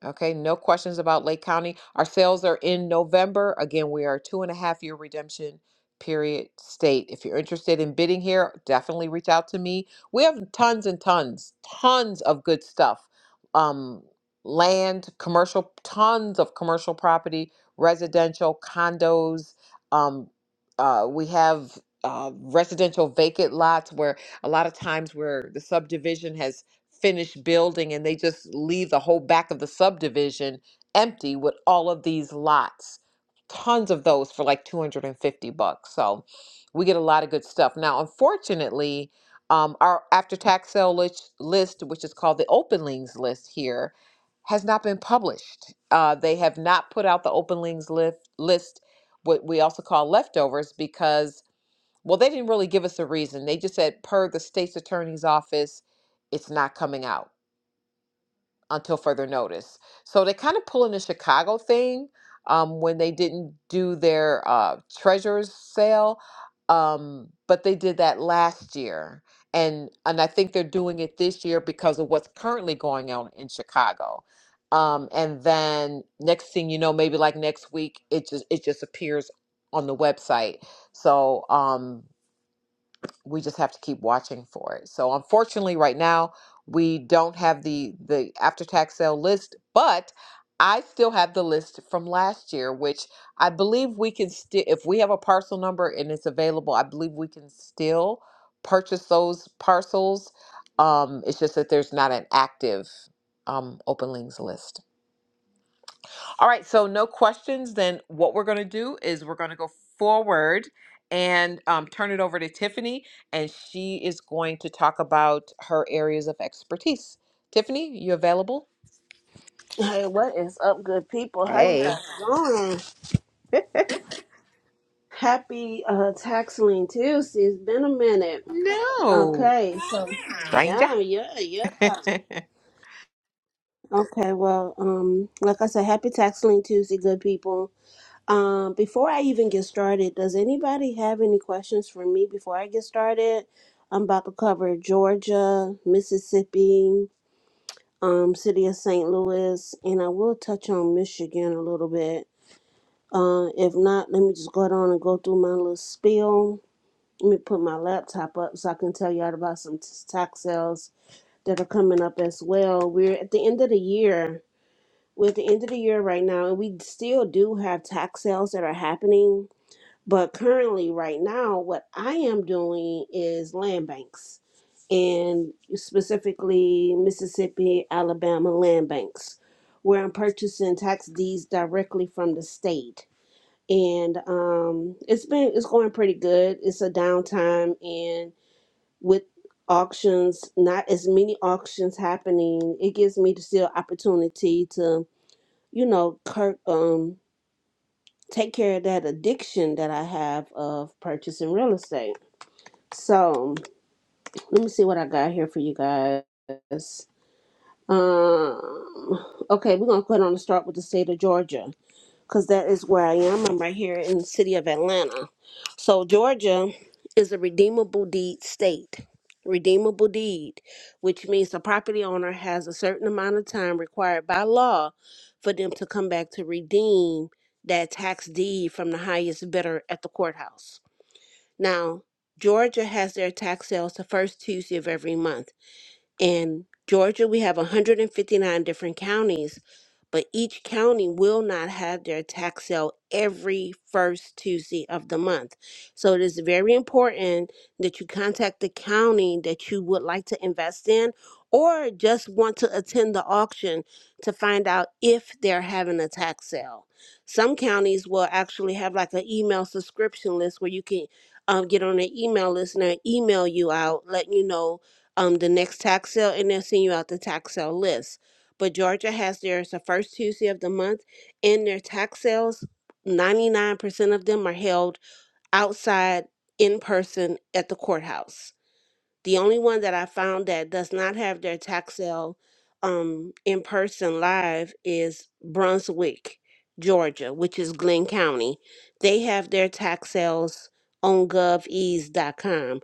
[SPEAKER 1] Okay, no questions about Lake County. Our sales are in November. Again, we are a two and a half year redemption period state. If you're interested in bidding here, definitely reach out to me. We have tons and tons, tons of good stuff. Um, land, commercial, tons of commercial property, residential, condos. Um, uh, we have uh, residential vacant lots where a lot of times where the subdivision has finished building and they just leave the whole back of the subdivision empty with all of these lots. Tons of those for like 250 bucks. So we get a lot of good stuff. Now, unfortunately, um, our after tax sale list, list, which is called the open links list here, has not been published. Uh, they have not put out the open links list, list, what we also call leftovers, because well, they didn't really give us a reason. They just said, per the state's attorney's office, it's not coming out until further notice. So they kind of pull in the Chicago thing um, when they didn't do their uh, treasurer's sale, um, but they did that last year, and and I think they're doing it this year because of what's currently going on in Chicago. Um, and then next thing you know, maybe like next week, it just it just appears on the website. So. Um, we just have to keep watching for it. So unfortunately, right now we don't have the the after tax sale list, but I still have the list from last year, which I believe we can still, if we have a parcel number and it's available, I believe we can still purchase those parcels. Um, it's just that there's not an active um, open links list. All right, so no questions. Then what we're going to do is we're going to go forward and um, turn it over to Tiffany, and she is going to talk about her areas of expertise. Tiffany, you available?
[SPEAKER 8] Hey, what is up, good people? How you guys
[SPEAKER 1] Hey.
[SPEAKER 8] doing? Happy uh, Tax Tuesday. It's been a minute.
[SPEAKER 1] No,
[SPEAKER 8] Okay, so
[SPEAKER 1] stranger.
[SPEAKER 8] yeah, yeah, yeah. Okay, well, um, like I said, happy Tax Tuesday, good people Um, before I even get started, does anybody have any questions for me before I get started? I'm about to cover Georgia, Mississippi, um, city of St. Louis, and I will touch on Michigan a little bit. Uh, if not, let me just go down and go through my little spiel. Let me put my laptop up so I can tell y'all about some t- tax sales that are coming up as well. We're at the end of the year. We're at the end of the year right now, and we still do have tax sales that are happening but currently, right now, what I am doing is land banks and specifically Mississippi, Alabama land banks, where I'm purchasing tax deeds directly from the state. And um, it's been it's going pretty good. It's a downtime, and with auctions, not as many auctions happening, it gives me the still opportunity to, you know, cur- um, take care of that addiction that I have of purchasing real estate. So let me see what I got here for you guys. Um, okay, we're gonna put on the start with the state of Georgia because that is where I am. I'm right here in the city of Atlanta. So Georgia is a redeemable deed state. Redeemable deed, which means the property owner has a certain amount of time required by law for them to come back to redeem that tax deed from the highest bidder at the courthouse. Now, Georgia has their tax sales the first Tuesday of every month. In Georgia, we have 159 different counties, but each county will not have their tax sale every first Tuesday of the month. So it is very important that you contact the county that you would like to invest in or just want to attend the auction to find out if they're having a tax sale. Some counties will actually have like an email subscription list where you can um, get on an email list and they'll email you out, letting you know um, the next tax sale and they'll send you out the tax sale list. But Georgia has theirs the first Tuesday of the month, and their tax sales, 99% of them are held outside in person at the courthouse. The only one that I found that does not have their tax sale um, in person live is Brunswick, Georgia, which is Glenn County. They have their tax sales on govease.com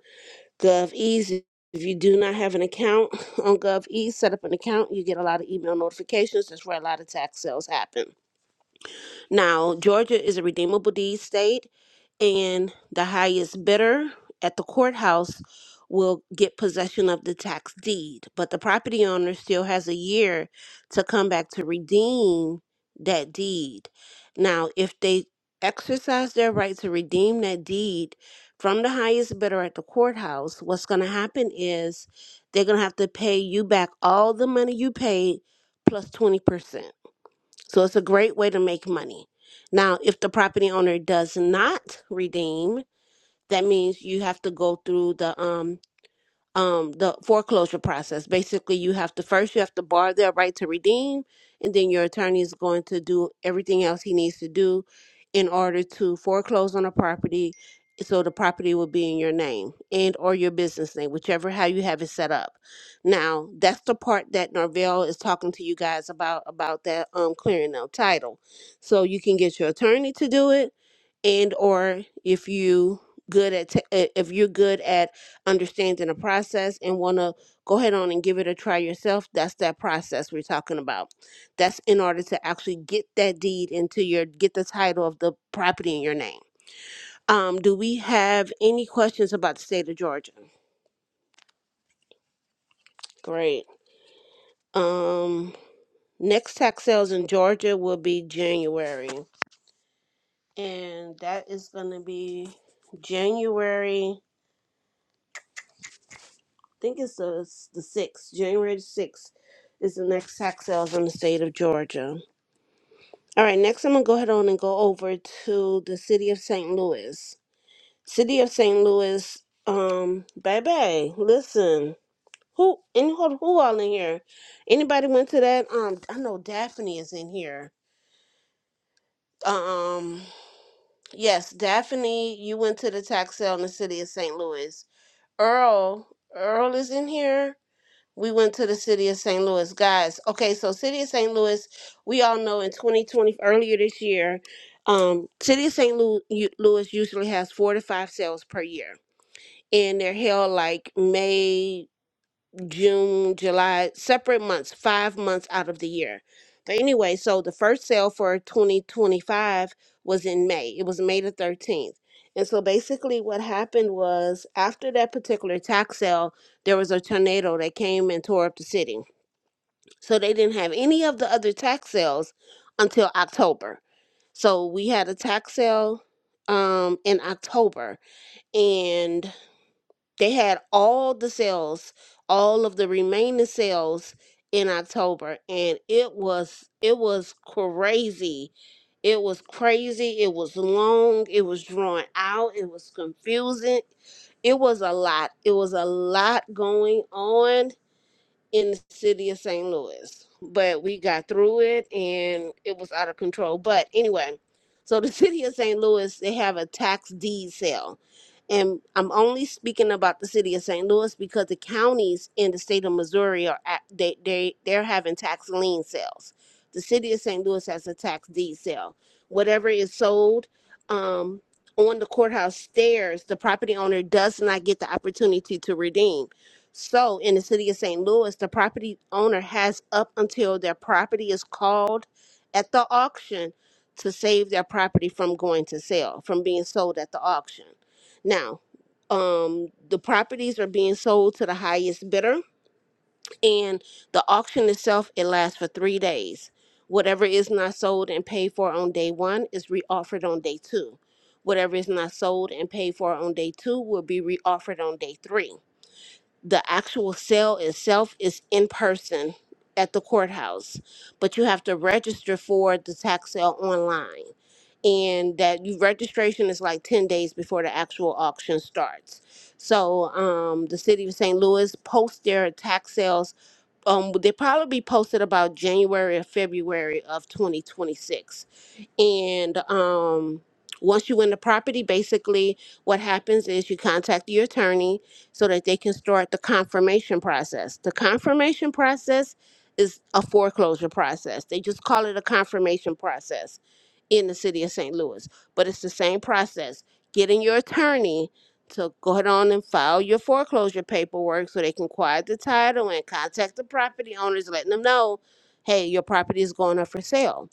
[SPEAKER 8] GovEase. If you do not have an account on GovEase, set up an account. You get a lot of email notifications. That's where a lot of tax sales happen. Now, Georgia is a redeemable deed state and the highest bidder at the courthouse will get possession of the tax deed. But the property owner still has a year to come back to redeem that deed. Now, if they exercise their right to redeem that deed from the highest bidder at the courthouse, what's going to happen is they're going to have to pay you back all the money you paid 20%. So it's a great way to make money. Now, if the property owner does not redeem, that means you have to go through the um um the foreclosure process. Basically, you have to first you have to bar their right to redeem, and then your attorney is going to do everything else he needs to do in order to foreclose on a property so the property will be in your name and or your business name whichever how you have it set up now that's the part that norvell is talking to you guys about about that um clearing of title so you can get your attorney to do it and or if you good at t- uh, if you're good at understanding a process and want to go ahead on and give it a try yourself that's that process we're talking about that's in order to actually get that deed into your get the title of the property in your name um do we have any questions about the state of georgia great um next tax sales in georgia will be january and that is going to be january think it's the the sixth, January the sixth, is the next tax sales in the state of Georgia. All right, next I'm gonna go ahead on and go over to the city of St. Louis. City of St. Louis, um, baby, listen. Who any who who all in here? Anybody went to that? Um, I know Daphne is in here. Um, yes, Daphne, you went to the tax sale in the city of St. Louis. Earl, Earl is in here. we went to the city of St. Louis. Guys, okay, so city of St. Louis, we all know in 2020 earlier this year, um, city of St. Lu- u- Louis usually has 4 to 5 sales per year. And they're held like May, June, July, separate months, 5 months out of the year. But anyway, so the first sale for 2025 was in May. It was May the 13th. And so basically what happened was after that particular tax sale, there was a tornado that came and tore up the city so they didn't have any of the other tax sales until October. So we had a tax sale um, in October, and they had all the sales, all of the remaining sales in October, and it was it was crazy. It was crazy. It was long. It was drawn out. It was confusing. It was a lot. It was a lot going on in the city of St. Louis. But we got through it and it was out of control. But anyway, so the city of St. Louis, they have a tax deed sale. And I'm only speaking about the city of St. Louis because the counties in the state of Missouri are at, they they they're having tax lien sales. The city of St. Louis has a tax deed sale. Whatever is sold um, on the courthouse stairs, the property owner does not get the opportunity to redeem so, in the city of St. Louis, the property owner has up until their property is called at the auction to save their property from going to sale, from being sold at the auction. Now, um, the properties are being sold to the highest bidder, and the auction itself it lasts for three days. Whatever is not sold and paid for on day one is reoffered on day two. Whatever is not sold and paid for on day two will be reoffered on day three the actual sale itself is in person at the courthouse, but you have to register for the tax sale online. And that you registration is like 10 days before the actual auction starts. So um, the city of St. Louis posts their tax sales. Um, they probably be posted about January or February of 2026 and um once you win the property basically what happens is you contact your attorney so that they can start the confirmation process the confirmation process is a foreclosure process they just call it a confirmation process in the city of st louis but it's the same process getting your attorney to go ahead on and file your foreclosure paperwork so they can quiet the title and contact the property owners letting them know hey your property is going up for sale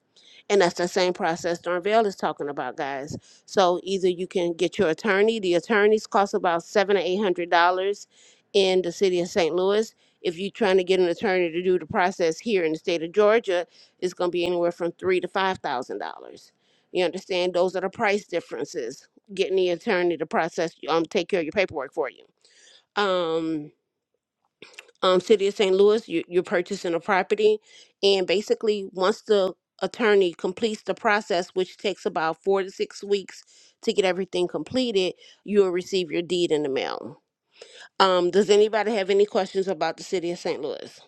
[SPEAKER 8] and that's the same process Darnell is talking about, guys. So either you can get your attorney. The attorneys cost about seven or eight hundred dollars in the city of St. Louis. If you're trying to get an attorney to do the process here in the state of Georgia, it's going to be anywhere from three to five thousand dollars. You understand? Those are the price differences. Getting the attorney to process, um, take care of your paperwork for you. Um, um, city of St. Louis, you, you're purchasing a property. And basically, once the attorney completes the process, which takes about four to six weeks to get everything completed, you will receive your deed in the mail. Um, does anybody have any questions about the city of St. Louis?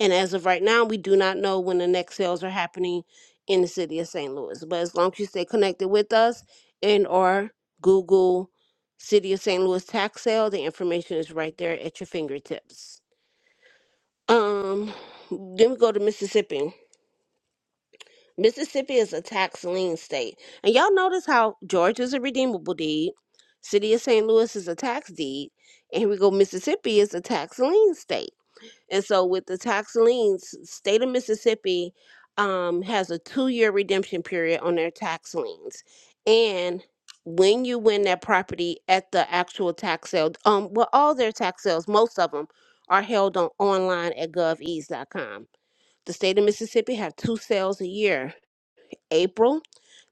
[SPEAKER 8] And as of right now, we do not know when the next sales are happening in the city of St. Louis. But as long as you stay connected with us and or Google City of St. Louis tax sale, the information is right there at your fingertips. Um, then we go to Mississippi. Mississippi is a tax lien state. And y'all notice how Georgia's a redeemable deed, City of St. Louis is a tax deed, and here we go, Mississippi is a tax lien state. And so with the tax liens, state of Mississippi um has a two-year redemption period on their tax liens. And when you win that property at the actual tax sale, um, well, all their tax sales, most of them are held on online at govease.com the state of Mississippi have two sales a year, April,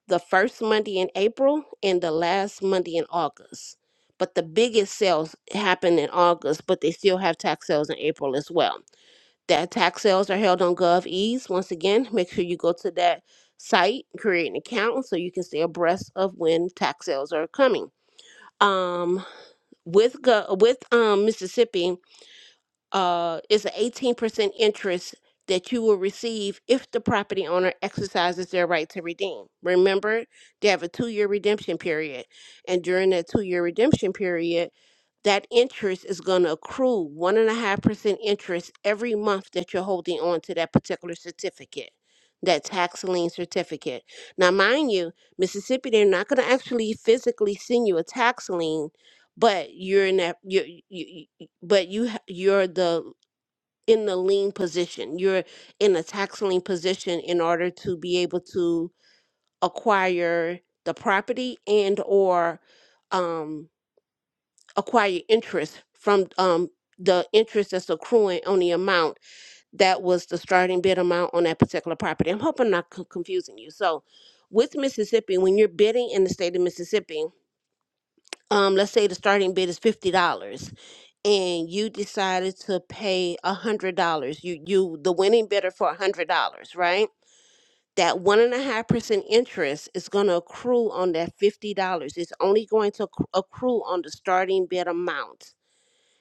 [SPEAKER 8] the first Monday in April and the last Monday in August. But the biggest sales happen in August, but they still have tax sales in April as well. That tax sales are held on GovEase. Once again, make sure you go to that site, create an account so you can stay abreast of when tax sales are coming. Um, with Go- with um, Mississippi, uh, is an 18% interest that you will receive if the property owner exercises their right to redeem. Remember, they have a two year redemption period. And during that two year redemption period, that interest is going to accrue one and a half percent interest every month that you're holding on to that particular certificate, that tax lien certificate. Now, mind you, Mississippi, they're not going to actually physically send you a tax lien, but you're in that you but you ha- you're the in the lean position you're in a tax lien position in order to be able to acquire the property and or um acquire interest from um the interest that's accruing on the amount that was the starting bid amount on that particular property i'm hoping I'm not co- confusing you so with mississippi when you're bidding in the state of mississippi um let's say the starting bid is $50 and you decided to pay a hundred dollars you you the winning bidder for a hundred dollars right that one and a half percent interest is going to accrue on that fifty dollars it's only going to acc- accrue on the starting bid amount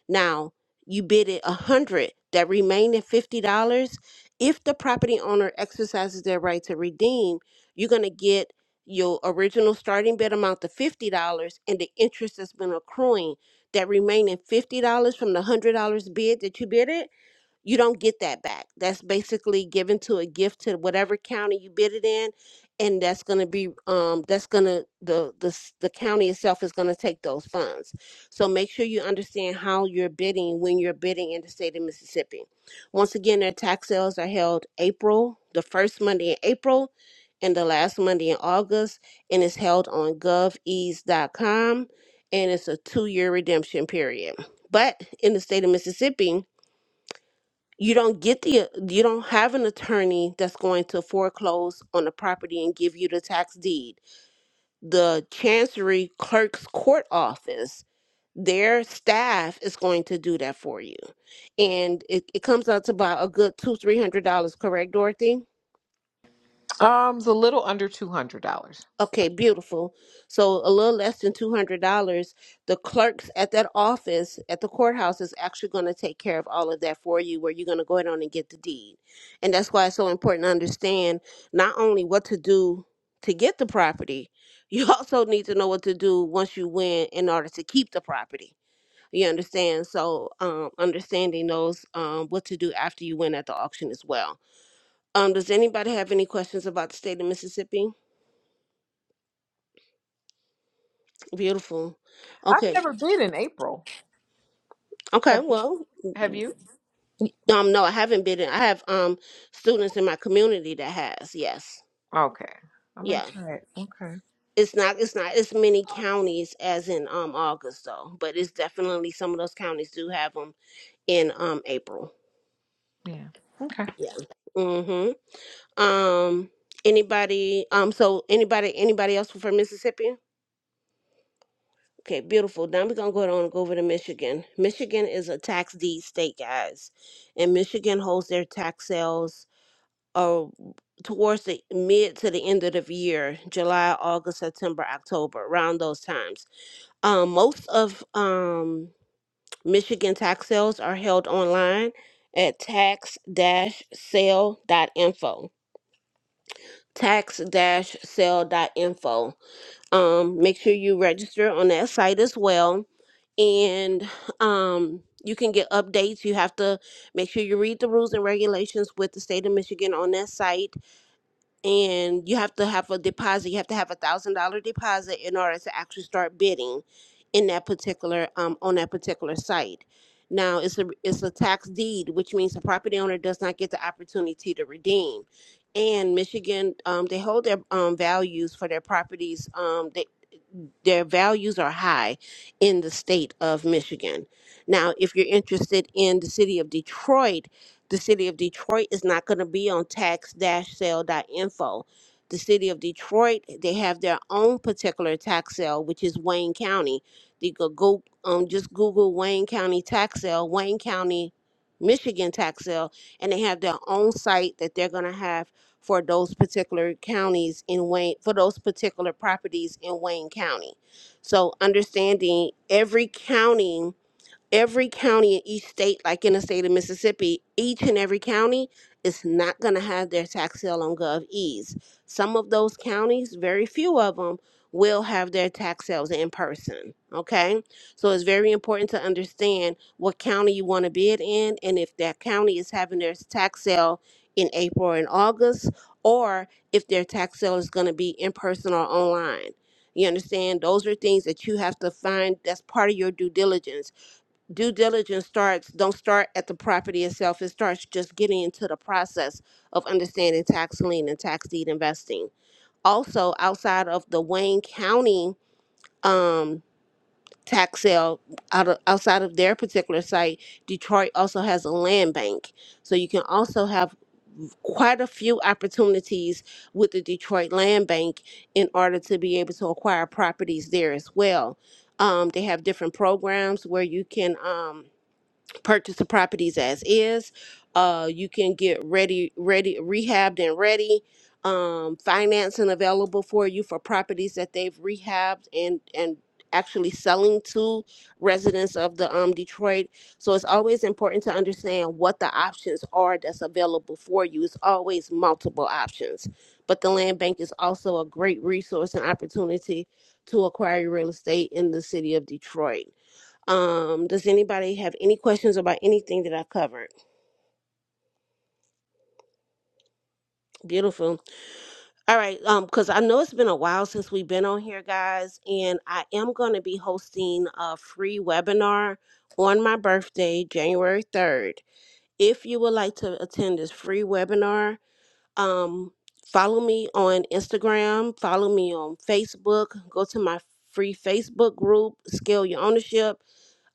[SPEAKER 8] now, you bid it a hundred, that remaining fifty dollars. If the property owner exercises their right to redeem, you're gonna get your original starting bid amount of fifty dollars and the interest that's been accruing. That remaining fifty dollars from the hundred dollars bid that you bid it you don't get that back. That's basically given to a gift to whatever county you bid it in, and that's going to be um that's going to the the s- the county itself is going to take those funds. So make sure you understand how you're bidding when you're bidding in the state of Mississippi. Once again, their tax sales are held April the first Monday in April, and the last Monday in August, and it's held on GovEase dot com, and it's a two-year redemption period. But in the state of Mississippi you don't get the uh, you don't have an attorney that's going to foreclose on the property and give you the tax deed the chancery clerk's court office their staff is going to do that for you and it, it comes out to about a good two three hundred dollars correct dorothy
[SPEAKER 1] um, it's a little under two hundred dollars.
[SPEAKER 8] Okay, beautiful. So a little less than two hundred dollars. The clerks at that office at the courthouse is actually going to take care of all of that for you, where you're going to go ahead on and get the deed. And that's why it's so important to understand not only what to do to get the property, you also need to know what to do once you win in order to keep the property. You understand? So um, understanding those um, what to do after you win at the auction as well. Um, does anybody have any questions about the state of Mississippi? Beautiful.
[SPEAKER 1] I've
[SPEAKER 8] Okay.
[SPEAKER 1] never been in April.
[SPEAKER 8] Okay.
[SPEAKER 1] Have you?
[SPEAKER 8] Well,
[SPEAKER 1] Have you?
[SPEAKER 8] um, no, I haven't been in. I have um students in my community that has. Yes.
[SPEAKER 1] Okay, I might
[SPEAKER 8] Yeah.
[SPEAKER 1] try it. Okay,
[SPEAKER 8] It's not. It's not as many counties as in um August though, but it's definitely some of those counties do have them in um April.
[SPEAKER 1] yeah. Okay.
[SPEAKER 8] Yeah. Mm-hmm. Um. Anybody? Um. So anybody? Anybody else from Mississippi? Okay. Beautiful. Now we're gonna go on and go over to Michigan. Michigan is a tax deed state, guys, and Michigan holds their tax sales uh, towards the mid to the end of the year, July, August, September, October, around those times. Um, most of um, Michigan tax sales are held online at tax-sale.info. Tax-sale.info. Um, make sure you register on that site as well and um you can get updates you have to make sure you read the rules and regulations with the state of michigan on that site and you have to have a deposit. You have to have a thousand dollar deposit in order to actually start bidding in that particular um, on that particular site. Now it's a it's a tax deed, which means the property owner does not get the opportunity to redeem. And Michigan, um, they hold their um, values for their properties. Um, they their values are high in the state of Michigan. Now, if you're interested in the city of Detroit, the city of Detroit is not going to be on tax sale dot info. The city of Detroit, they have their own particular tax sale, which is Wayne County. You could go um, just Google Wayne County tax sale, Wayne County, Michigan tax sale, and they have their own site that they're going to have for those particular counties in Wayne, for those particular properties in Wayne County. So understanding every county every county in each state, like in the state of Mississippi, each and every county is not going to have their tax sale on GovEase. Some of those counties, very few of them, will have their tax sales in person. Okay, so it's very important to understand what county you want to bid in, and if that county is having their tax sale in April and August, or if their tax sale is going to be in person or online. You understand? Those are things that you have to find. That's part of your due diligence due diligence starts don't start at the property itself it starts just getting into the process of understanding tax lien and tax deed investing also outside of the wayne county um tax sale out of, outside of their particular site detroit also has a land bank so you can also have quite a few opportunities with the detroit land bank in order to be able to acquire properties there as well um, they have different programs where you can um, purchase the properties as is. Uh, you can get ready, ready, rehabbed and ready. Um, financing available for you for properties that they've rehabbed and and actually selling to residents of the um Detroit. So it's always important to understand what the options are that's available for you. It's always multiple options. But the land bank is also a great resource and opportunity to acquire real estate in the city of Detroit. Um, does anybody have any questions about anything that I covered? Beautiful. All right. Um, because I know it's been a while since we've been on here, guys, and I am going to be hosting a free webinar on my birthday, January 3rd. If you would like to attend this free webinar, um, follow me on Instagram, follow me on Facebook, go to my free Facebook group, Scale Your Ownership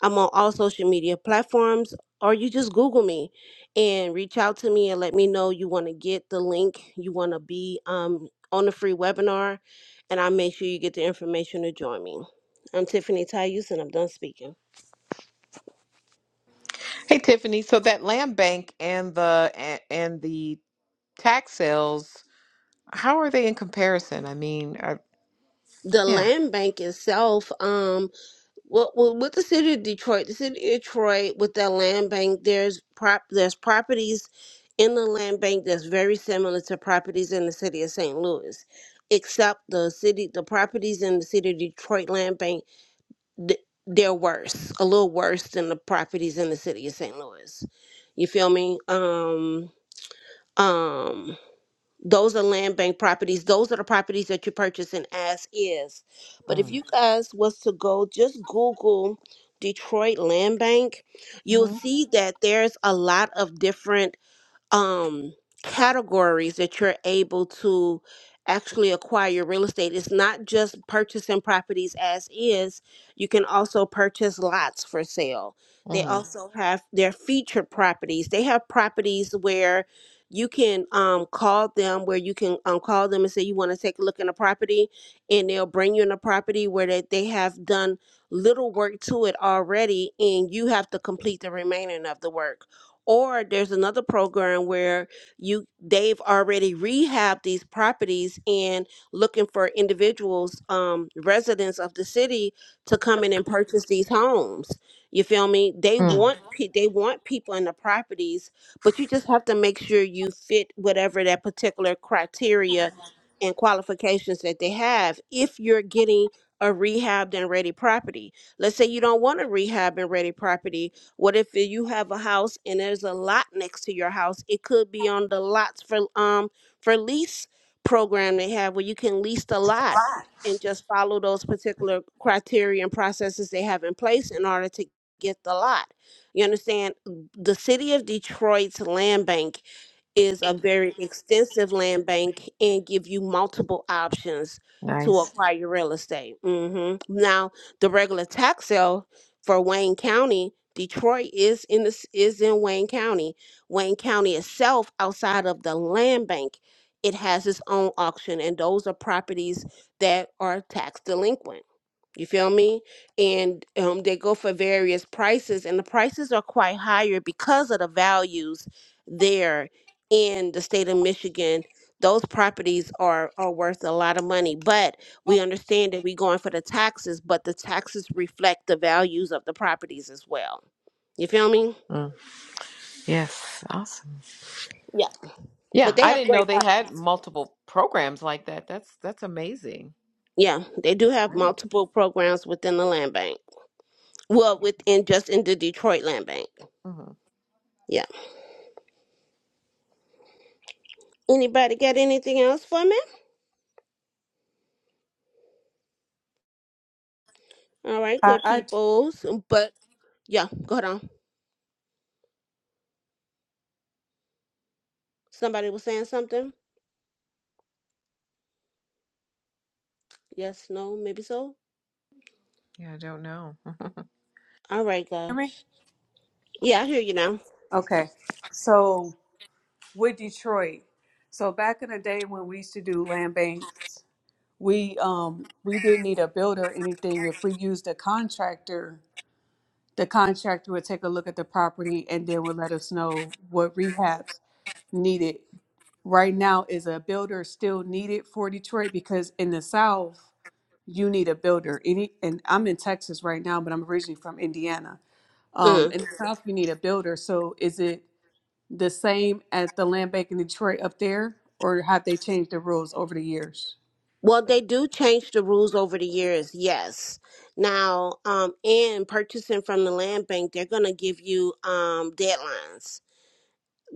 [SPEAKER 8] I'm on all social media platforms, or you just Google me and reach out to me and let me know you want to get the link, you want to be um, on the free webinar, and I'll make sure you get the information to join me. I'm Tiffany Tayus, and I'm done speaking.
[SPEAKER 1] Hey Tiffany, so that land bank and the and and the tax sales How are they in comparison? I mean, are,
[SPEAKER 8] The
[SPEAKER 1] yeah.
[SPEAKER 8] land bank itself, um. Well, well, with the city of Detroit, the city of Detroit with that land bank, there's prop, there's properties in the land bank that's very similar to properties in the city of St. Louis, except the city, the properties in the city of Detroit land bank, th- they're worse, a little worse than the properties in the city of St. Louis. You feel me? Um, um. Those are land bank properties. Those are the properties that you're purchasing as is. But if
[SPEAKER 1] Mm.
[SPEAKER 8] you guys was to go just Google Detroit Land Bank, you'll
[SPEAKER 1] Mhm.
[SPEAKER 8] see that there's a lot of different um categories that you're able to actually acquire your real estate. It's not just purchasing properties as is. You can also purchase lots for sale. They
[SPEAKER 1] Mm,
[SPEAKER 8] also Mhm. have their featured properties. They have properties where you can um, call them, where you can um, call them and say you want to take a look in a property, and they'll bring you in a property where they, they have done little work to it already, and you have to complete the remaining of the work or there's another program where you they've already rehabbed these properties and looking for individuals, um, residents of the city to come in and purchase these homes. You feel me? They
[SPEAKER 1] mm,
[SPEAKER 8] want pe- they want people in the properties, but you just have to make sure you fit whatever that particular criteria and qualifications that they have. If you're getting a rehabbed and ready property, let's say you don't want a rehab and ready property, what if you have a house and there's a lot next to your house? It could be on the lots for um for lease program they have where you can lease the lot and just follow those particular criteria and processes they have in place in order to get the lot. You understand? The city of Detroit's land bank is a very extensive land bank and give you multiple options to
[SPEAKER 1] nice.
[SPEAKER 8] acquire your real estate. hmm Now, the regular tax sale for Wayne County, Detroit is in this is in Wayne County. Wayne County itself, outside of the land bank, it has its own auction, and those are properties that are tax delinquent. You feel me? And um, they go for various prices, and the prices are quite higher because of the values there in the state of Michigan. Those properties are are worth a lot of money, but we understand that we're going for the taxes, but the taxes reflect the values of the properties as well. You feel me?
[SPEAKER 1] Mm, yes, awesome.
[SPEAKER 8] Yeah.
[SPEAKER 1] Yeah,
[SPEAKER 8] But they
[SPEAKER 1] I
[SPEAKER 8] have
[SPEAKER 1] didn't know
[SPEAKER 8] great
[SPEAKER 1] they
[SPEAKER 8] properties.
[SPEAKER 1] had multiple programs like that. That's that's amazing.
[SPEAKER 8] Yeah, they do
[SPEAKER 1] It's
[SPEAKER 8] have
[SPEAKER 1] great.
[SPEAKER 8] multiple programs within the land bank. Well, within just in the Detroit land bank.
[SPEAKER 1] hmm
[SPEAKER 8] Yeah. Anybody got anything else for me? All right,
[SPEAKER 12] I,
[SPEAKER 8] good
[SPEAKER 12] I
[SPEAKER 8] peoples. um, But yeah, go ahead on. Somebody was saying something? Yes, no, maybe so.
[SPEAKER 1] Yeah, I don't know.
[SPEAKER 8] All right,
[SPEAKER 12] hear me.
[SPEAKER 8] guys. Yeah, I hear you now.
[SPEAKER 12] Okay, so with Detroit, so back in the day when we used to do land banks, we um we didn't need a builder or anything. If we used a contractor, the contractor would take a look at the property and then would let us know what rehabs needed. Right now, is a builder still needed for Detroit? Because in the South, you need a builder. Any and I'm in Texas right now, but I'm originally from Indiana. Um,
[SPEAKER 8] Mm.
[SPEAKER 12] in the South, you need a builder. So is it? the same at the land bank in Detroit up there, or have they changed the rules over the years?
[SPEAKER 8] Well, they do change the rules over the years, yes. Now, um, in purchasing from the land bank, they're gonna give you um deadlines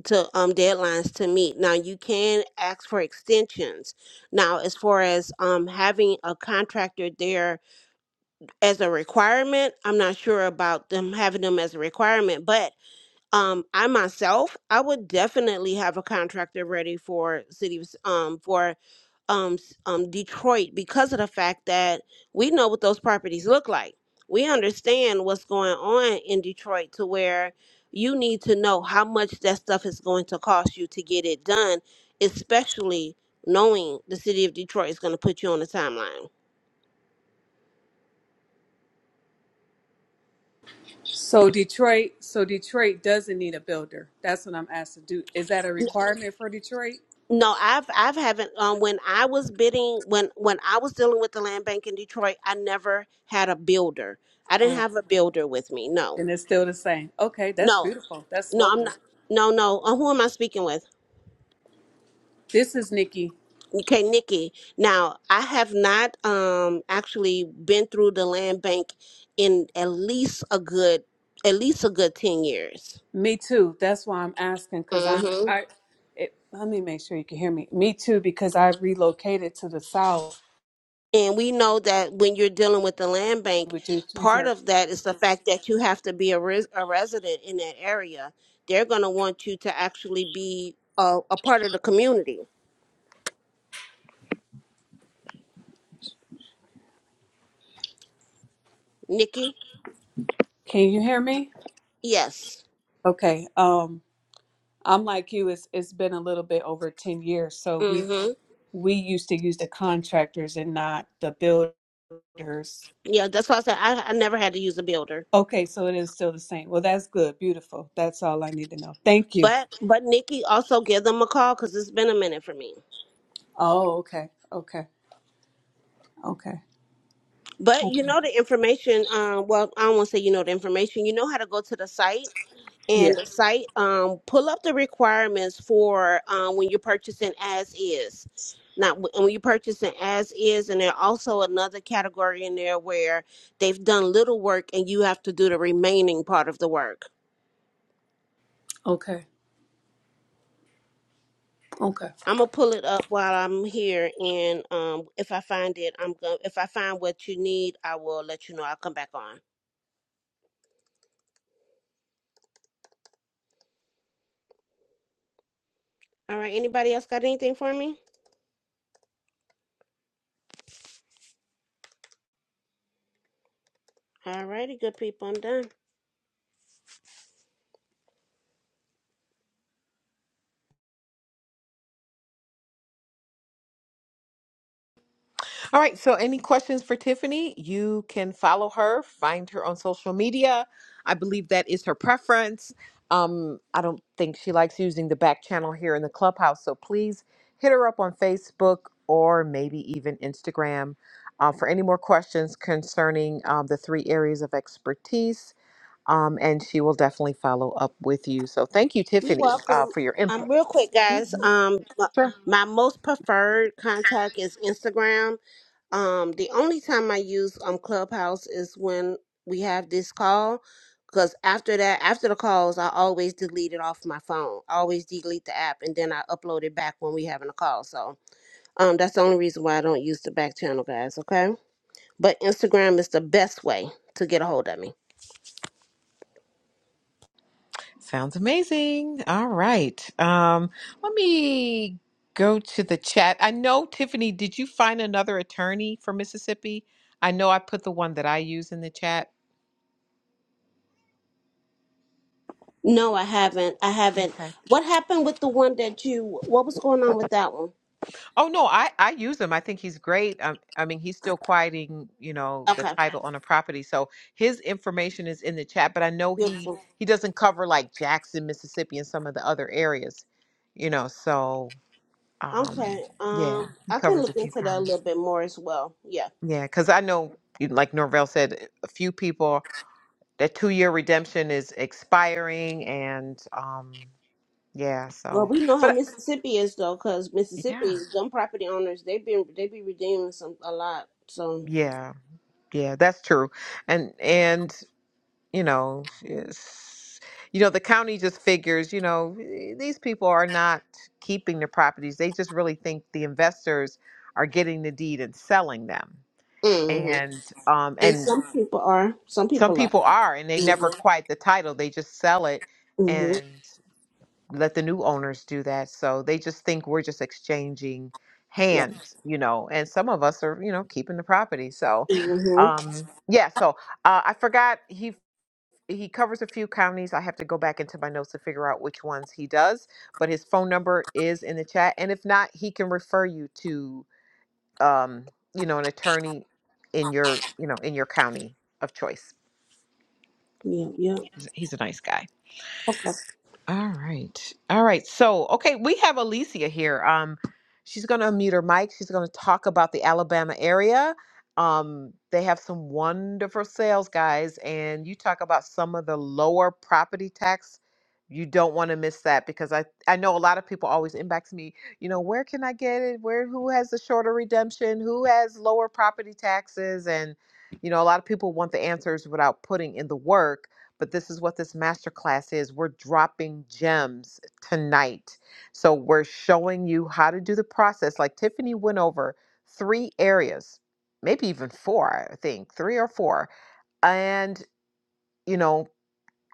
[SPEAKER 8] to um deadlines to meet. Now you can ask for extensions. Now, as far as um having a contractor there as a requirement. I'm not sure about them having them as a requirement, but um, I myself, I would definitely have a contractor ready for city of- um for um s- um Detroit because of the fact that we know what those properties look like. We understand what's going on in Detroit to where you need to know how much that stuff is going to cost you to get it done, especially knowing the city of Detroit is going to put you on the timeline.
[SPEAKER 12] So Detroit, so Detroit doesn't need a builder. That's what I'm asked to do. Is that a requirement for Detroit?
[SPEAKER 8] No, I've I've haven't um when I was bidding when when I was dealing with the land bank in Detroit, I never had a builder. I didn't
[SPEAKER 12] Oh,
[SPEAKER 8] have a builder with me. No.
[SPEAKER 12] and it's still the same. Okay, that's
[SPEAKER 8] No.
[SPEAKER 12] beautiful. That's
[SPEAKER 8] No, I'm
[SPEAKER 12] lovely.
[SPEAKER 8] not no, no. Uh, who am I speaking with?
[SPEAKER 12] This is Nikki.
[SPEAKER 8] Okay, Nikki. Now, I have not um actually been through the land bank in at least a good at least a good 10 years.
[SPEAKER 12] Me too. That's why I'm asking because I'm I. It, let me make sure you can hear me. Me too because I relocated to the south,
[SPEAKER 8] And we know that when you're dealing with the land bank,
[SPEAKER 12] which is
[SPEAKER 8] part of that is the fact that you have to be a, res- a resident in that area. They're going to want you to actually be a, a part of the community. Nikki?
[SPEAKER 12] can you hear me?
[SPEAKER 8] Yes.
[SPEAKER 12] Okay. Um. I'm like you, it's it's been a little bit over 10 years. So we
[SPEAKER 8] Mm-hmm.
[SPEAKER 12] we used to use the contractors and not the builders.
[SPEAKER 8] Yeah, that's why I said I, I never had to use a builder.
[SPEAKER 12] Okay, so it is still the same. Well, that's good. Beautiful. That's all I need to know. Thank you.
[SPEAKER 8] But but Nikki also give them a call because it's been a minute for me.
[SPEAKER 12] Oh, okay. Okay. Okay.
[SPEAKER 8] But you
[SPEAKER 12] Okay.
[SPEAKER 8] know the information. Um, well, I don't want to say you know the information. You know how to go to the site
[SPEAKER 12] Yeah.
[SPEAKER 8] and the site um pull up the requirements for um when you're purchasing as is Now, wh- when you're purchasing as is and there's also another category in there where they've done little work and you have to do the remaining part of the work
[SPEAKER 12] Okay. Okay.
[SPEAKER 8] i'm gonna pull it up while i'm here and um if i find it i'm gonna if i find what you need i will let you know i'll come back on all right anybody else got anything for me all righty good people i'm done
[SPEAKER 1] All right. So, any questions for Tiffany? You can follow her, find her on social media. I believe that is her preference. Um, I don't think she likes using the back channel here in the clubhouse. So, please hit her up on Facebook or maybe even Instagram uh, for any more questions concerning um, the three areas of expertise. Um, and she will definitely follow up with you. So, thank you,
[SPEAKER 8] You're
[SPEAKER 1] Tiffany, uh,
[SPEAKER 8] welcome.
[SPEAKER 1] for your
[SPEAKER 8] Um,
[SPEAKER 1] input.
[SPEAKER 8] real quick, guys.
[SPEAKER 1] Mhm.
[SPEAKER 8] Um, m-
[SPEAKER 1] Sure.
[SPEAKER 8] my most preferred contact is Instagram. Um, the only time I use um Clubhouse is when we have this call, because after that, after the calls, I always delete it off my phone. I always delete the app, and then I upload it back when we having a call. So, um, that's the only reason why I don't use the back channel, guys. Okay, but Instagram is the best way to get a hold of me.
[SPEAKER 1] Sounds amazing. All right. Um, let me go to the chat. I know, Tiffany, did you find another attorney for Mississippi? I know I put the one that I use in the chat.
[SPEAKER 8] No, I haven't. I haven't.
[SPEAKER 1] Okay.
[SPEAKER 8] What happened with the one that you? What was going on with that one?
[SPEAKER 1] Oh no, I I use him. I think he's great. Um, I mean, he's still quieting, you know, the
[SPEAKER 8] Okay,
[SPEAKER 1] title on a property. So his information is in the chat, but I know he
[SPEAKER 8] beautiful.
[SPEAKER 1] he doesn't cover like Jackson, Mississippi, and some of the other areas, you know. So um,
[SPEAKER 8] Okay,
[SPEAKER 1] yeah,
[SPEAKER 8] um,
[SPEAKER 1] he
[SPEAKER 8] I can
[SPEAKER 1] covers a
[SPEAKER 8] look
[SPEAKER 1] few
[SPEAKER 8] into that a
[SPEAKER 1] counties.
[SPEAKER 8] little bit more as well. Yeah.
[SPEAKER 1] Yeah, because I know, you- like Norvell said, eh, a few people that two year redemption is expiring, and um, yeah.
[SPEAKER 8] Well,
[SPEAKER 1] So,
[SPEAKER 8] we know how
[SPEAKER 1] but
[SPEAKER 8] Mississippi is though, because
[SPEAKER 1] yeah,
[SPEAKER 8] Mississippi, them property owners, they've been they be redeeming some a lot. So,
[SPEAKER 1] yeah, yeah, that's true, and and you know, it's, you know, the county just figures, you know, eh, these people are not keeping the properties; they just really think the investors are getting the deed and selling them,
[SPEAKER 8] hmm
[SPEAKER 1] and um,
[SPEAKER 8] and
[SPEAKER 1] and
[SPEAKER 8] some people are, some
[SPEAKER 1] some
[SPEAKER 8] people are.
[SPEAKER 1] people are, and they never quite the title; they just sell it
[SPEAKER 8] hmm
[SPEAKER 1] let the new owners do that. So they just think we're just exchanging
[SPEAKER 8] Yeah.
[SPEAKER 1] hands, you know, and some of us are, you know, keeping the property. So,
[SPEAKER 8] hmm
[SPEAKER 1] um, yeah, so uh, I forgot he he covers a few counties. I have to go back into my notes to figure out which ones he does, but his phone number is in the chat. And if not, he can refer you to, um, you know, an attorney in your, you know, in your county of choice.
[SPEAKER 8] Yeah. Yeah.
[SPEAKER 1] He's he's a nice guy. All right. All right. So, okay, we have Alicia here. Um, she's going to unmute her mic. She's going to talk about the Alabama area. Um, they have some wonderful sales, guys, and you talk about some of the lower property tax. You don't want to miss that because I I know a lot of people always inbox me. You know, where can I get it? Where who has the shorter redemption? Who has lower property taxes? And you know, a lot of people want the answers without putting in the work but this is what this masterclass is. We're dropping gems tonight. So we're showing you how to do the process. Like Tiffany went over three areas, maybe even four, I think, three or four. And, you know,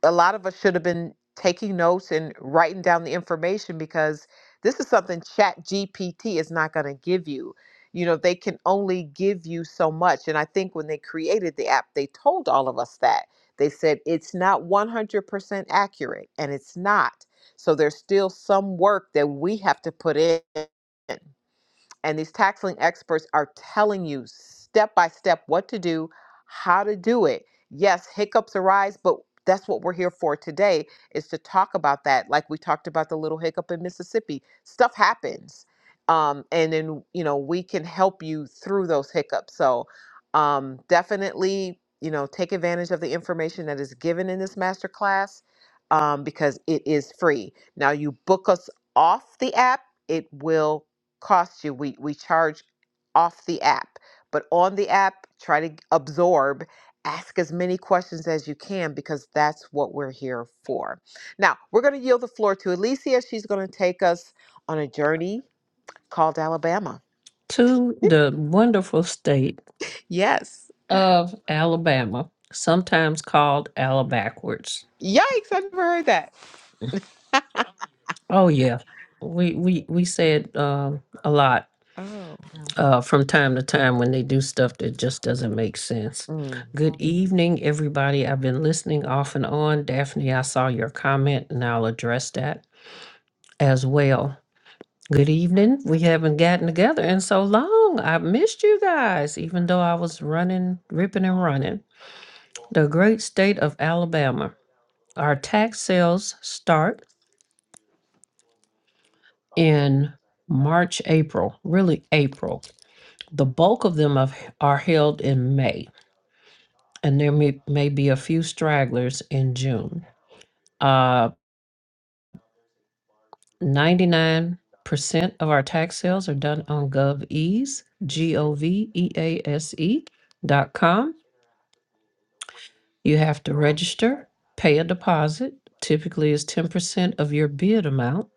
[SPEAKER 1] a lot of us should have been taking notes and writing down the information because this is something chat gpt is not going to give you you know they can only give you so much and i think when they created the app they told all of us that they said it's not 100% accurate and it's not so there's still some work that we have to put in and these tax lien experts are telling you step by step what to do, how to do it. Yes, hiccups arise, but that's what we're here for today is to talk about that. Like we talked about the little hiccup in Mississippi, stuff happens. Um, and then, you know, we can help you through those hiccups. So um, definitely, you know, take advantage of the information that is given in this masterclass um, because it is free. Now, you book us off the app, it will costs you. We we charge off the app, but on the app, try to absorb, ask as many questions as you can because that's what we're here for. Now we're going to yield the floor to Alicia. She's going to take us on a journey called Alabama.
[SPEAKER 7] to the wonderful state
[SPEAKER 1] Yes.
[SPEAKER 7] of Alabama, sometimes called Alabackwards.
[SPEAKER 1] Yikes, I have never heard that.
[SPEAKER 7] Oh yeah, we we we said um, a lot.
[SPEAKER 1] Oh,
[SPEAKER 7] uh, from time to time when they do stuff that just doesn't make sense.
[SPEAKER 1] Mm.
[SPEAKER 7] Good evening, everybody. I've been listening off and on. Daphne, I saw your comment and I'll address that as well. Good evening. We haven't gotten together in so long. I've missed you guys, even though I was running, ripping and running. The great state of Alabama. Our tax sales start in March, April, really April. The bulk of them have- are held in May. and there may, may be a few stragglers in June. Uh, 99% of our tax sales are done on GovEase, G O V E A S E dot com. You have to register, pay a deposit, typically is 10% of your bid amount,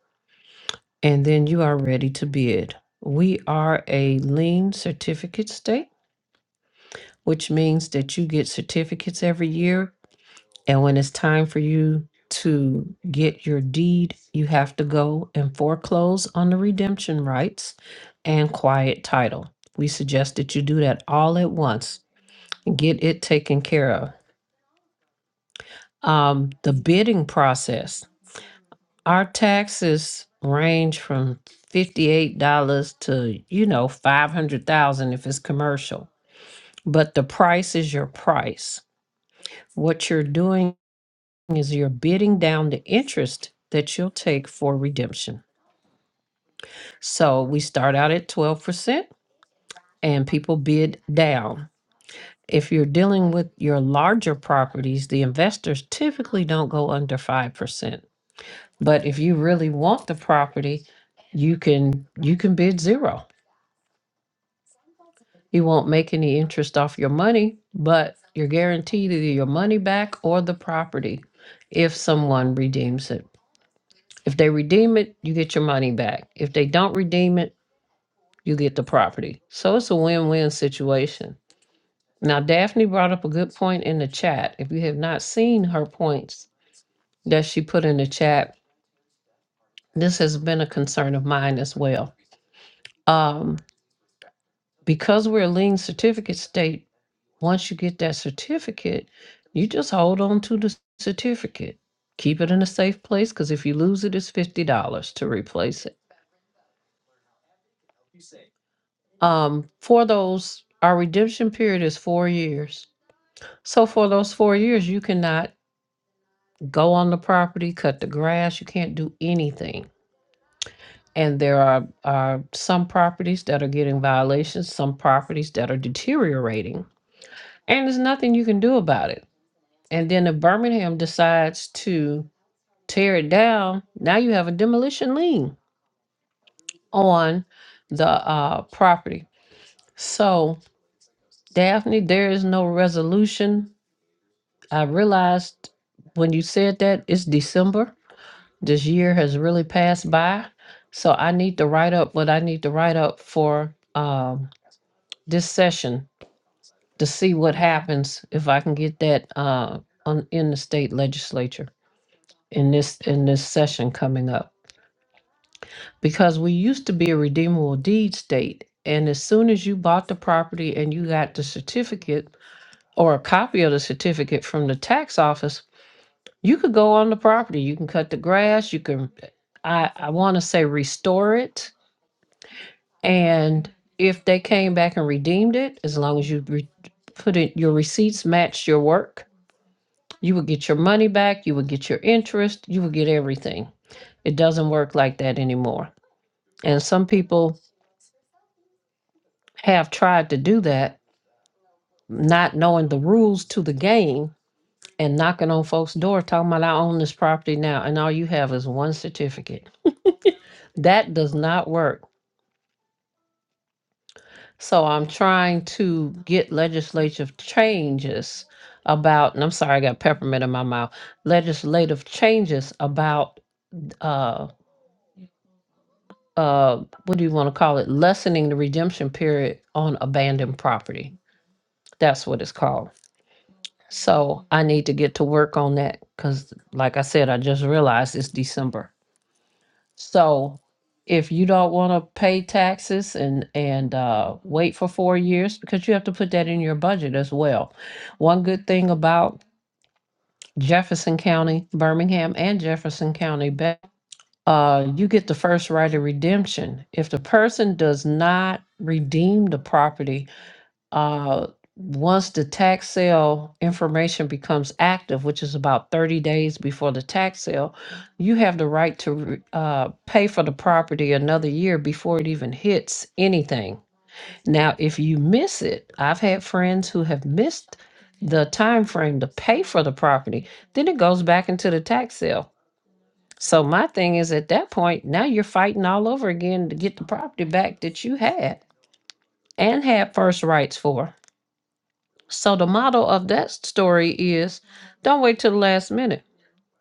[SPEAKER 7] and then you are ready to bid. We are a lien certificate state, which means that you get certificates every year And when it's time for you to get your deed, you have to go and foreclose on the redemption rights and quiet title. We suggest that you do that all at once and get it taken care of. Um, the bidding process. Our taxes range from $58 to, you know, 500,000 if it's commercial. But the price is your price. What you're doing is you're bidding down the interest that you'll take for redemption. So we start out at 12% and people bid down. If you're dealing with your larger properties, the investors typically don't go under 5%. But if you really want the property, you can you can bid zero. You won't make any interest off your money, but you're guaranteed either your money back or the property if someone redeems it. If they redeem it, you get your money back. If they don't redeem it, you get the property. So it's a win win situation. Now, Daphne brought up a good point in the chat. If you have not seen her points that she put in the chat, this has been a concern of mine as well. Um, because we're a lien certificate state, once you get that certificate, you just hold on to the certificate. Keep it in a safe place because if you lose it, it's $50 to replace it Um, for those, our redemption period is four years. So for those four years, you cannot go on the property, cut the grass, you can't do anything. And there are, are some properties that are getting violations, some properties that are deteriorating, and there's nothing you can do about it. And then if Birmingham decides to tear it down, now you have a demolition lien on the uh, property. So, Daphne, there is no resolution I realized when you said that it's December. This year has really passed by. So I need to write up what I need to write up for um, this session to see what happens if I can get that uh, on, in the state legislature in this in this session coming up. Because we used to be a redeemable deed state. And as soon as you bought the property and you got the certificate or a copy of the certificate from the tax office, You could go on the property, you can cut the grass, you can, I, I want to say restore it. And if they came back and redeemed it, as long as you re- put in your receipts matched your work, you would get your money back, you would get your interest, you would get everything. It doesn't work like that anymore. And some people have tried to do that, not knowing the rules to the game and knocking on folks' door talking about I own this property now and all you have is one certificate. That does not work So I'm trying to get legislative changes about, and I'm sorry, I got peppermint in my mouth. Legislative changes about, uh, uh, what do you want to call it? Lessening the redemption period on abandoned property. That's what it's called. So I need to get to work on that because, like I said, I just realized it's December. So if you don't want to pay taxes and and uh, wait for four years, because you have to put that in your budget as well. One good thing about Jefferson County, Birmingham, and Jefferson County, Be- uh, you get the first right of redemption. If the person does not redeem the property uh, once the tax sale information becomes active, which is about 30 days before the tax sale, you have the right to re- uh, pay for the property another year before it even hits anything. Now, if you miss it, I've had friends who have missed the time frame to pay for the property, then it goes back into the tax sale. So my thing is at that point, now you're fighting all over again to get the property back that you had and had first rights for. So the motto of that story is don't wait till the last minute.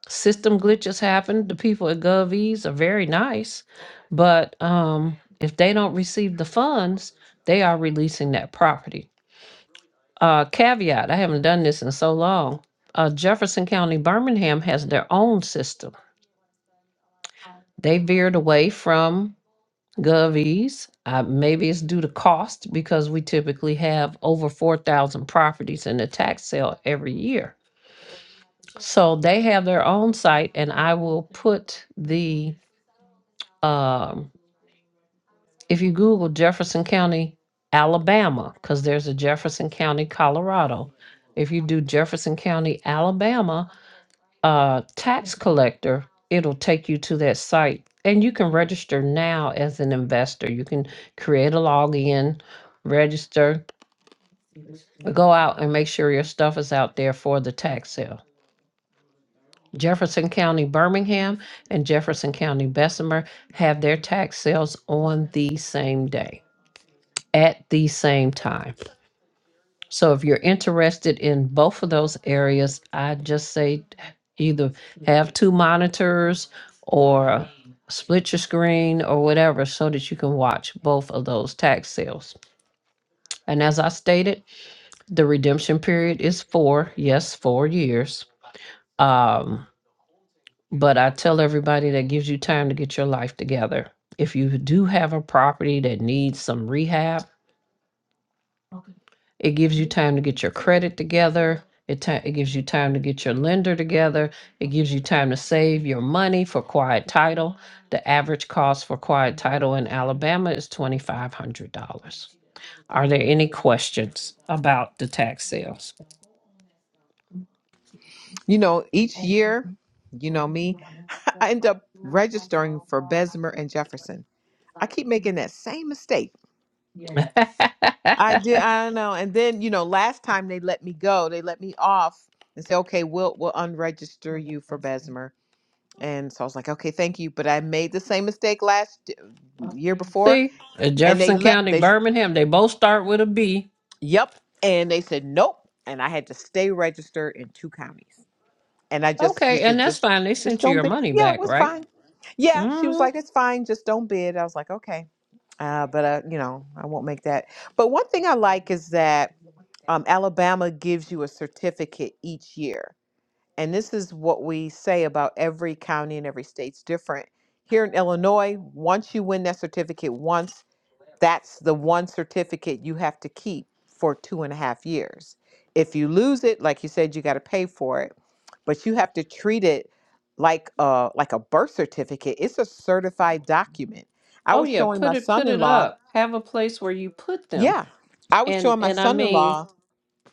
[SPEAKER 7] System glitches happen. The people at GovEase are very nice, but um, if they don't receive the funds, they are releasing that property. Uh, caveat I haven't done this in so long. Uh, Jefferson County, Birmingham has their own system. They veered away from GovEase. Uh, maybe it's due to cost because we typically have over 4,000 properties in a tax sale every year So they have their own site, and I will put the, um, if you Google Jefferson County, Alabama, because there's a Jefferson County, Colorado. If you do Jefferson County, Alabama, uh, tax collector, it'll take you to that site. And you can register now as an investor. You can create a login, register, go out and make sure your stuff is out there for the tax sale. Jefferson County Birmingham and Jefferson County Bessemer have their tax sales on the same day at the same time. So if you're interested in both of those areas, I just say either have two monitors or split your screen or whatever so that you can watch both of those tax sales. And as I stated, the redemption period is four, yes, four years. Um, But I tell everybody that gives you time to get your life together. If you do have a property that needs some rehab, it gives you time to get your credit together. It, ti- it gives you time to get your lender together. It gives you time to save your money for quiet title. The average cost for quiet title in Alabama is $2,500. Are there any questions about the tax sales?
[SPEAKER 1] You know, each year, you know me, I end up registering for Bessemer and Jefferson. I keep making that same mistake. I did. I don't know. And then you know, last time they let me go, they let me off and say, "Okay, we'll we'll unregister you for Bessemer." And so I was like, "Okay, thank you." But I made the same mistake last uh, year before,
[SPEAKER 7] See, in
[SPEAKER 1] and they
[SPEAKER 7] Jefferson
[SPEAKER 1] let
[SPEAKER 7] County,
[SPEAKER 1] they
[SPEAKER 7] Birmingham, they both start with a B.
[SPEAKER 1] yep, and they said nope, and I had to stay registered in two counties. And I just she
[SPEAKER 7] Okay, and
[SPEAKER 1] said
[SPEAKER 7] that's
[SPEAKER 1] just
[SPEAKER 7] fine. They
[SPEAKER 1] just
[SPEAKER 7] sent you
[SPEAKER 1] don't
[SPEAKER 7] your
[SPEAKER 1] bid.
[SPEAKER 7] money
[SPEAKER 1] Yeah, it
[SPEAKER 7] back,
[SPEAKER 1] was
[SPEAKER 7] right?
[SPEAKER 1] fine. Yeah, she was
[SPEAKER 7] hmm
[SPEAKER 1] like, "It's fine, just don't bid." I was like, "Okay." Uh, but uh, you know, I won't make that. But one thing I like is that um, Alabama gives you a certificate each year. And this is what we say about every county and every state's different. Here in Illinois, once you win that certificate once, that's the one certificate you have to keep for two and a half years. If you lose it, like you said, you got to pay for it, but you have to treat it like a like a birth certificate. It's a certified document. I
[SPEAKER 7] Oh
[SPEAKER 1] was
[SPEAKER 7] yeah,
[SPEAKER 1] showing my
[SPEAKER 7] put it put it
[SPEAKER 1] son-in-law.
[SPEAKER 7] up. Have a place where you put them.
[SPEAKER 1] Yeah, I was
[SPEAKER 7] And
[SPEAKER 1] showing my
[SPEAKER 7] and I mean,
[SPEAKER 1] son-in-law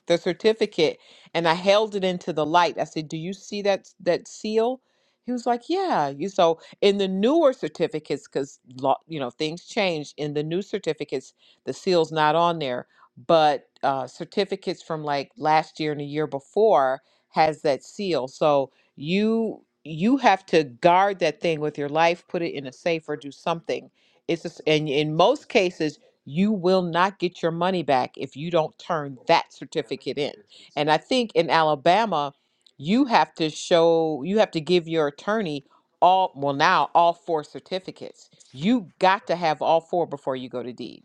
[SPEAKER 1] the certificate and I held it into the light. I said, "Do you see that that seal?" He was like, "Yeah." You so in the newer certificates cuz you know, things change in the new certificates, the seal's not on there, but uh certificates from like last year and the year before has that seal. So you you have to guard that thing with your life, put it in a safe or do something. It's just, and in most cases you will not get your money back if you don't turn that certificate in. And I think in Alabama, you have to show, you have to give your attorney all, well, now all four certificates. You got to have all four before you go to deed.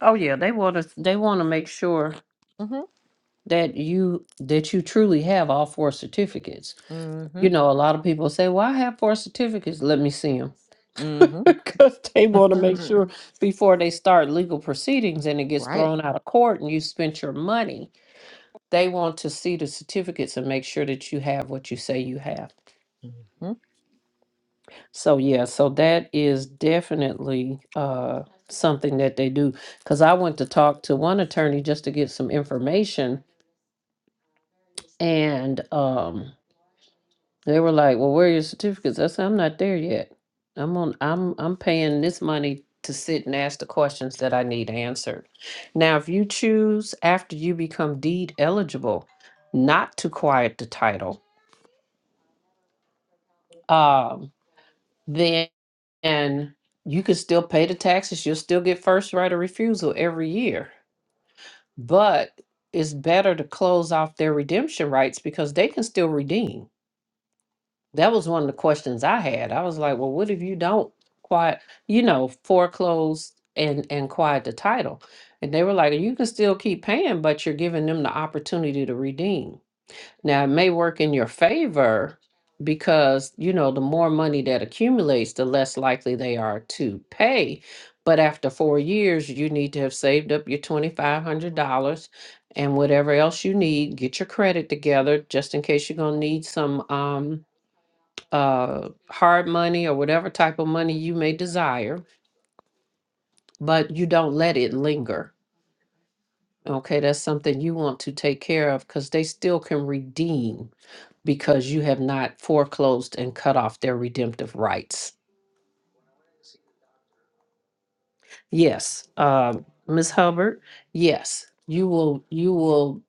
[SPEAKER 7] oh yeah, they want to they want to make sure
[SPEAKER 1] Mm-hmm.
[SPEAKER 7] that you that you truly have all four certificates. You
[SPEAKER 1] Mm-hmm.
[SPEAKER 7] know, a lot of people say, "Well, I have four certificates. Let me see them," because they want to make
[SPEAKER 1] Mm-hmm.
[SPEAKER 7] sure before they start legal proceedings and it gets
[SPEAKER 1] right.
[SPEAKER 7] thrown out of court and you spent your money. They want to see the certificates and make sure that you have what you say you have.
[SPEAKER 1] hmm
[SPEAKER 7] So yeah, so that is definitely uh something that they do. Cause I went to talk to one attorney just to get some information and um they were like, Well, where are your certificates? I said, I'm not there yet. I'm on I'm I'm paying this money to sit and ask the questions that I need answered. Now if you choose after you become deed eligible not to quiet the title, um, then and you can still pay the taxes. You'll still get first right of refusal every year. But it's better to close off their redemption rights because they can still redeem. That was one of the questions I had. I was like, well, what if you don't quiet, you know, foreclose and and quiet the title? And they were like, you can still keep paying, but you're giving them the opportunity to redeem. Now, it may work in your favor because, you know, the more money that accumulates, the less likely they are to pay. But after four years, you need to have saved up your $2,500 and whatever else you need. Get your credit together just in case you're going to need some um, uh, hard money or whatever type of money you may desire, but you don't let it linger. Okay, that's something you want to take care of because they still can redeem because you have not foreclosed and cut off their redemptive rights. Yes, um, Ms. Hubbard. Yes, you will. You will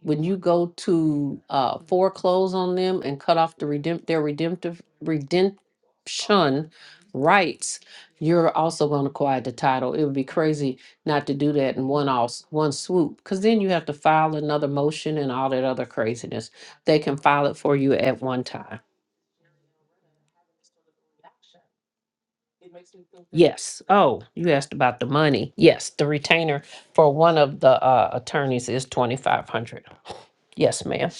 [SPEAKER 7] when you go to uh, foreclose on them and cut off the redempt their redemptive redemption rights. You're also going to acquire the title. It would be crazy not to do that in one all one swoop, because then you have to file another motion and all that other craziness. They can file it for you at one time. Yes. Oh, you asked about the money. Yes, the retainer for one of the uh, attorneys is twenty five hundred. Yes, ma'am.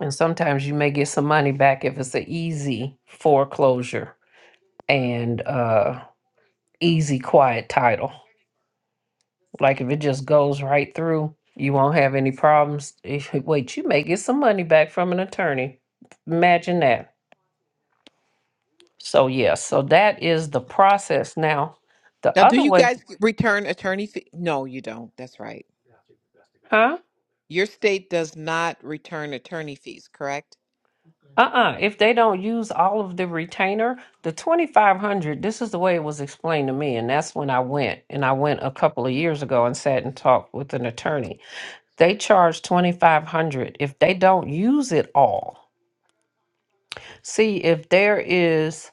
[SPEAKER 7] And sometimes you may get some money back if it's an easy foreclosure and uh, easy quiet title. Like if it just goes right through, you won't have any problems. If- Wait, you may get some money back from an attorney. Imagine that. So yes, so that is the process. Now, the
[SPEAKER 1] Now, do
[SPEAKER 7] other
[SPEAKER 1] you
[SPEAKER 7] way,
[SPEAKER 1] guys g- return attorney fee? No, you don't. That's right.
[SPEAKER 7] huh?
[SPEAKER 1] Your state does not return attorney fees, correct?
[SPEAKER 7] Uh-uh. If they don't use all of the retainer, the 2500, this is the way it was explained to me and that's when I went and I went a couple of years ago and sat and talked with an attorney. They charge 2500 if they don't use it all. See, if there is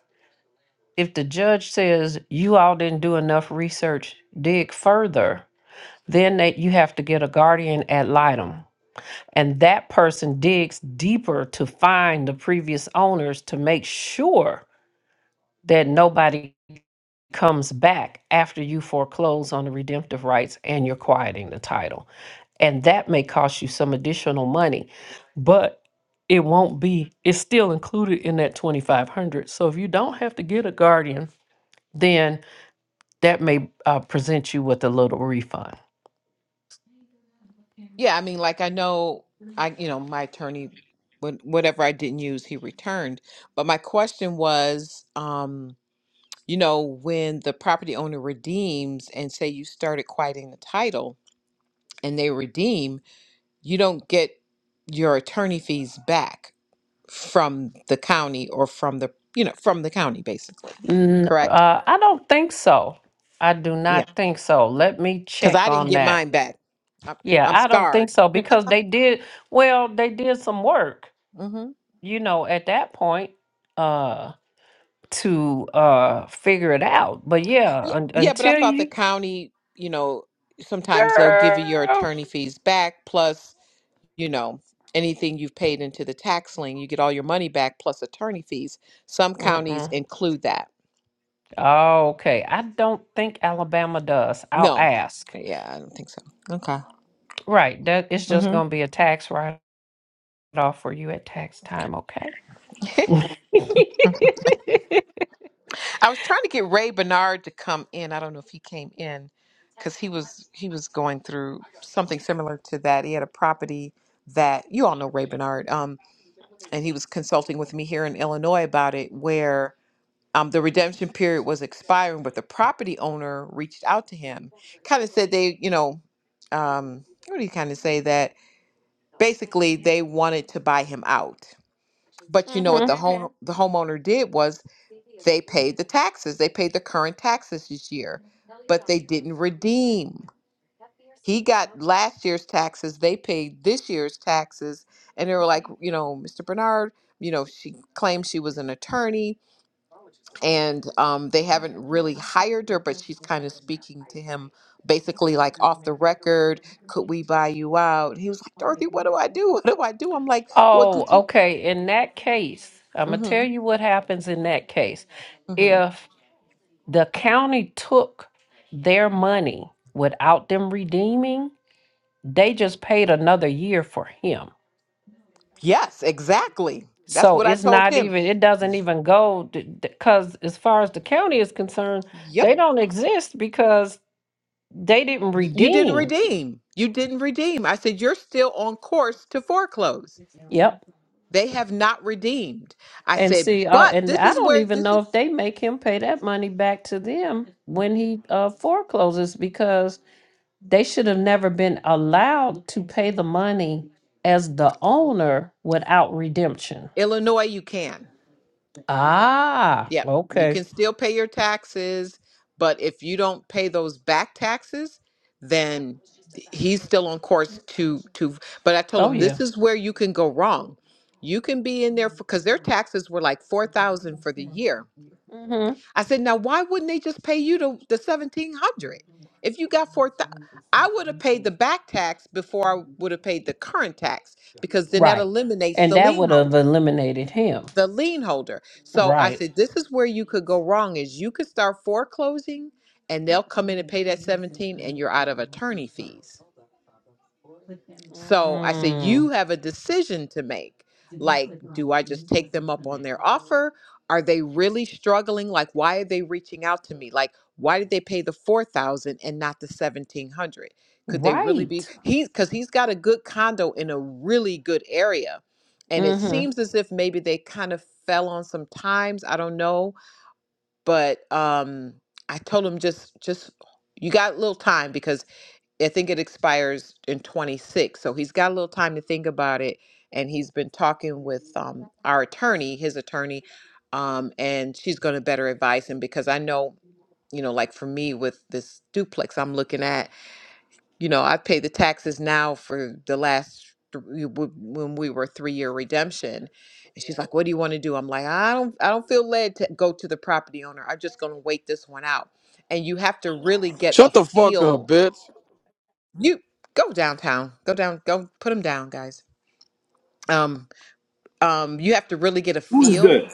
[SPEAKER 7] if the judge says you all didn't do enough research, dig further, then that you have to get a guardian ad litem. And that person digs deeper to find the previous owners to make sure that nobody comes back after you foreclose on the redemptive rights and you're quieting the title. And that may cost you some additional money, but it won't be, it's still included in that 2500 So if you don't have to get a guardian, then that may uh, present you with a little refund.
[SPEAKER 1] Yeah, I mean, like I know I, you know, my attorney, when whatever I didn't use, he returned. But my question was, um, you know, when the property owner redeems and say you started quieting the title and they redeem, you don't get your attorney fees back from the county or from the, you know, from the county basically.
[SPEAKER 7] N-
[SPEAKER 1] Correct?
[SPEAKER 7] uh, I don't think so. I do
[SPEAKER 1] Yeah.
[SPEAKER 7] not think so. Let me
[SPEAKER 1] Because
[SPEAKER 7] check
[SPEAKER 1] I didn't
[SPEAKER 7] on
[SPEAKER 1] get
[SPEAKER 7] that.
[SPEAKER 1] mine back. I'm,
[SPEAKER 7] Yeah,
[SPEAKER 1] I'm
[SPEAKER 7] I don't think
[SPEAKER 1] scarred.
[SPEAKER 7] so because they did, well, they did some work
[SPEAKER 1] Mm-hmm.
[SPEAKER 7] you know, at that point, uh, to uh figure it out. But yeah,
[SPEAKER 1] Yeah,
[SPEAKER 7] un-
[SPEAKER 1] yeah, but I
[SPEAKER 7] until
[SPEAKER 1] thought the
[SPEAKER 7] you,
[SPEAKER 1] county, you know, sometimes they'll give you your
[SPEAKER 7] girl.
[SPEAKER 1] attorney fees back plus, you know, anything you've paid into the tax lien, you get all your money back plus attorney fees. Some counties
[SPEAKER 7] Mm-mm.
[SPEAKER 1] include that.
[SPEAKER 7] Okay, I don't think Alabama does. I'll
[SPEAKER 1] No.
[SPEAKER 7] ask.
[SPEAKER 1] Yeah, I don't think so. Okay.
[SPEAKER 7] Right, that it's just
[SPEAKER 1] hmm
[SPEAKER 7] gonna be a tax write-off for you at tax time. Okay.
[SPEAKER 1] I was trying to get Ray Bernard to come in. I don't know if he came in because he was he was going through something similar to that. He had a property that you all know Ray Bernard, um, and he was consulting with me here in Illinois about it, where um, the redemption period was expiring, but the property owner reached out to him, kind of said they, you know, um, what do you kind of say that basically they wanted to buy him out. But you know
[SPEAKER 7] hmm
[SPEAKER 1] what the Mhm. home the homeowner did was they paid the taxes. They paid the current taxes this year, but they didn't redeem. He got last year's taxes. They paid this year's taxes, and they were like, you know, Mr. Bernard, you know, she claimed she was an attorney and um, they haven't really hired her, but she's kind of speaking to him basically like off the record. Could we buy you out? And he was like, Dorothy, what do I do? What do I do? I'm like, well, did
[SPEAKER 7] Oh,
[SPEAKER 1] you?
[SPEAKER 7] okay. In that case, I'm gonna tell
[SPEAKER 1] hmm
[SPEAKER 7] you what happens in that case.
[SPEAKER 1] hmm
[SPEAKER 7] The county took their money without them redeeming. They just paid another year for him.
[SPEAKER 1] Yes, exactly. That's
[SPEAKER 7] So
[SPEAKER 1] what I
[SPEAKER 7] it's
[SPEAKER 1] told
[SPEAKER 7] not
[SPEAKER 1] him.
[SPEAKER 7] even, it doesn't even go because, as far as the county is concerned,
[SPEAKER 1] Yep.
[SPEAKER 7] they don't exist because they didn't
[SPEAKER 1] You didn't
[SPEAKER 7] redeem.
[SPEAKER 1] redeem. You didn't redeem. I said, you're still on course to foreclose.
[SPEAKER 7] Yep.
[SPEAKER 1] They have not redeemed. I
[SPEAKER 7] And
[SPEAKER 1] said,
[SPEAKER 7] see, uh,
[SPEAKER 1] but
[SPEAKER 7] and
[SPEAKER 1] this
[SPEAKER 7] I
[SPEAKER 1] is
[SPEAKER 7] don't
[SPEAKER 1] where
[SPEAKER 7] even
[SPEAKER 1] this
[SPEAKER 7] know
[SPEAKER 1] is
[SPEAKER 7] if they make him pay that money back to them when he uh, forecloses because they should have never been allowed to pay the money as the owner without redemption.
[SPEAKER 1] Illinois, you can.
[SPEAKER 7] Ah,
[SPEAKER 1] Yep. You
[SPEAKER 7] okay.
[SPEAKER 1] can still pay your taxes, but if you don't pay those back taxes, then he's still on course to to but I told
[SPEAKER 7] Oh
[SPEAKER 1] him this
[SPEAKER 7] yeah.
[SPEAKER 1] is where you can go wrong. You can be in there for because their taxes were like four thousand for the year.
[SPEAKER 7] hmm
[SPEAKER 1] I said, now why wouldn't they just pay you the the seventeen hundred if you got four thousand? I would have paid the back tax before I would have paid the current tax because then that
[SPEAKER 7] Right.
[SPEAKER 1] eliminates
[SPEAKER 7] And
[SPEAKER 1] the
[SPEAKER 7] that
[SPEAKER 1] lien
[SPEAKER 7] would have
[SPEAKER 1] holder
[SPEAKER 7] eliminated him.
[SPEAKER 1] the lien holder. So I
[SPEAKER 7] Right.
[SPEAKER 1] said, this is where you could go wrong is you could start foreclosing and they'll come in and pay that 17 and you're out of attorney fees. So I said,
[SPEAKER 7] Mm,
[SPEAKER 1] you have a decision to make. Like, do I just take them up on their offer? Are they really struggling? Like, why are they reaching out to me? Like, why did they pay the four thousand and not the seventeen hundred? Could they really be
[SPEAKER 7] right.
[SPEAKER 1] he? Because he's got a good condo in a really good area, and it
[SPEAKER 7] Mm-hmm.
[SPEAKER 1] seems as if maybe they kind of fell on some times. I don't know, but um, I told him just just you got a little time because I think it expires in 26. So he's got a little time to think about it. And he's been talking with um, our attorney, his attorney, um, and she's going to better advise him because I know, you know, like for me with this duplex I'm looking at, you know, I've paid the taxes now for the last th- w- w- when we were three year redemption and she's like what do you want to do i'm like i don't i don't feel led to go to the property owner i'm just going to wait this one out and you have to really get a
[SPEAKER 13] Shut the fuck
[SPEAKER 1] feel
[SPEAKER 13] up, bitch.
[SPEAKER 1] you go downtown. Go down. Go put them down, guys. Um, um, you have to really get a
[SPEAKER 2] Who is that?
[SPEAKER 1] feel.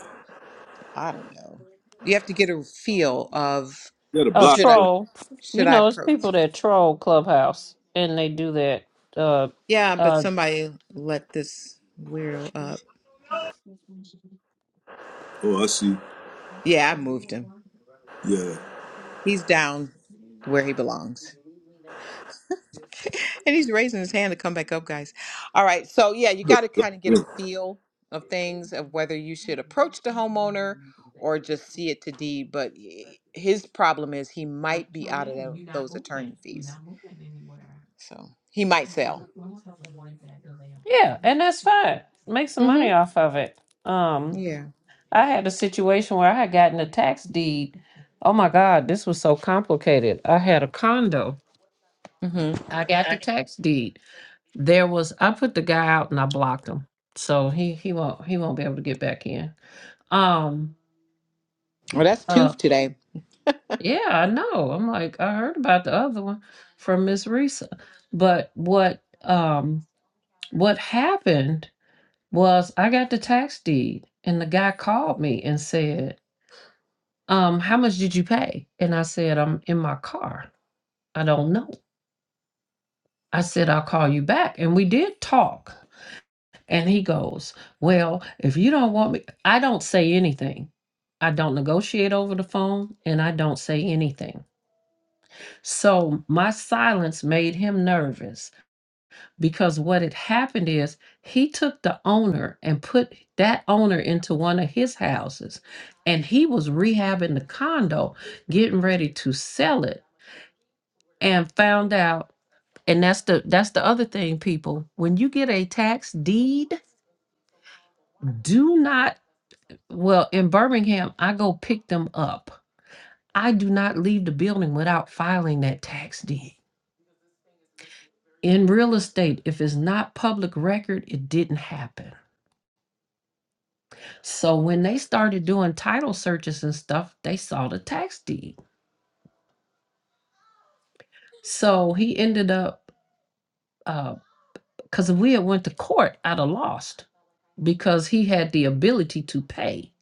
[SPEAKER 1] I don't know. You have to get a feel of
[SPEAKER 2] You gotta
[SPEAKER 7] A
[SPEAKER 2] block
[SPEAKER 1] should I
[SPEAKER 2] them.
[SPEAKER 7] troll. You
[SPEAKER 1] should I
[SPEAKER 7] know, it's
[SPEAKER 1] approach?
[SPEAKER 7] people that troll Clubhouse and they do that. Uh,
[SPEAKER 1] Yeah,
[SPEAKER 7] uh,
[SPEAKER 1] but somebody let this weirdo up.
[SPEAKER 2] Oh, I see.
[SPEAKER 1] Yeah, I moved him.
[SPEAKER 2] Yeah,
[SPEAKER 1] He's down where he belongs. And he's raising his hand to come back up, guys. All right. So, yeah,
[SPEAKER 2] you
[SPEAKER 1] you
[SPEAKER 2] better
[SPEAKER 1] got to
[SPEAKER 2] block
[SPEAKER 1] kind of get a
[SPEAKER 2] them.
[SPEAKER 1] feel of things of whether you should approach the homeowner or just see it to deed. But y- his problem is he might be out of tho- those attorney fees. So he might sell.
[SPEAKER 7] Yeah, and that's fine. Make some money
[SPEAKER 1] Mm
[SPEAKER 7] off of it.
[SPEAKER 1] hmm.
[SPEAKER 7] Um,
[SPEAKER 1] Yeah.
[SPEAKER 7] I had a situation where I had gotten a tax deed. Oh my God, this was so complicated. I had a condo.
[SPEAKER 1] Mm hmm.
[SPEAKER 7] I got the tax deed. There was I put the guy out and I blocked him. So he he won't he won't be able to get back in. Um
[SPEAKER 1] Well, that's two
[SPEAKER 7] uh
[SPEAKER 1] today.
[SPEAKER 7] yeah, I know. I'm like, I heard about the other one from Miss Risa. But what um what happened was I got the tax deed and the guy called me and said, um, how much did you pay? And I said, I'm in my car. I don't know. I said, I'll call you back. And we did talk. And he goes, Well, if you don't want me, I don't say anything. I don't negotiate over the phone and I don't say anything. So my silence made him nervous. because what had happened is he took the owner and put that owner into one of his houses and he was rehabbing the condo getting ready to sell it and found out and that's the that's the other thing people when you get a tax deed do not well in Birmingham I go pick them up I do not leave the building without filing that tax deed in real estate if it's not public record it didn't happen So when they started doing title searches and stuff, they saw the tax deed. So he ended up because we had went to court I'd have lost because he had the ability to pay.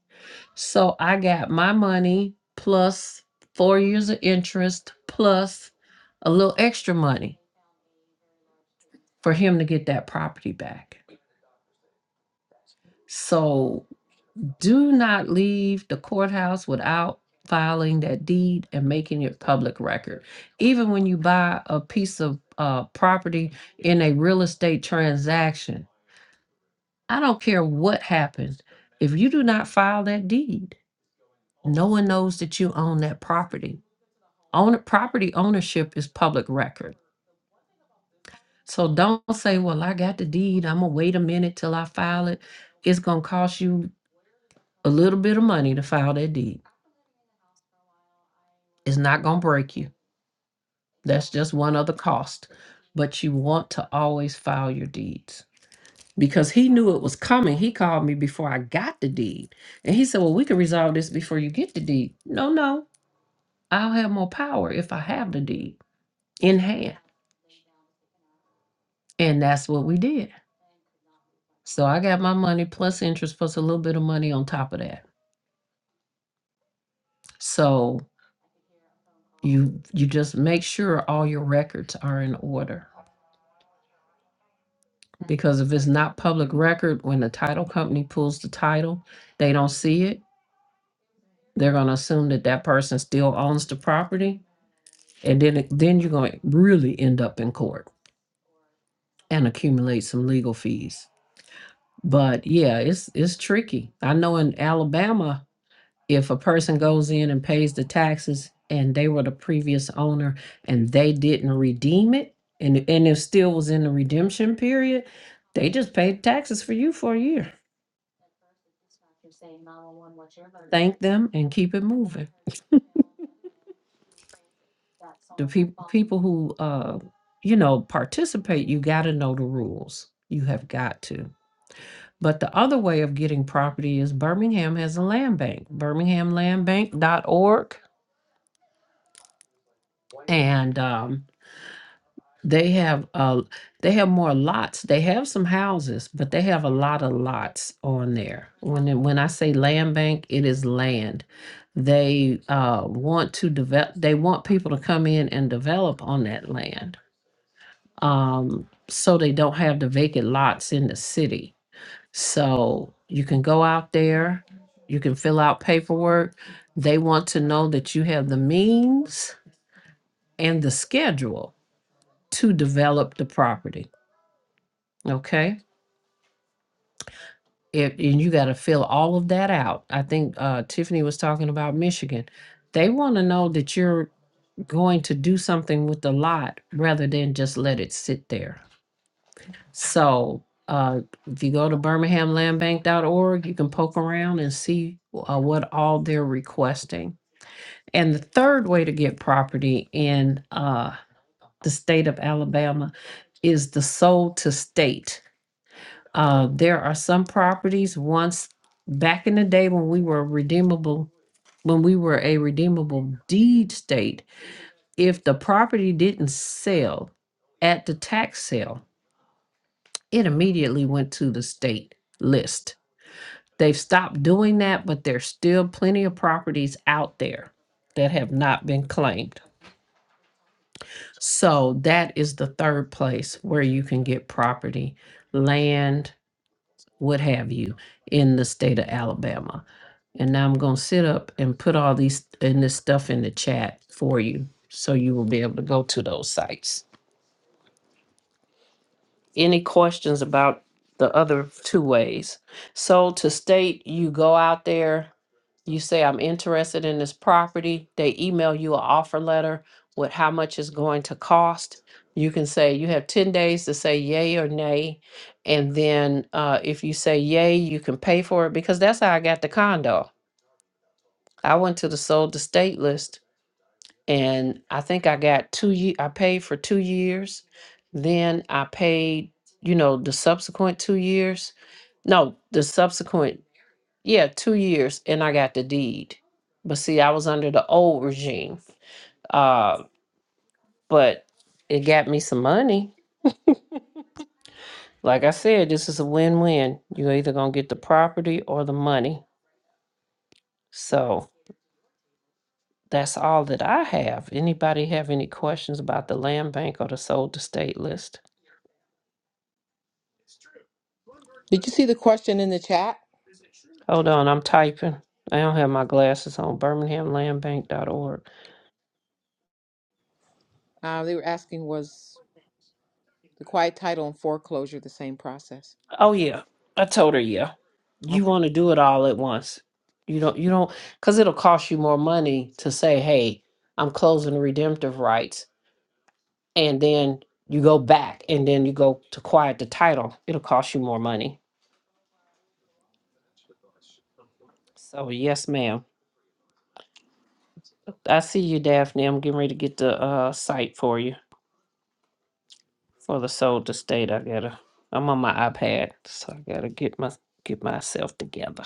[SPEAKER 7] So I got my money plus four years of interest plus a little extra money for him to get that property back. So Do not leave the courthouse without filing that deed and making it public record. Even when you buy a piece of uh, property in a real estate transaction, I don't care what happens. If you do not file that deed, no one knows that you own that property. Own property ownership is public record. So don't say, "Well, I got the deed. I'm gonna wait a minute till I file it." It's gonna cost you a little bit of money to file that deed. It's not gonna break you That's just one other cost. But you want to always file your deeds because he knew it was coming. He called me before I got the deed. And he said, Well, we can resolve this before you get the deed. No, no, I'll have more power if I have the deed in hand. And that's what we did. So I got my money plus interest plus a little bit of money on top of that. So you you just make sure all your records are in order because if it's not public record when the title company pulls the title, they don't see it they're gonna assume that that person still owns the property, and then it- then you're gonna really end up in court and accumulate some legal fees. But yeah, it's it's tricky. I know in Alabama, if a person goes in and pays the taxes and they were the previous owner and they didn't redeem it, and and it still was in the redemption period, they just paid taxes for you for a year. Thank them and keep it moving. the people people who uh you know participate you got to know the rules you have got to but the other way of getting property is birmingham has a land bank birmingham land bank dot org, and um they have uh they have more lots they have some houses but they have a lot of lots on there when when i say land bank it is land they uh want to develop they want people to come in and develop on that land um, so they don't have the vacant lots in the city. So you can go out there, you can fill out paperwork. They want to know that you have the means and the schedule to develop the property. Okay. If and you got to fill all of that out. I think uh, Tiffany was talking about Michigan. They want to know that you're going to do something with the lot rather than just let it sit there. So uh, if you go to birminghamlandbank.org, you can poke around and see uh, what all they're requesting. And the third way to get property in uh, the state of Alabama is the sold to state. Uh, there are some properties once back in the day when we were redeemable, when we were a redeemable deed state, if the property didn't sell at the tax sale, it immediately went to the state list They've stopped doing that, but there's still plenty of properties out there that have not been claimed. So that is the third place where you can get property, land, what have you, in the state of Alabama. And now I'm gonna sit up and put all these and this stuff in the chat for you, so you will be able to go to those sites. any questions about the other two ways. So to state you go out there, you say I'm interested in this property, they email you an offer letter with how much it's going to cost. You can say you have 10 days to say yay or nay. And then uh, if you say yay, you can pay for it because that's how I got the condo. I went to the sold to state list and I think I got two ye I paid for two years. Then I paid, you know, the subsequent two years. No, the subsequent, yeah, two years, and I got the deed. But see, I was under the old regime. Uh, but it got me some money. Like I said, this is a win-win. You're either gonna get the property or the money. So that's all that I have. Anybody have any questions about the land bank or the sold estate list?
[SPEAKER 1] Did you see the question in the chat?
[SPEAKER 7] Hold on, I'm typing. I don't have my glasses on. BirminghamLandBank.org.
[SPEAKER 1] Uh, they were asking was the quiet title and foreclosure the same process?
[SPEAKER 7] Oh yeah, I told her yeah. You
[SPEAKER 1] Okay.
[SPEAKER 7] want to do it all at once. You don't. You don't because it'll cost you more money to say, "Hey, I'm closing the redemptive rights," and then you go back and then you go to quiet the title. It'll cost you more money. So yes, ma'am. I see you, Daphne. I'm getting ready to get the uh, site for you. for the soldier state. I gotta. I'm on my iPad, so I gotta get my get myself together.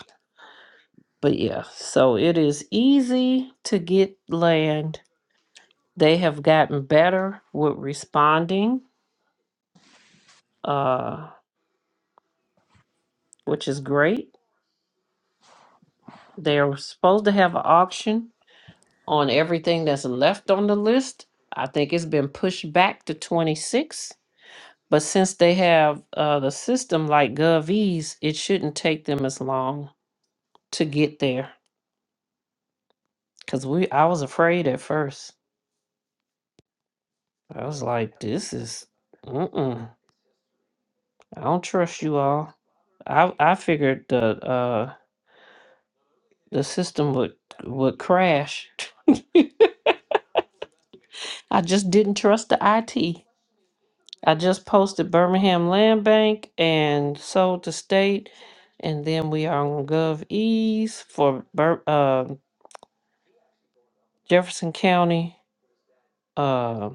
[SPEAKER 7] But yeah, so it is easy to get land. They have gotten better with responding, uh, which is great. They are supposed to have an auction on everything that's left on the list. I think it's been pushed back to 26, but since they have uh, the system like GovEase, it shouldn't take them as long to get there. Cause we, I was afraid at first. I was like, "This is, mm-mm. I don't trust you all." I I figured the uh the system would would crash. I just didn't trust the IT. I just posted Birmingham Land Bank and sold to state, and then we are on GovEase for Bir- uh, Jefferson County, uh,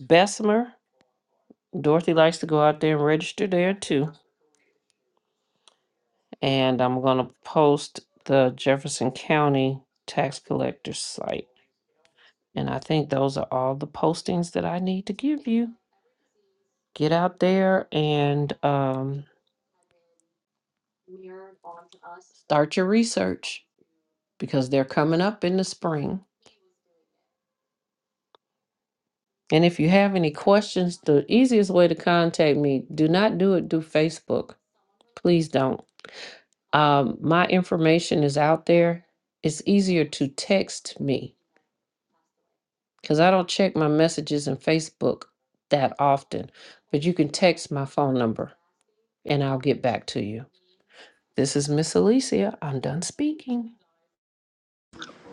[SPEAKER 7] Bessemer. Dorothy likes to go out there and register there too. and I'm gonna post the Jefferson County tax collector's site. And I think those are all the postings that I need to give you. Get out there and um, start your research because they're coming up in the spring. And if you have any questions, the easiest way to contact me, do not do it through Facebook. Please don't. Um, my information is out there. It's easier to text me because I don't check my messages in Facebook that often. But you can text my phone number and I'll get back to you. This is Miss Alicia. I'm done speaking.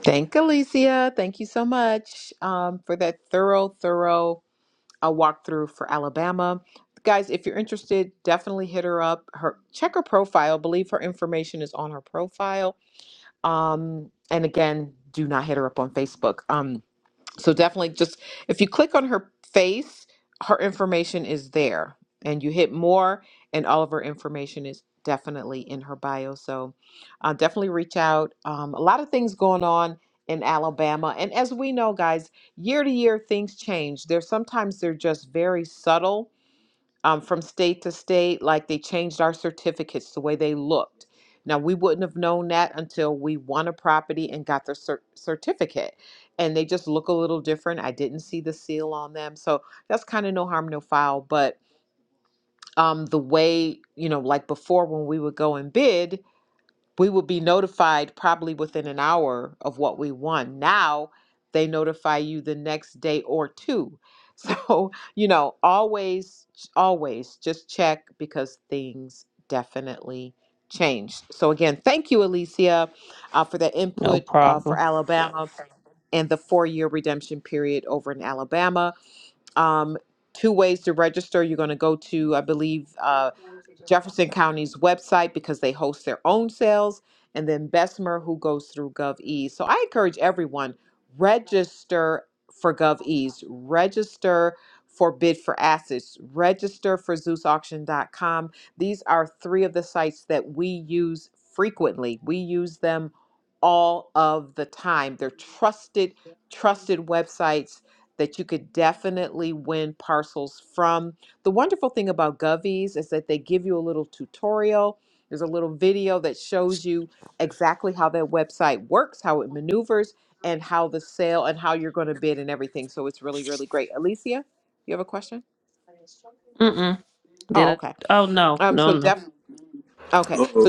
[SPEAKER 1] Thank Alicia. Thank you so much um, for that thorough, thorough a walkthrough for Alabama. Guys, if you're interested, definitely hit her up. Her check her profile. Believe her information is on her profile. Um, and again, do not hit her up on Facebook. Um, so definitely just if you click on her face, her information is there. And you hit more, and all of her information is definitely in her bio. So uh, definitely reach out. Um, a lot of things going on in Alabama. And as we know, guys, year to year, things change. There's sometimes they're just very subtle um, from state to state, like they changed our certificates the way they looked. Now, we wouldn't have known that until we won a property and got the cer- certificate. And they just look a little different. I didn't see the seal on them. So that's kind of no harm, no foul. But um, the way, you know, like before when we would go and bid, we would be notified probably within an hour of what we won. Now they notify you the next day or two. So, you know, always, always just check because things definitely change. So, again, thank you, Alicia, uh, for that
[SPEAKER 7] No
[SPEAKER 1] input uh, for
[SPEAKER 7] problem.
[SPEAKER 1] Alabama and the four year redemption period over in Alabama. Um, two ways to register. You're going to go to, I believe, uh, Jefferson County's website because they host their own sales, and then Bessemer, who goes through GovEase. So I encourage everyone register for GovEase, register for Bid for Assets, register for ZeusAuction.com. These are three of the sites that we use frequently. We use them all of the time. They're trusted, trusted websites that you could definitely win parcels from the wonderful thing about Govies is that they give you a little tutorial. There's a little video that shows you exactly how that website works, how it maneuvers, and how the sale and how you're going to bid and everything. So it's really, really great. Alicia, you have a question?
[SPEAKER 7] Mm-mm. Did
[SPEAKER 1] Oh,
[SPEAKER 7] I?
[SPEAKER 1] okay.
[SPEAKER 7] Oh, no,
[SPEAKER 1] Um, so
[SPEAKER 7] no, no.
[SPEAKER 1] def- okay,
[SPEAKER 2] Uh,
[SPEAKER 1] so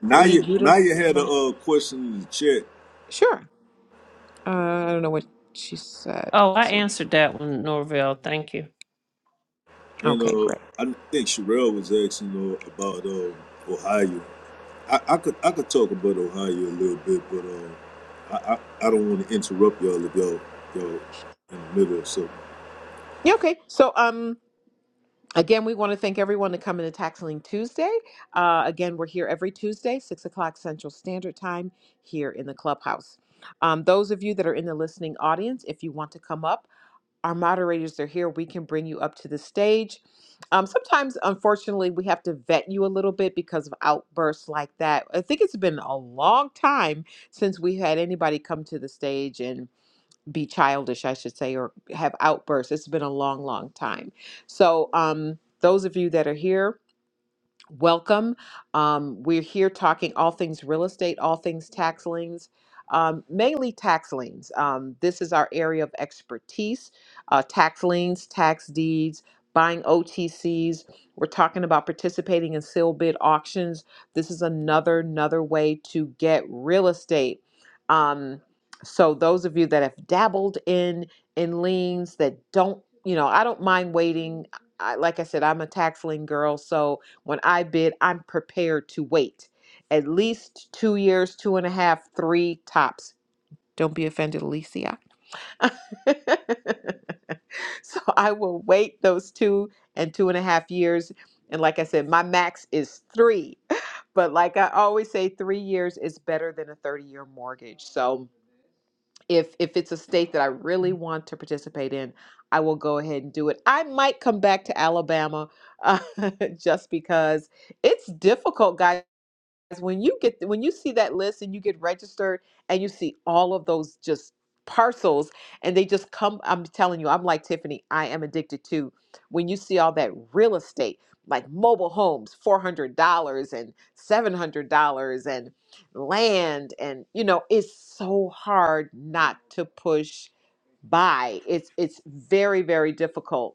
[SPEAKER 2] now you, now
[SPEAKER 1] you.
[SPEAKER 2] you had a uh, question in the chat,
[SPEAKER 1] Sure. Uh, I don't know what she said.
[SPEAKER 7] Oh, I
[SPEAKER 1] Let's see.
[SPEAKER 7] answered that one, Norville. Thank you.
[SPEAKER 2] and
[SPEAKER 1] Okay,
[SPEAKER 2] uh,
[SPEAKER 1] great.
[SPEAKER 2] I think Sherelle was asking uh, about uh, Ohio. I, I could, I could talk about Ohio a little bit, but uh, I, I, I don't want to interrupt y'all if y'all, y'all in the middle of something.
[SPEAKER 1] Yeah, okay. So um. Again, we want to thank everyone to come into Taxling Tuesday. Uh, again, we're here every Tuesday, 6 o'clock Central Standard Time, here in the clubhouse. Um, those of you that are in the listening audience, if you want to come up, our moderators are here. We can bring you up to the stage. Um, sometimes, unfortunately, we have to vet you a little bit because of outbursts like that. I think it's been a long time since we had anybody come to the stage and be childish, I should say, or have outbursts. It's been a long, long time. So, um, those of you that are here, welcome. Um, we're here talking all things real estate, all things tax liens, um, mainly tax liens. Um, this is our area of expertise uh, tax liens, tax deeds, buying OTCs. We're talking about participating in sale bid auctions. This is another, another way to get real estate. Um, so those of you that have dabbled in in liens that don't, you know, I don't mind waiting. I, like I said, I'm a tax lien girl, so when I bid, I'm prepared to wait at least two years, two and a half, three tops. Don't be offended, Alicia. so I will wait those two and two and a half years. And like I said, my max is three. But like I always say, three years is better than a 30 year mortgage. So, if if it's a state that I really want to participate in, I will go ahead and do it. I might come back to Alabama uh, just because it's difficult, guys when you get when you see that list and you get registered and you see all of those just parcels and they just come I'm telling you I'm like Tiffany I am addicted to when you see all that real estate like mobile homes $400 and $700 and land and you know it's so hard not to push buy it's it's very very difficult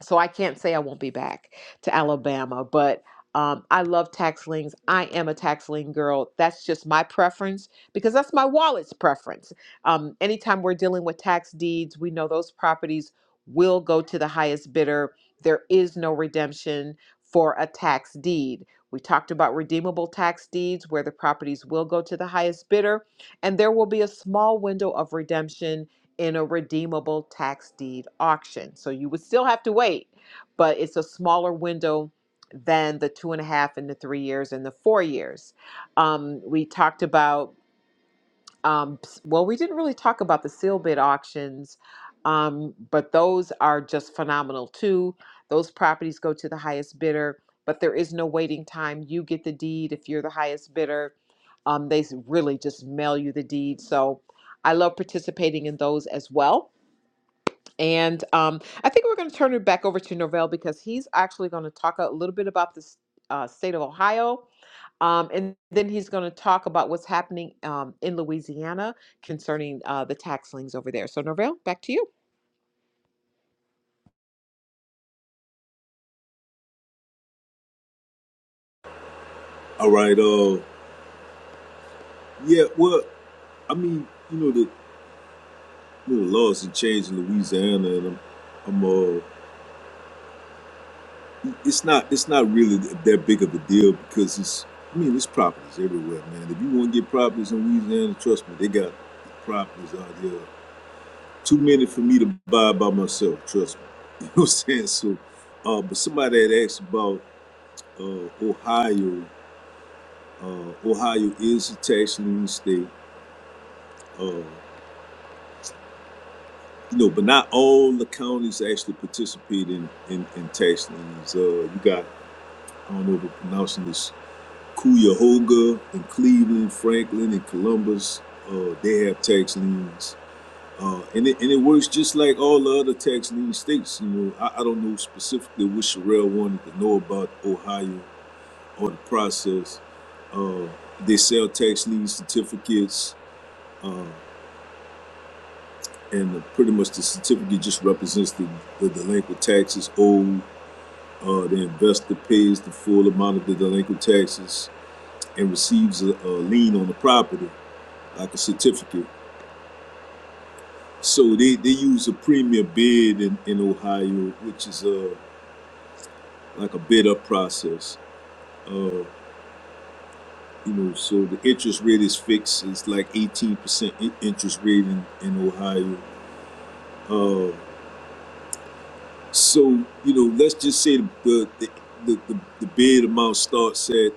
[SPEAKER 1] so I can't say I won't be back to Alabama, but um, I love tax liens. I am a tax lien girl. That's just my preference because that's my wallet's preference. Um, anytime we're dealing with tax deeds, we know those properties will go to the highest bidder. There is no redemption for a tax deed. We talked about redeemable tax deeds where the properties will go to the highest bidder, and there will be a small window of redemption in a redeemable tax deed auction. So you would still have to wait, but it's a smaller window than the two and a half and the three years and the four years. Um, we talked about, um, well, we didn't really talk about the seal bid auctions, um, but those are just phenomenal too. Those properties go to the highest bidder, but there is no waiting time. You get the deed if you're the highest bidder. Um, they really just mail you the deed. So I love participating in those as well. And um, I think we're going to turn it back over to Norvell because he's actually going to talk a little bit about the uh, state of Ohio. Um, and then he's going to talk about what's happening um, in Louisiana concerning uh, the tax liens over there. So, Norvell, back to you.
[SPEAKER 2] All right. uh, Yeah, well, I mean, you know, the you know, the laws have changed in Louisiana, and I'm, I'm uh, it's not it's not really that big of a deal because it's I mean, it's properties everywhere, man. If you want to get properties in Louisiana, trust me, they got properties out there. Too many for me to buy by myself, trust me. You know what I'm saying? So, uh, but somebody had asked about uh, Ohio. Uh, Ohio is a tax lien state. Uh, You know, but not all the counties actually participate in, in, in tax liens. Uh, you got, I don't know if I'm pronouncing this, Cuyahoga and Cleveland, Franklin and Columbus. Uh, they have tax liens. Uh, and, it, and it works just like all the other tax lien states. You know, I, I don't know specifically what Sherelle wanted to know about Ohio or the process. Uh, they sell tax lien certificates. Uh, and pretty much the certificate just represents the, the delinquent taxes owed Uh, the investor pays the full amount of the delinquent taxes and receives a, a lien on the property, like a certificate. So they, they use a premium bid in, in Ohio, which is uh, like a bid up process. Uh, you know, so the interest rate is fixed. It's like 18% in- interest rate in, in Ohio. Uh, So you know, let's just say the the the, the, the bid amount starts at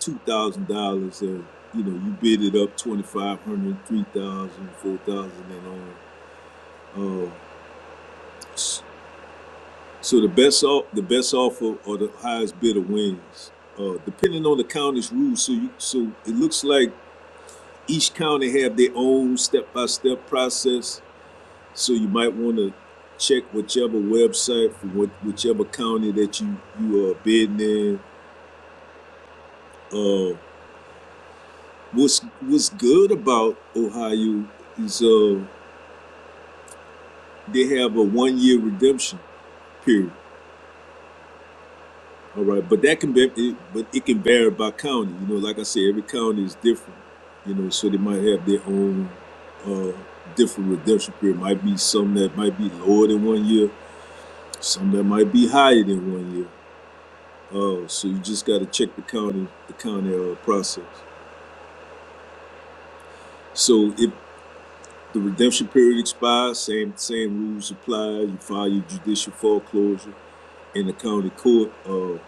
[SPEAKER 2] two thousand dollars, and you know you bid it up twenty five hundred, three thousand, four thousand, and on. Uh, s- so the best off the best offer or the highest bidder wins, uh, depending on the county's rules. So you so it looks like each county have their own step by step process. So you might want to check whichever website for what, whichever county that you you are bidding in Uh, what's what's good about Ohio is uh they have a one year redemption period. All right, but that can be, it, but it can vary by county. You know, like I said, every county is different. You know, so they might have their own uh different redemption period. Might be some that might be lower than one year, some that might be higher than one year. Uh, so you just got to check the county, the county uh, process. So if The redemption period expires, same same rules apply. You file your judicial foreclosure in the county court. Uh,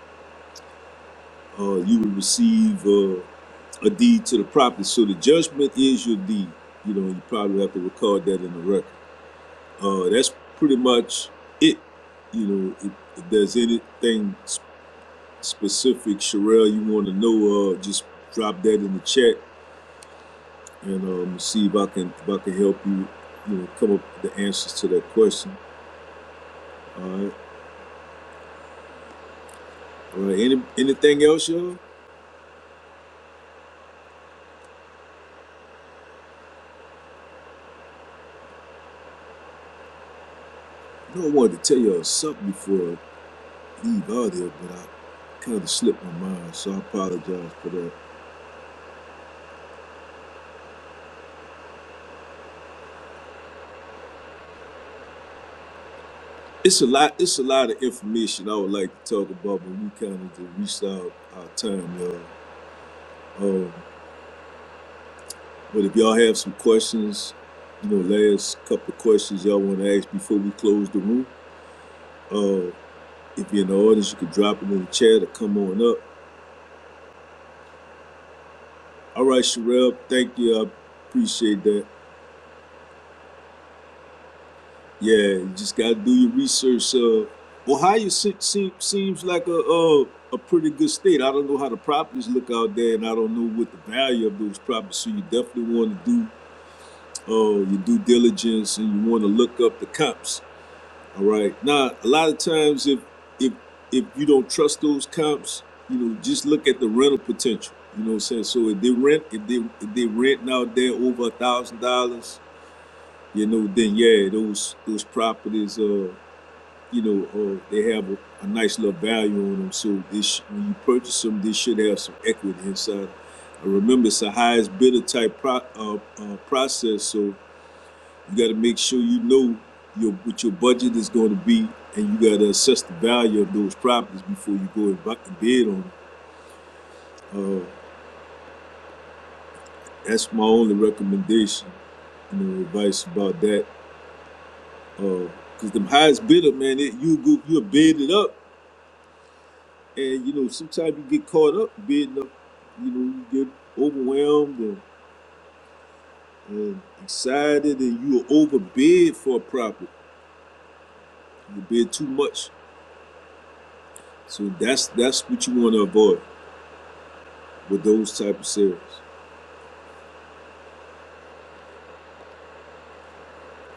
[SPEAKER 2] uh, you will receive uh, a deed to the property. So the judgment is your deed. You know, you probably have to record that in the record. Uh, that's pretty much it. You know, if, if there's anything s- specific, Sherelle, you want to know, uh, just drop that in the chat and um, see if I can if I can help you. You know, come up with the answers to that question. All right. Uh, any, anything else, y'all? I know I wanted to tell y'all something before I leave out here, but I kind of slipped my mind, so I apologize for that. It's a lot. It's a lot of information I would like to talk about, but we kind of just reached out our time, y'all. Um, but if y'all have some questions, you know, last couple of questions y'all want to ask before we close the room, uh, if you're in the audience, you can drop it in the chat or come on up. All right, Sherelle, thank you. I appreciate that. Yeah, you just gotta do your research. Uh, Ohio se- se- seems like a uh, a pretty good state. I don't know how the properties look out there, and I don't know what the value of those properties. So you definitely want to do uh, your due diligence, and you want to look up the comps. All right. Now, a lot of times, if if if you don't trust those comps, you know, just look at the rental potential. You know what I'm saying? So if they rent, if they if they renting out there over a thousand dollars, you know, then yeah, those those properties. Uh, you know, uh, they have a, a nice little value on them. So this, when you purchase them, they should have some equity inside. Uh, remember, it's a highest bidder type pro, uh, uh, process, so you got to make sure you know your what your budget is going to be, and you got to assess the value of those properties before you go and buy, bid on them. Uh, that's my only recommendation, you know, advice about that. Uh, Cause them highest bidder, man, it, you go, you bid it up, And you know, sometimes you get caught up being up, you know, you get overwhelmed and, and excited and you overbid for a property. You bid too much. So that's that's what you want to avoid with those type of sales.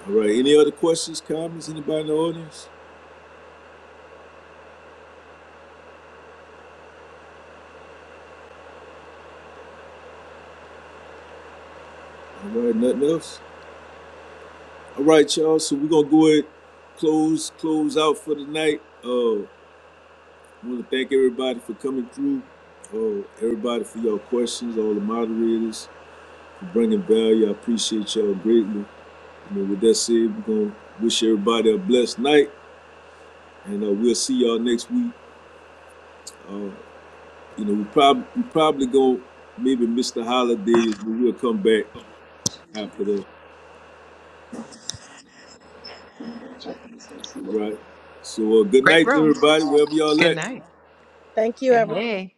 [SPEAKER 2] All right. Any other questions, comments? Anybody in the audience? All right, nothing else? All right, y'all. So we're gonna go ahead close close out for the night. Uh wanna thank everybody for coming through. Uh everybody for your questions, all the moderators bringing value. I appreciate y'all greatly. I mean, with that said, we're gonna wish everybody a blessed night, and uh, we'll see y'all next week. Uh, you know, we probably we probably gonna maybe miss the holidays, but we'll come back after that, right? So, uh, good
[SPEAKER 1] Great
[SPEAKER 2] night to
[SPEAKER 1] room.
[SPEAKER 2] everybody, wherever y'all
[SPEAKER 1] Good
[SPEAKER 2] at.
[SPEAKER 1] night.
[SPEAKER 14] Thank you,
[SPEAKER 1] Hey,
[SPEAKER 14] everyone.
[SPEAKER 1] hey.